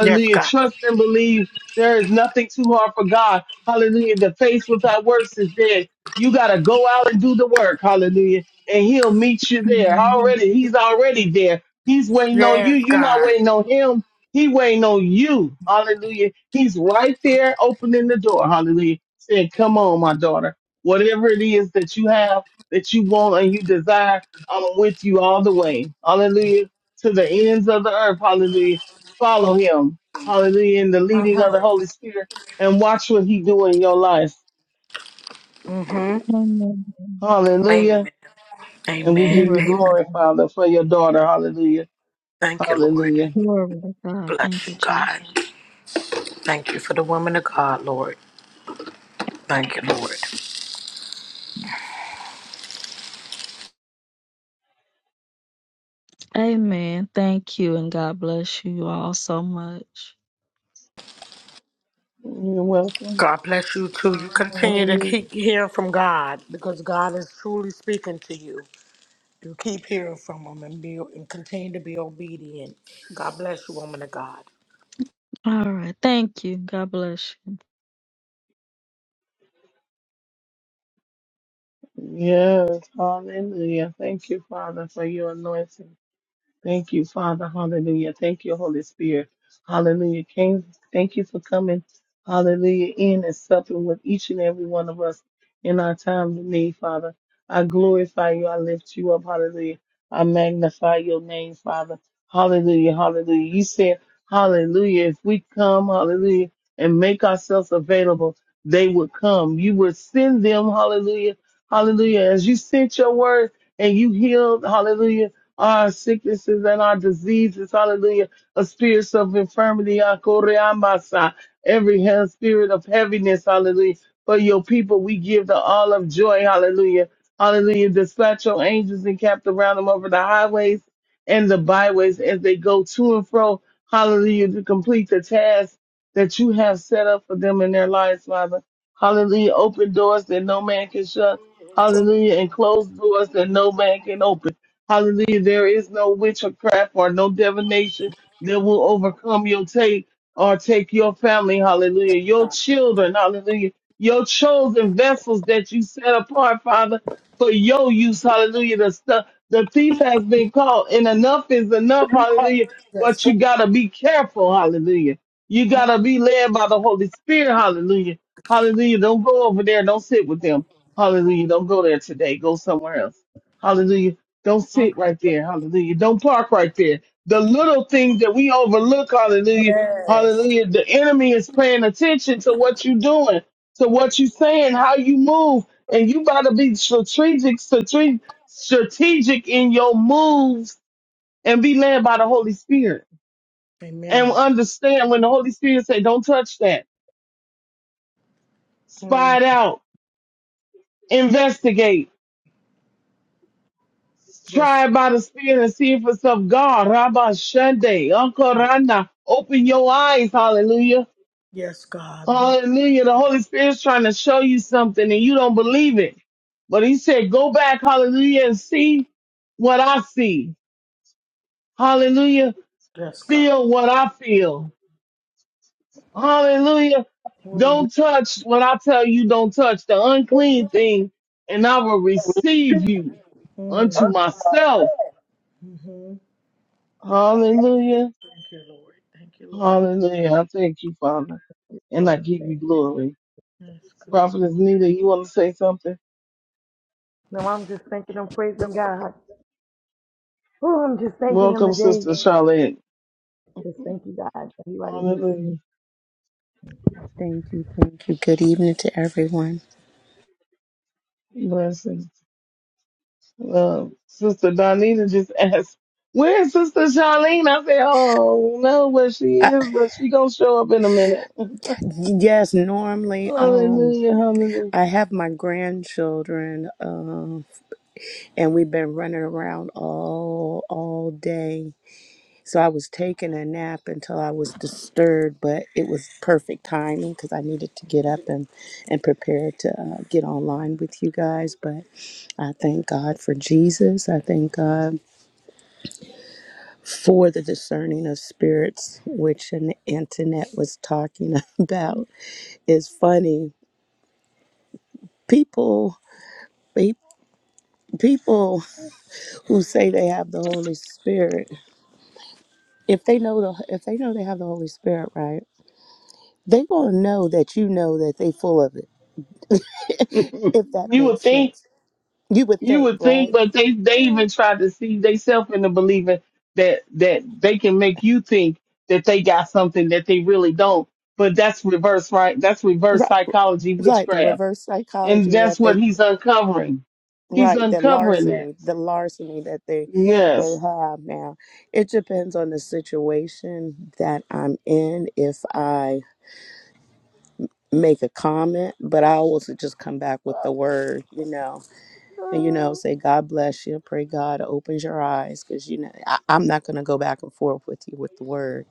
Yes, God.
Trust and believe there is nothing too hard for God. Hallelujah. The faith without works is dead. You got to go out and do the work. Hallelujah. And he'll meet you there.
Amen.
Already, he's already there. He's waiting on you.
Yes.
You're not waiting on him. He waiting on you. Hallelujah. He's right there opening the door. Hallelujah. Saying, come on, my daughter. Whatever it is that you have, that you want and you desire, I'm with you all the way. Hallelujah. To the ends of the earth. Hallelujah. Follow him. Hallelujah. In the leading of the Holy Spirit and watch what he do in your life.
Amen.
Hallelujah.
Amen.
And we give
Amen.
you
Glory to
Amen.
glory,
God.
Father, for your daughter. Hallelujah.
Thank you, Lord.
Hallelujah.
Glory to God. Thank
Bless
you,
you,
Jesus.
God. Thank you for the woman of God, Lord. Thank you, Lord.
Amen. Thank you, and God bless you all so much.
You're welcome.
God bless you too. You continue to
Hallelujah.
keep hearing from God because God is truly speaking to you. You keep hearing from Him and be and continue to be obedient. God bless you, woman of God.
All right. Thank you. God bless
Yes. Hallelujah. Thank you, Father, for your anointing. Thank you, Father. Hallelujah. Thank you, Holy Spirit. Hallelujah. King, thank you for coming. Hallelujah. In and supping with each and every one of us in our time of need, Father. I glorify you. I lift you up. Hallelujah. I magnify your name, Father. Hallelujah. Hallelujah. You said, Hallelujah. If we come, hallelujah, and make ourselves available, they would come. You would send them, hallelujah. Hallelujah. As you sent your word and you healed, hallelujah our sicknesses and our diseases. Hallelujah. A spirit of infirmity. ah, koreamasa, Every he- spirit of heaviness. Hallelujah. For your people, we give the all of joy. Hallelujah. Hallelujah. Dispatch your angels and cap around them over the highways and the byways as they go to and fro. Hallelujah. To complete the task that you have set up for them in their lives, Father. Hallelujah. Open doors that no man can shut. Hallelujah. And close doors that no man can open. Hallelujah. There is no witchcraft or no divination that will overcome your take or take your family. Hallelujah. Your children. Hallelujah. Your chosen vessels that you set apart, Father, for your use. Hallelujah. The stuff, the thief has been caught and enough is enough. Hallelujah. But you gotta be careful. Hallelujah. You gotta be led by the Holy Spirit. Hallelujah. Hallelujah. Don't go over there. Don't sit with them. Hallelujah. Don't go there today. Go somewhere else. Hallelujah. Don't sit right there. Hallelujah. Don't park right there. The little things that we overlook. Hallelujah. Hallelujah. The enemy is paying attention to what you're doing, to what you're saying, how you move. And you got to be strategic, strate- strategic in your moves and be led by the Holy Spirit. And
Amen.
understand when the Holy Spirit say, don't touch that. Spy it out. Investigate.
Yes,
try by the Spirit and see if it's of God. Rabba Shande, Uncle Rana, open your eyes. Hallelujah.
yes, God.
Hallelujah. The Holy Spirit's trying to show you something and you don't believe it. But he said, go back, hallelujah, and see what I see. Hallelujah. Feel what I feel. Hallelujah. Don't touch what I tell you, don't touch the unclean thing, and I will receive you unto myself. Hallelujah. Hallelujah. I thank you, Father, and I
Lord,
give you
thank you.
glory.
Yes.
Prophetess Nita, you want to say something?
No, I'm just thanking and praising God. Oh, I'm just thanking Him
Welcome, Sister
today.
Charlotte.
Just thank you, God. Everybody, just
Hallelujah.
thank you.
Thank you, thank you. Good evening to everyone.
Blessings. Uh, Sister Donita just <laughs> asked, Where's Sister Charlene? I said, Oh, no, where she
I,
is, but she going to show up in a minute. <laughs>
yes, normally um
Hallelujah. Hallelujah.
I have my grandchildren um and we've been running around all all day. So I was taking a nap until I was disturbed, but it was perfect timing because I needed to get up and and prepare to uh, get online with you guys. But I thank God for Jesus. I thank God for the discerning of spirits, which an internet was talking <laughs> about, is funny. People, pe- people who say they have the Holy Spirit, if they know the, if they know they have the Holy Spirit, right, they gonna know that you know that they full of it.
<laughs>
If that
you
makes
would think
sense, you would
You
think,
would think,
right?
but they they even try to see themselves into believing that that they can make you think that they got something that they really don't. But that's reverse, right? That's reverse
Right,
psychology
like the
witchcraft,
reverse
and
psychology that
that's
they
what he's uncovering. He's
Right, the
uncovering that.
larceny, the larceny that they they
Yes,
have now. It depends on the situation that I'm in if I make a comment, but I always just come back with the word, you know, and you know, say God bless you, pray God opens your eyes, because you know I, I'm not going to go back and forth with you with the word,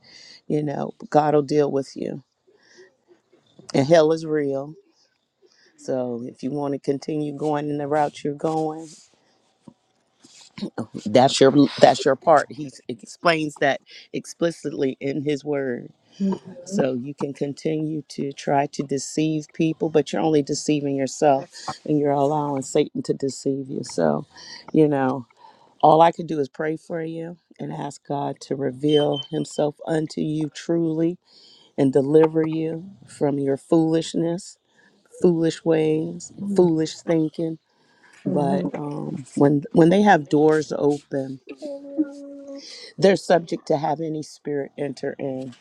you know. God will deal with you, and hell is real. So if you want to continue going in the route you're going, That's your that's your part. He s- explains that explicitly in his word. So you can continue to try to deceive people, but you're only deceiving yourself and you're allowing Satan to deceive you. So, you know, all I can do is pray for you and ask God to reveal himself unto you truly and deliver you from your foolishness, foolish ways, foolish thinking. But um, when when they have doors open they're subject to have any spirit enter in.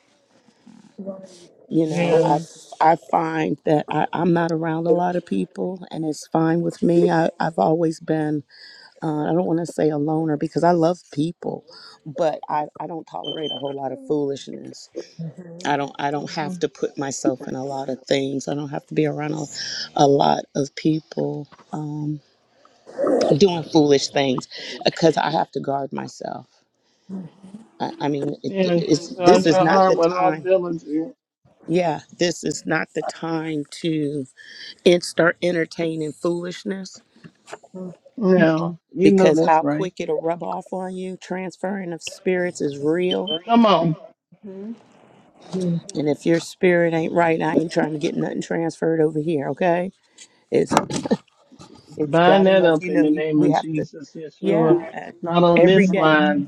You know, I
yes,
I find that I, I'm not around a lot of people, and it's fine with me. I, I've always been uh, I don't want to say a loner because I love people, but I, I don't tolerate a whole lot of foolishness. I don't I don't
hmm
have to put myself in a lot of things. I don't have to be around a, a lot of people um, doing foolish things because I have to guard myself. I, I mean, it,
yes.
it's, this
Guard
is
your
not the
heart with all
time
diligence.
yeah, this is not the time to en- start entertaining foolishness
Yeah, you know
because
that's
how
right.
quick it'll rub off on you. Transferring of spirits is real.
Come on,
And if your spirit ain't right, I ain't trying to get nothing transferred over here, okay? It's it's
bind
bad
that
enough,
up
you
in
know,
the
you
name
we
of
have to
Jesus, Yeshua.
yeah, uh,
Not on
every
this
day
you.
line.
<laughs>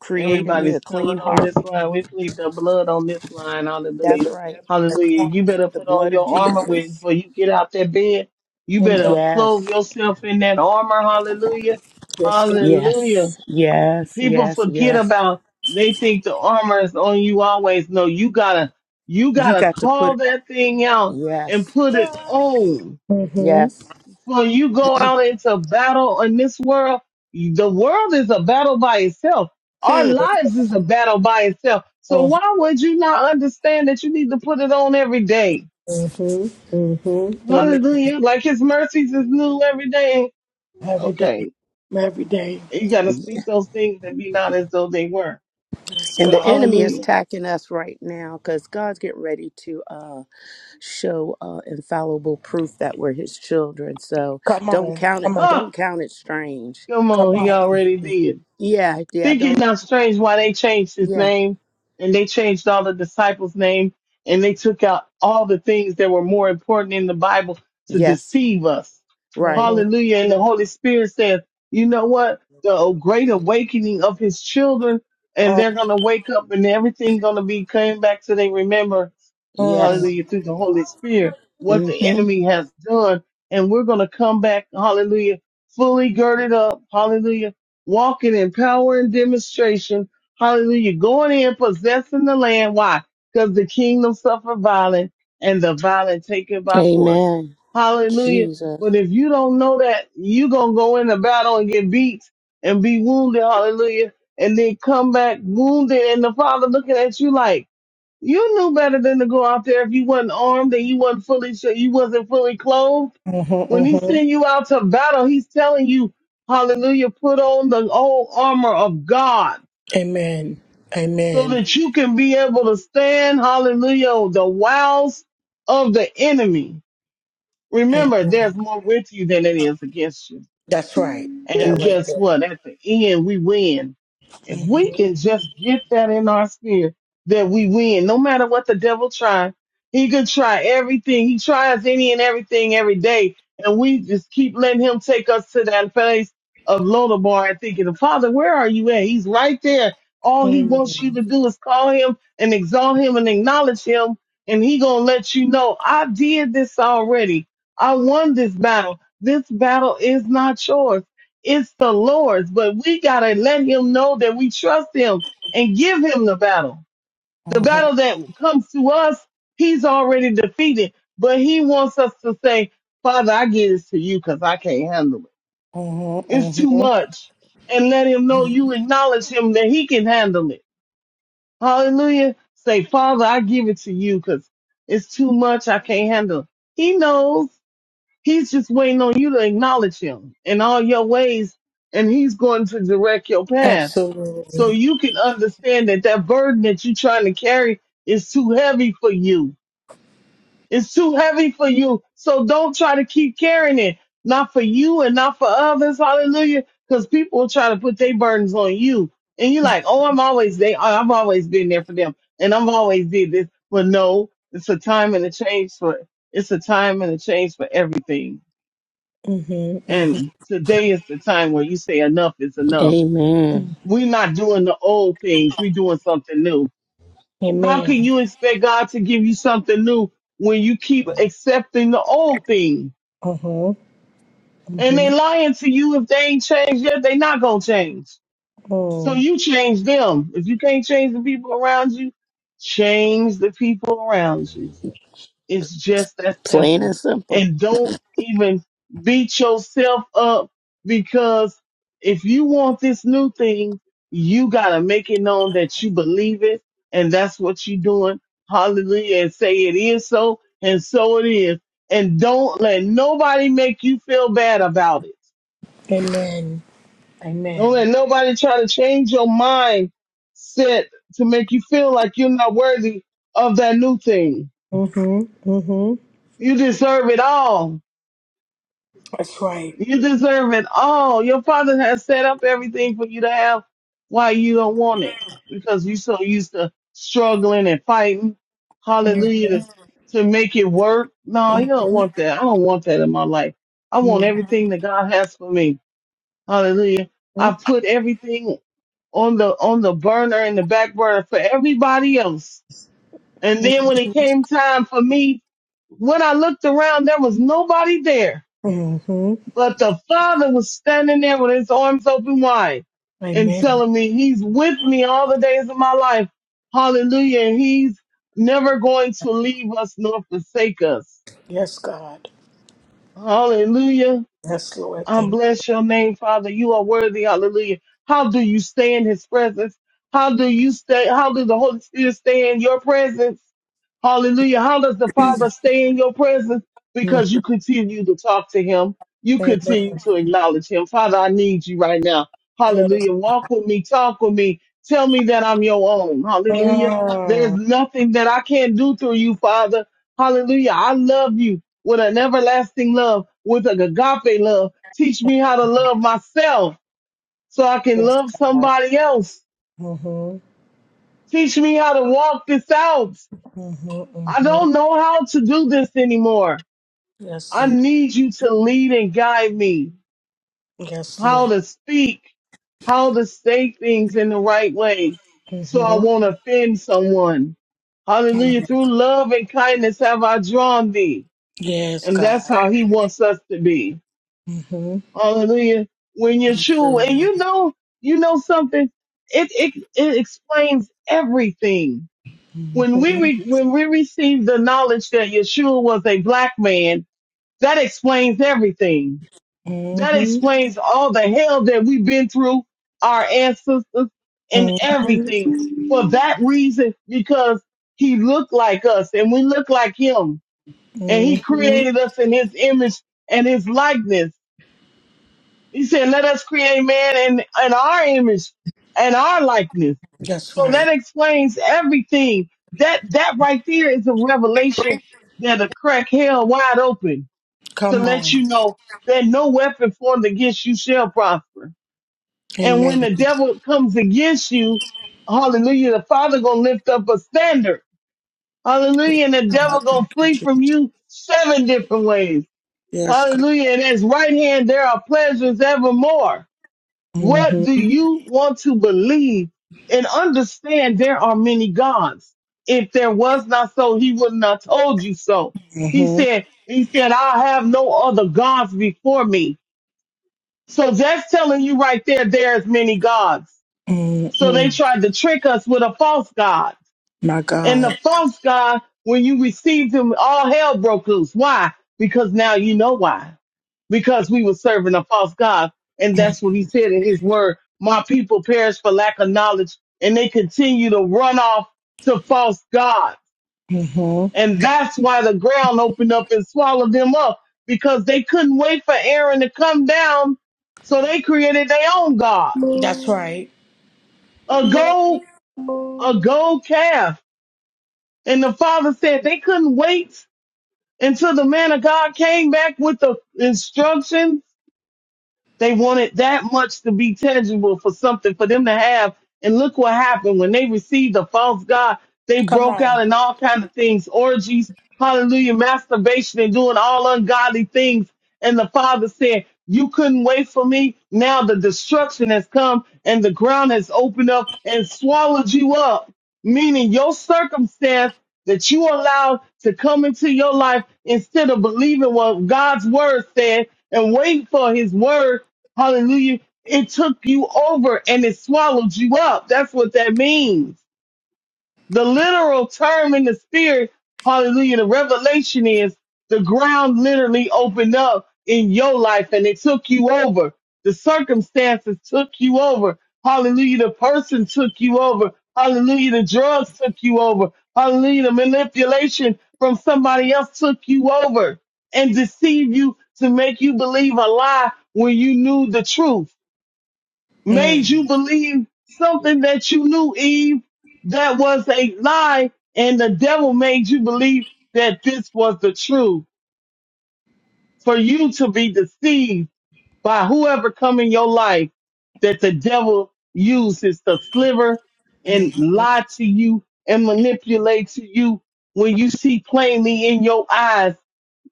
creating me a
Everybody's covered
clean
on
heart.
this line. We plead the blood on this line. Hallelujah.
That's right. C-
Hallelujah. You better
The
put on
blood of
your armor when
Jesus.
before you get out that bed. You
Amen.
better
Yes.
clothe yourself in that armor. Hallelujah.
Yes,
Hallelujah.
Yes. Yes,
People
yes,
forget
yes.
about they think the armor is on you always. No, you gotta you
You
gotta
got to put
call that thing out and
yes.
put it on
Yes.
when you go out into battle in this world, the world is a battle by itself. Our
Hmm.
lives is a battle by itself. So
God.
why would you not understand that you need to put it on every day?
Mm-hmm. Mm-hmm. Amen.
Hallelujah. Like his mercies is new every day.
Every day.
Okay.
Every day.
You got to speak those things that be not as though they were.
Yes,
And the
God.
enemy is
Hallelujah.
attacking us right now because God's getting ready to uh, show uh, infallible proof that we're His children. So
Come
don't
on.
count it.
Come on.
Ah,
Don't count it strange.
come
Come
on. He already did.
Yeah, yeah.
Thinking it
Don't.
not strange why they changed his
Yeah.
name and they changed all the disciples' name and they took out all the things that were more important in the Bible to
Yes.
deceive us.
Right.
Hallelujah. And the Holy Spirit says, you know what? The great awakening of his children and
on.
they're going to wake up and everything going to be coming back to they remember
uh
Yes.
hallelujah, through the Holy Spirit, what
hmm
the enemy has done. And we're going to come back, hallelujah, fully girded up, hallelujah, walking in power and demonstration, hallelujah, going in, possessing the land. Why? Because the kingdom suffer violence and the violent taken by force.
Amen.
Hallelujah.
Jesus.
But if you don't know that, you're going to go into battle and get beat and be wounded, hallelujah, and then come back wounded and the Father looking at you like, you knew better than to go out there if you wasn't armed and you wasn't fully sure you wasn't fully clothed.
Mhm.
When he send you out to battle, he's telling you, Hallelujah, put on the whole armor of God
Amen.
so
Amen.
that you can be able to stand, hallelujah, the wiles of the enemy.
Amen.
Remember, there's more with you than it is against you.
That's right. That
And
right
guess
there.
what? At the end, we win. If we can just get that in our spirit that we win, no matter what the devil tries, he could try everything. He tries any and everything every day. And we just keep letting him take us to that place of Lodabar and thinking, Father, where are you at? He's right there. All he wants you to do is call him and exalt him and acknowledge him. And he gonna let you know, I did this already. I won this battle. This battle is not yours. It's the Lord's, but we got to let him know that we trust him and give him the battle. The battle that comes to us, he's already defeated, but he wants us to say, Father, I give this to you because I can't handle it.
Mm,
It's too much. And let him know you acknowledge him that he can handle it. Hallelujah. Say, Father, I give it to you because it's too much. I can't handle it. He knows. He's just waiting on you to acknowledge him in all your ways, and he's going to direct your path. So you can understand that that burden that you're trying to carry is too heavy for you. It's too heavy for you. So don't try to keep carrying it, not for you and not for others. Hallelujah. Because people will try to put their burdens on you. And you're like, oh, I'm always there. I've always been there for them. And I've always did this. But no, it's a time and a change for, it's a time and a change for everything and today is the time where you say enough is enough.
Amen.
We're not doing the old things. We're doing something new. How can you expect God to give you something new when you keep accepting the old thing? And they lying to you if they ain't changed yet, they not gonna change. So you change them. If you can't change the people around you, change the people around you. It's just that
Plain
simple.
and simple.
And don't even beat yourself up because if you want this new thing, you gotta make it known that you believe it and that's what you're doing. Hallelujah. And say it is so and so it is. And don't let nobody make you feel bad about it. Don't let nobody try to change your mind set to make you feel like you're not worthy of that new thing. You deserve it all
That's right.
You deserve it all. Your father has set up everything for you to have. Why you don't want it? Because you are so used to struggling and fighting. Hallelujah to, to make it work. No, you don't want that. I don't want that in my life. I want everything that God has for me. Hallelujah. I put everything on the on the burner and the back burner for everybody else. And then when it came time for me, when I looked around, there was nobody there but the father was standing there with his arms open wide and telling me he's with me all the days of my life. Hallelujah. And he's never going to leave us nor forsake us. Hallelujah. I bless your name, Father. You are worthy. Hallelujah. How do you stay in his presence? How do you stay? How does the Holy Spirit stay in your presence? Hallelujah. How does the Father stay in your presence? Because you continue to talk to him. You continue
Amen.
to acknowledge him. Father, I need you right now.
Yes.
Hallelujah. Walk with me. Talk with me. Tell me that I'm your own. Hallelujah. There's
Ah,
nothing that I can't do through you, Father. Hallelujah. I love you with an everlasting love, with an agape love. Teach me how to love myself so I can love somebody else. Teach me how to walk this out. I don't know how to do this anymore.
yes.
I need you to lead and guide me how to speak, how to say things in the right way so I won't offend someone. Hallelujah. Through love and kindness have I drawn thee. And that's how he wants us to be. Hallelujah. When you're true, and you know, you know something, it, it, it explains everything. When we, re, when we receive the knowledge that Yeshua was a black man, that explains everything. That explains all the hell that we've been through, our ancestors and everything for that reason, because he looked like us and we look like him and he
Mm,
created us in his image and his likeness. He said, let us create man in, in our image and our likeness.
That's
So
right.
that explains everything. That, that right there is a revelation that a crack hell wide open to
Come
let
on.
you know that no weapon formed against you shall prosper. And when
Amen.
the devil comes against you, hallelujah, the father gonna lift up a standard. Hallelujah. And the devil gonna flee from you seven different ways. Hallelujah. And at his right hand, there are pleasures evermore. What do you want to believe and understand there are many gods? If there was not so, he would not told you so. He said, he said, I have no other gods before me. So that's telling you right there, there's many gods. So they
Mm-mm.
tried to trick us with a false God
My
and
God.
the false God, when you received him, all hell broke loose. Why? Because now you know why. Because we were serving a false God. And that's what he said in his word. My people perish for lack of knowledge and they continue to run off to false gods.
Mm-hmm.
And that's why the ground opened up and swallowed them up because they couldn't wait for Aaron to come down. So they created their own God, a gold, a gold calf. And the father said they couldn't wait until the man of God came back with the instructions. They wanted that much to be tangible for something for them to have. And look what happened when they received the false God. They broke out in all kind of things, orgies, hallelujah, masturbation and doing all ungodly things. And the father said, you couldn't wait for me. Now the destruction has come and the ground has opened up and swallowed you up meaning your circumstance that you allow to come into your life instead of believing what God's word said and waiting for his word. Hallelujah. It took you over and it swallowed you up. That's what that means. The literal term in the spirit, hallelujah, the revelation is the ground literally opened up in your life and it took you over. The circumstances took you over. Hallelujah, the person took you over. Hallelujah, the drugs took you over. Hallelujah, the manipulation from somebody else took you over and deceived you to make you believe a lie when you knew the truth
Mm-hmm.
made you believe something that you knew, Eve, that was a lie, and the devil made you believe that this was the truth for you to be deceived by whoever come in your life that the devil uses to sliver and
Mm-hmm.
lie to you and manipulate to you when you see plainly in your eyes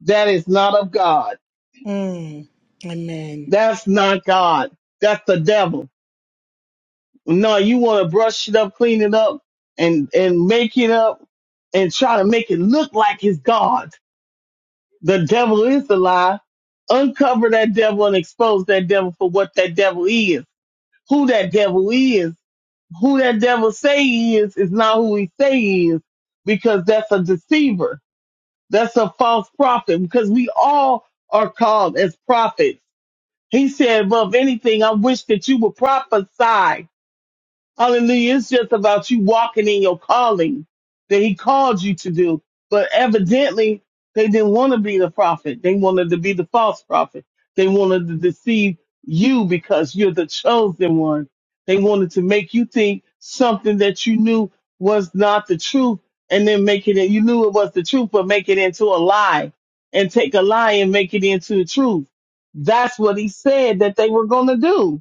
that is not of God.
Amen.
That's not God. That's the devil. No, you want to brush it up, clean it up, and and make it up, and try to make it look like it's God. The devil is a lie. Uncover that devil and expose that devil for what that devil is, who that devil is, who that devil say he is is not who he say he is, because that's a deceiver. That's a false prophet. Because we all are called as prophets. He said, above anything, I wish that you would prophesy Hallelujah. It's just about you walking in your calling that he called you to do. But evidently, they didn't want to be the prophet. They wanted to be the false prophet. They wanted to deceive you because you're the chosen one. They wanted to make you think something that you knew was not the truth and then make it, you knew it was the truth, but make it into a lie and take a lie and make it into the truth. That's what he said that they were going to do.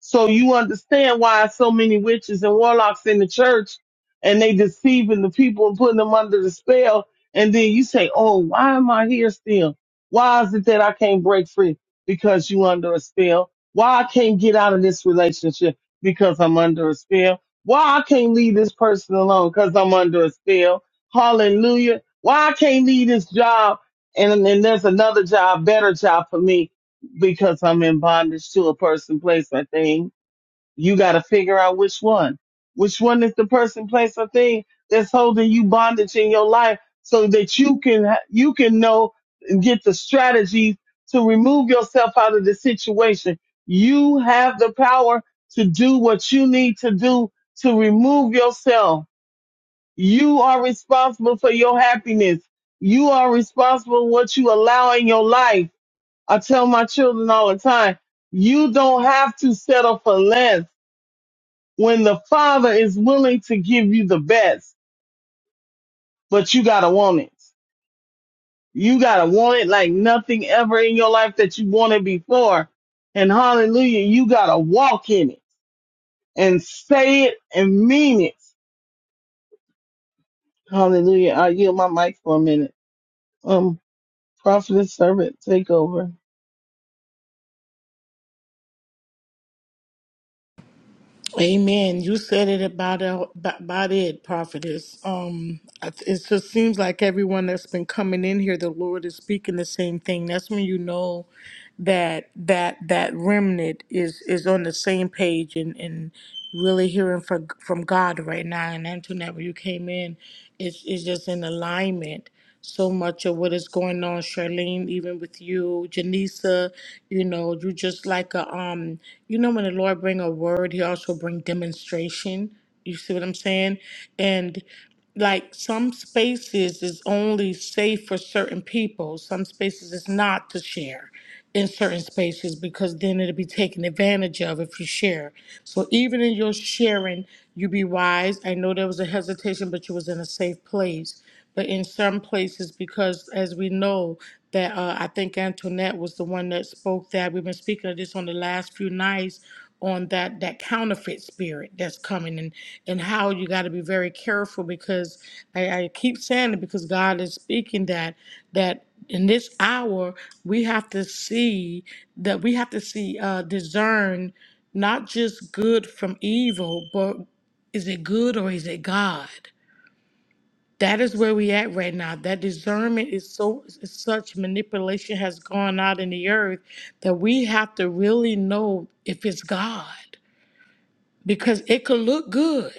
So you understand why so many witches and warlocks in the church and they deceiving the people and putting them under the spell. And then you say, Oh, why am I here still? Why is it that I can't break free? Because you under a spell. Why I can't get out of this relationship? Because I'm under a spell. Why I can't leave this person alone? Because I'm under a spell. Hallelujah. Why I can't leave this job and, and there's another job, better job for me because I'm in bondage to a person, place, or thing. You got to figure out which one. Which one is the person, place, or thing that's holding you bondage in your life, so that you can ha- you can know and get the strategies to remove yourself out of the situation. You have the power to do what you need to do to remove yourself. You are responsible for your happiness. You are responsible for what you allow in your life I tell my children all the time, you don't have to settle for less when the father is willing to give you the best, but you gotta want it. You gotta want it like nothing ever in your life that you wanted before. And hallelujah, you gotta walk in it and say it and mean it. Hallelujah. I yield my mic for a minute. Um, prophet and servant, take over.
Amen. You said it about uh, about it, prophetess. Um, it just seems like everyone that's been coming in here, the Lord is speaking the same thing. That's when you know that that that remnant is is on the same page and and really hearing from from God right now. And Antoinette, when you came in, it's it's just in alignment. So much of what is going on, Charlene, even with you, Janisa, you know, you just like a um, you know, when the Lord bring a word, He also bring demonstration. You see what I'm saying? And like some spaces is only safe for certain people some spaces is not to share in certain spaces because then it'll be taken advantage of if you share so even in your sharing you be wise i know there was a hesitation but you was in a safe place but in some places because as we know that uh, i think antoinette was the one that spoke that we've been speaking of this on the last few nights on that that counterfeit spirit that's coming and and how you got to be very careful because I, I keep saying it because god is speaking that that in this hour we have to see that we have to see uh discern not just good from evil but is it good or is it god that is where we at right now. That discernment is so is such manipulation has gone out in the earth that we have to really know if it's God because it could look good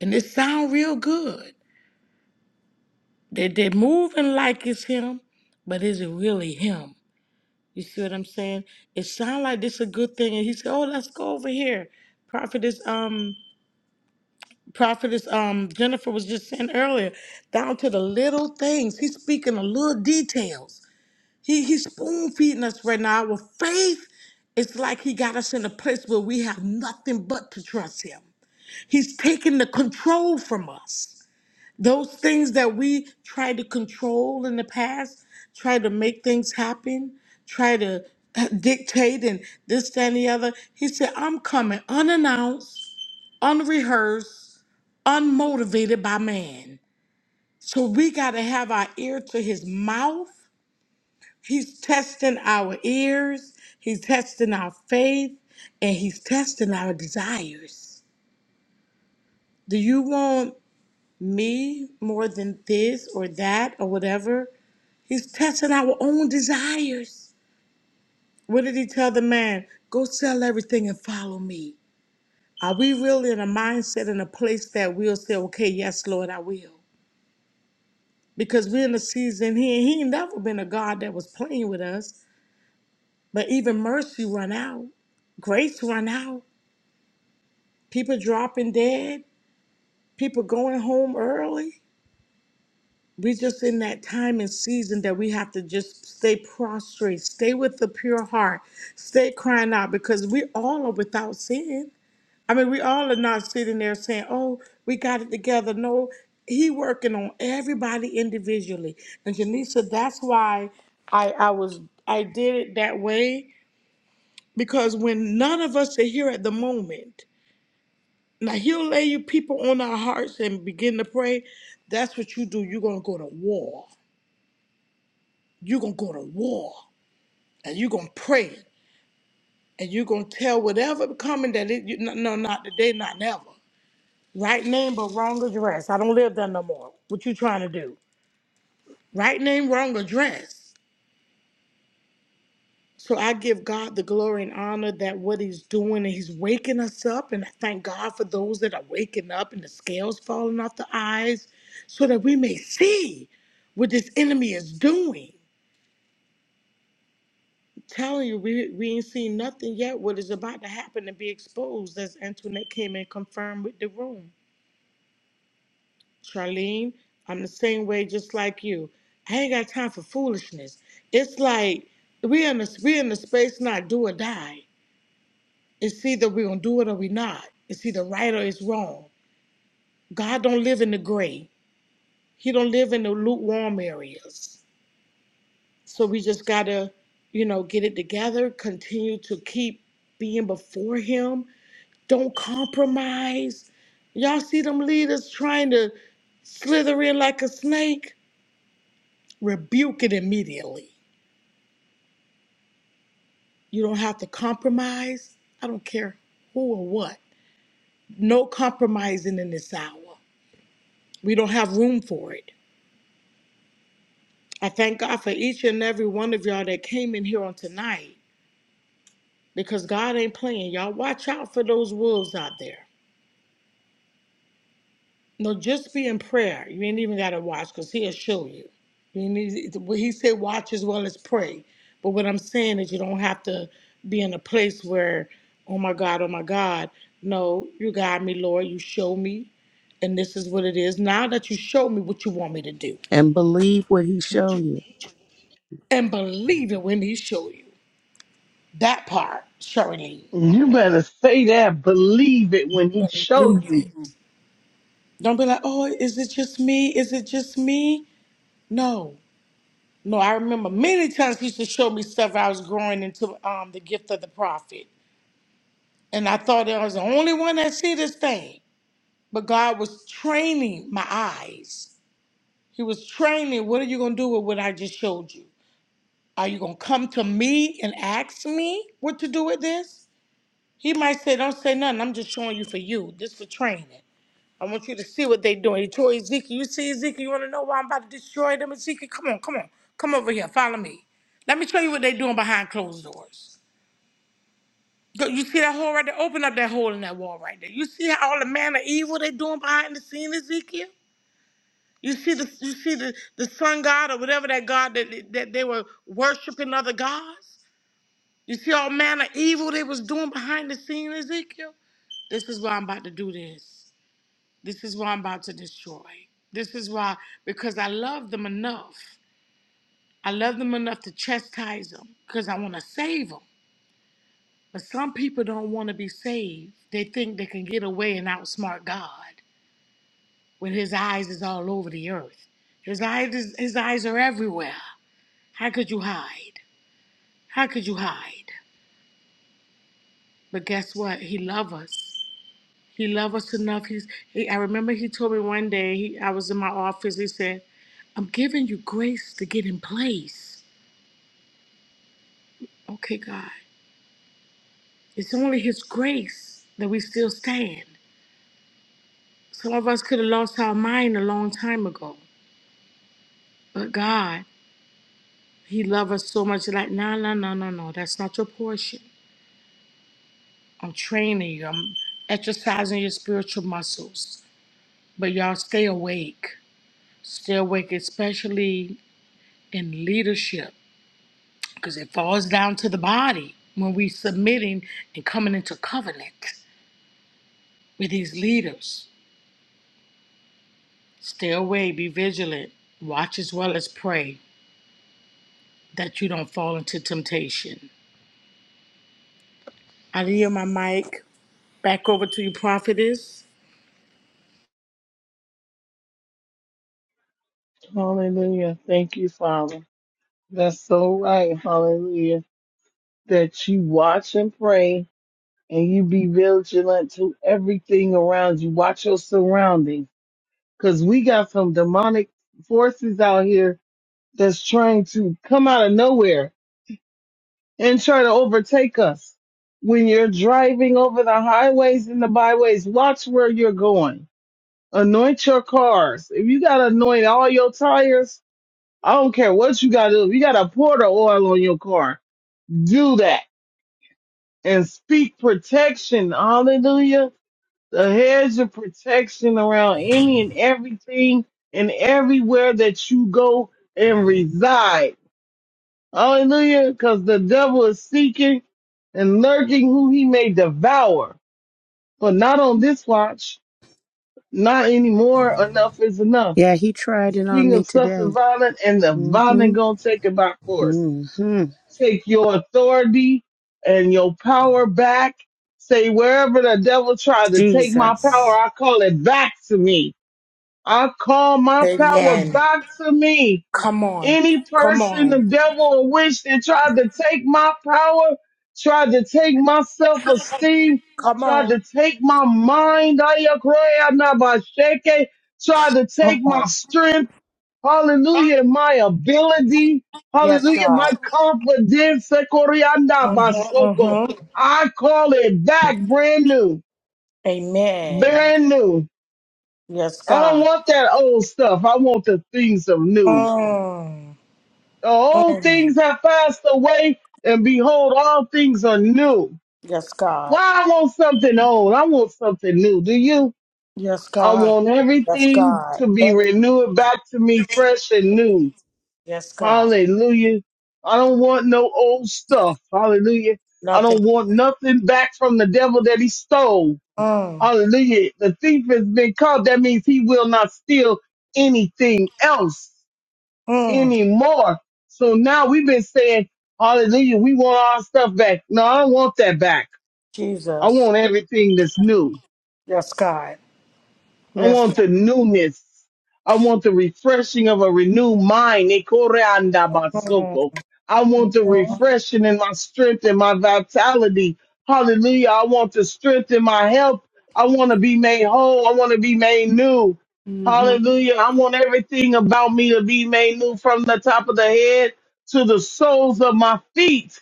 and it sound real good. They they're moving like it's him, but is it really him? You see what I'm saying? It sound like this a good thing, and he said, "Oh, let's go over here." Prophetess um prophetess um Jennifer was just saying earlier, down to the little things. He's speaking the little details He he's spoon feeding us right now. With faith, it's like he got us in a place where we have nothing but to trust him. He's taking the control from us. Those things that we tried to control in the past, try to make things happen, try to <laughs> uh, dictate and this, that, and the other. He said, I'm coming unannounced, unrehearsed, unmotivated by man. So we got to have our ear to his mouth He's testing our ears, he's testing our faith, and he's testing our desires. Do you want me more than this or that or whatever? He's testing our own desires. What did he tell the man? Go sell everything and follow me. Are we really in a mindset in a place that we'll say, okay, yes, Lord, I will? Because we're in a season here, he ain't never been a God that was playing with us, but even mercy run out grace run out. people dropping dead, people going home early. We just in that time and season that we have to just stay prostrate, stay with the pure heart, stay crying out because we all are without sin. I mean, we all are not sitting there saying, "Oh, we got it together." No, he working on everybody individually. And Janisa, that's why I I was I did it that way because when none of us are here at the moment Now he'll lay you people on our hearts and begin to pray. That's what you do. You're gonna go to war. You're gonna go to war, and you're gonna pray, and you're gonna tell whatever coming that it. You, no, no, not today, not never. Right name but wrong address. I don't live there no more. What you trying to do? Right name, wrong address. So I give God the glory and honor that what He's doing, and He's waking us up. And I thank God for those that are waking up and the scales falling off the eyes so that we may see what this enemy is doing. I'm telling you, we, we ain't seen nothing yet. What is about to happen to be exposed, as Antoinette came and confirmed with the room. Charlene, I'm the same way, just like you. I ain't got time for foolishness. It's like we in the we in the space not do or die. It's either we're gonna do it or we're not. It's either right or it's wrong. God don't live in the gray. He don't live in the lukewarm areas. So we just gotta, you know, get it together, continue to keep being before him. Don't compromise. Y'all see them leaders trying to slither in like a snake? Rebuke it immediately. You don't have to compromise. I don't care who or what. No compromising in this hour. We don't have room for it. I thank God for each and every one of y'all that came in here on tonight because God ain't playing. Y'all watch out for those wolves out there. No, just be in prayer. You ain't even got to watch because he'll show you. You need, well, he said, watch as well as pray. But what I'm saying is, you don't have to be in a place where, oh my God, oh my God. No, you guide me, Lord. You show me. And this is what it is. Now that you show me what you want me to do,
And believe what He showed you.
and believe it when He show you that part, Shirley.
You better say that, believe it when he show you.
and be like, oh, is it just me? Is it just me? No, no. I remember many times he used to show me stuff I was growing into um, the gift of the prophet. And I thought I was the only one that see this thing. But God was training my eyes. Gonna do with what I just showed you. Are you gonna come to me and ask me what to do with this? He might say, Don't say nothing. I'm just showing you for you. This for training. I want you to see what they're doing. Troy Ezekiel, you see Ezekiel, you want to know why I'm about to destroy them, Ezekiel? Come on, come on. Come over here. Follow me. Let me show you what they're doing behind closed doors. Go- You see that hole right there? Open up that hole in that wall right there. You see how all the manner of evil they're doing behind the scene, Ezekiel? You see the you see the, the sun god or whatever that god that, that they were worshiping other gods? You see all manner of evil they was doing behind the scene, Ezekiel? This is why I'm about to do this. This is why I'm about to destroy. This is why, because I love them enough. I love them enough to chastise them because I want to save them. But some people don't want to be saved. They think they can get away and outsmart God when His eyes is all over the earth. His eyes, is, His eyes are everywhere. How could you hide? How could you hide? But guess what? He loves us. He loved us enough. He's, he, I remember he told me one day, he, I was in my office, he said, I'm giving you grace to get in place. Okay, God. It's only His grace that we still stand. Some of us could have lost our mind a long time ago, but God, He loved us so much. Like, no, no, no, no, no. That's not your portion. I'm training you. I'm exercising your spiritual muscles. But y'all stay awake. Stay awake, especially in leadership. because it falls down to the body when we submitting and coming into covenant with these leaders. Stay away, be vigilant, watch as well as pray that you don't fall into temptation. I yield my mic back over to you, prophetess.
Hallelujah. Thank you, Father. That's so right. Hallelujah. That you watch and pray and you be vigilant to everything around you. Watch your surroundings because we got some demonic forces out here that's trying to come out of nowhere and try to overtake us. When you're driving over the highways and the byways, watch where you're going. Anoint your cars. If you got to anoint all your tires, I don't care what you got to do. If you got to pour the oil on your car, do that and speak protection. Hallelujah. The hedge of protection around any and everything and everywhere that you go and reside. Hallelujah. Because the devil is seeking and lurking who he may devour. But not on this watch. Not anymore. Enough is enough.
Yeah, He tried
It's
it on
king
me
of suffering
today.
violent and the violent
hmm
gonna take it by force.
hmm
take your authority and your power back. Say, wherever the devil tried to take my power,
Jesus.
I call it back to me. I call my power
Amen.
back to me.
Come on,
Any
come
person, the
on,
devil, or witch that tried to take my power, tried to take my self esteem,
come
tried
on.
to take my mind, ayakroya nabasheke, tried to take my strength. Hallelujah. My ability. Hallelujah. My confidence. Sekorianda basoko. I call it back brand new. Brand new. I don't want that old stuff. I want the things of new. The old things have passed away and behold, all things are new. Why I want something old? I want something new. Do you?
Yes,
I
God.
want
Yes,
everything
God.
to be
Every
renewed back to me fresh and new.
yes, God.
Hallelujah. I don't want no old stuff. Hallelujah. I
Nothing.
don't want nothing back from the devil that he stole.
Mm,
Hallelujah. The thief has been caught. That means he will not steal anything else
mm.
anymore. So now we've been saying, Hallelujah, we want our stuff back. No, I don't want that back. I want everything that's new. I want the newness. I want the refreshing of a renewed mind. Ekore anda basoko. I want the refreshing in my strength and my vitality. Hallelujah. I want the strength in my health. I want to be made whole. I want to be made new. Hallelujah. I want everything about me to be made new from the top of the head to the soles of my feet.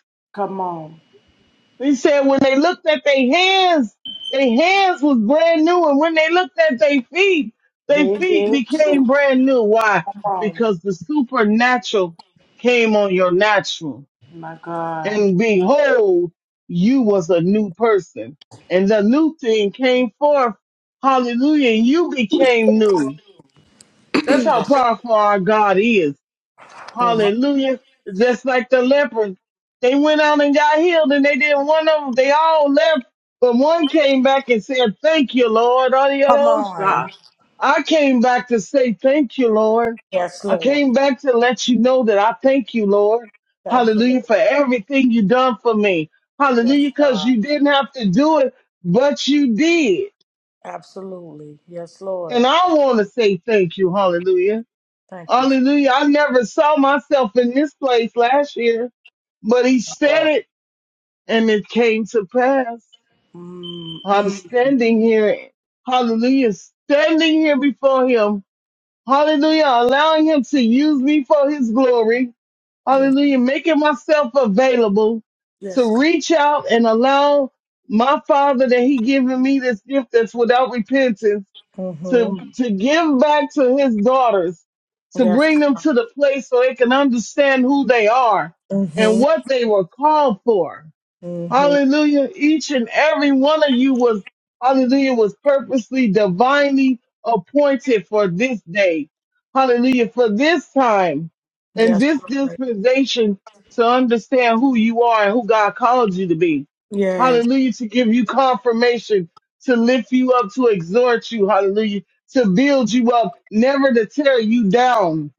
He said when they looked at their hands, their hands was brand new. And when they looked at their feet, their feet became brand new. Why? Because the supernatural came on your natural. And behold, you was a new person. And the new thing came forth. Hallelujah. And you became new. That's how powerful our God is. Hallelujah. Just like the lepers. They went out and got healed and they didn't one of them. They all left, but one came back and said, thank you, Lord. Adiosha. I came back to say thank you, Lord.
Yes,
I
Lord.
came back to let you know that I thank you, Lord.
Thank you,
Hallelujah for
Lord.
everything you done for me.
Yes,
Hallelujah. Cause
God.
you didn't have to do it, but you did.
Absolutely. Yes, Lord.
And I want to say thank you. Hallelujah.
Thank you.
Hallelujah. I never saw myself in this place last year. But he said it and it came to pass. I'm standing here, hallelujah, standing here before him, hallelujah, allowing him to use me for his glory, hallelujah, making myself available to reach out and allow my father that he given me this gift that's without repentance to, to give back to his daughters, to
Yes.
bring them to the place so they can understand who they are and what they were called for
Mm-hmm.
Hallelujah. Each and every one of you was, hallelujah, was purposely divinely appointed for this day. Hallelujah. For this time and
Yes,
this
Lord.
dispensation to understand who you are and who God called you to be.
Yes.
Hallelujah. To give you confirmation, to lift you up, to exhort you. Hallelujah. To build you up, never to tear you down.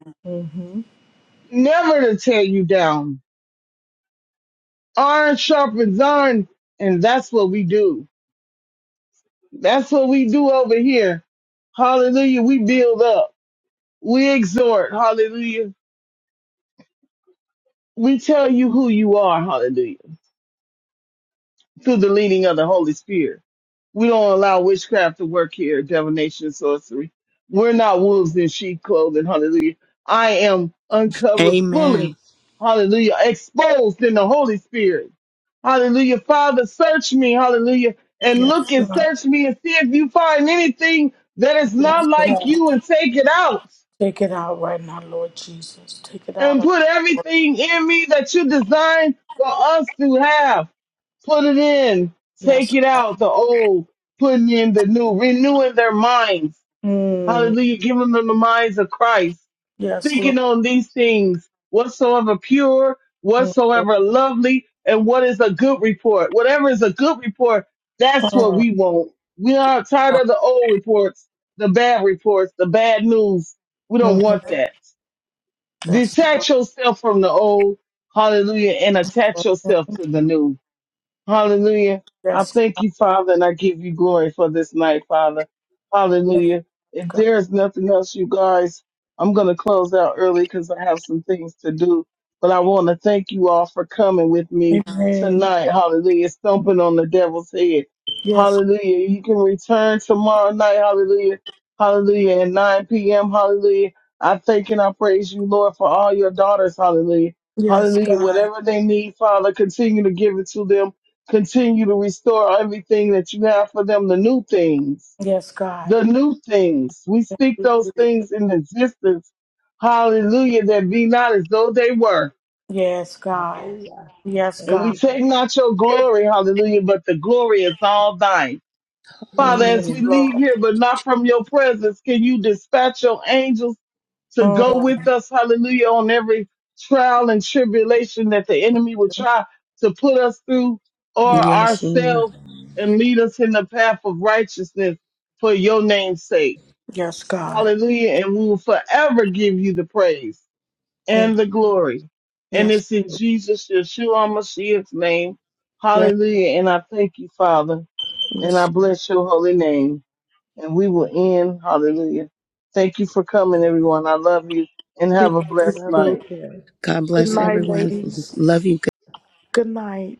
Never to tear you down. Iron sharpens iron. And that's what we do. That's what we do over here. Hallelujah. We build up. We exhort. Hallelujah. We tell you who you are. Hallelujah. Through the leading of the Holy Spirit. We don't allow witchcraft to work here, divination, sorcery. We're not wolves in sheep clothing. Hallelujah. I am uncovered
Amen.
fully. Hallelujah. Exposed in the Holy Spirit. Hallelujah. Father, search me. Hallelujah. And look and search me and see if you find anything that is not like you and take it out and put everything in me that you designed for us to have. Put it in, take it out, the old, putting in the new, renewing their minds.
Mm.
Hallelujah, giving them the minds of Christ,
Yes, Lord.
thinking on these things, whatsoever pure, whatsoever lovely, and what is a good report. Whatever is a good report, that's what we want. We are tired of the old reports, the bad reports, the bad news. We don't
Mm-hmm.
want that.
Yes.
Detach yourself from the old, hallelujah, and attach yourself to the new. Hallelujah. I
Yes.
thank you, Father, and I give you glory for this night, Father. Hallelujah. If there is nothing else, you guys, I'm going to close out early because I have some things to do. But I want to thank you all for coming with me
Amen.
tonight. Hallelujah. Stomping on the devil's head.
Yes.
Hallelujah. You can return tomorrow night. Hallelujah. Hallelujah. At 9 p.m. Hallelujah. I thank and I praise you, Lord, for all your daughters. Hallelujah.
Yes,
Hallelujah.
God.
Whatever they need, Father, continue to give it to them continue to restore everything that you have for them, the new things,
Yes, God.
the new things. We speak those things in existence. Hallelujah, that be not as though they were.
Yes, God.
Hallelujah.
Yes,
Thank
And we
God.
you, God.
take not your glory, hallelujah, but the glory is all thine.
Yes,
Father,
Yes,
as
Lord.
we
Hallelujah.
leave
Lord.
here, but not from your presence, can you dispatch your angels to go
Mm-hmm.
with us, hallelujah, on every trial and tribulation that the enemy would try to put us through or
Yes, Lord.
ourselves and lead us in the path of righteousness for your name's sake.
Yes, God.
Hallelujah. And we will forever give you the praise
Thank
and the glory.
you.
And
Yes.
it's in Jesus, Yeshua Mashiach's name.
Yes.
Hallelujah. And I thank you, Father, and I
Yes.
bless your holy name and we will end. Hallelujah. Thank you for coming, everyone. I love you and
We
have a
love you.
blessed
Love you
too.
night.
too.
God
Good
bless
You as
night,
well,
everyone.
tonight.
<laughs>
ladies.
Love you. guys.
Good night.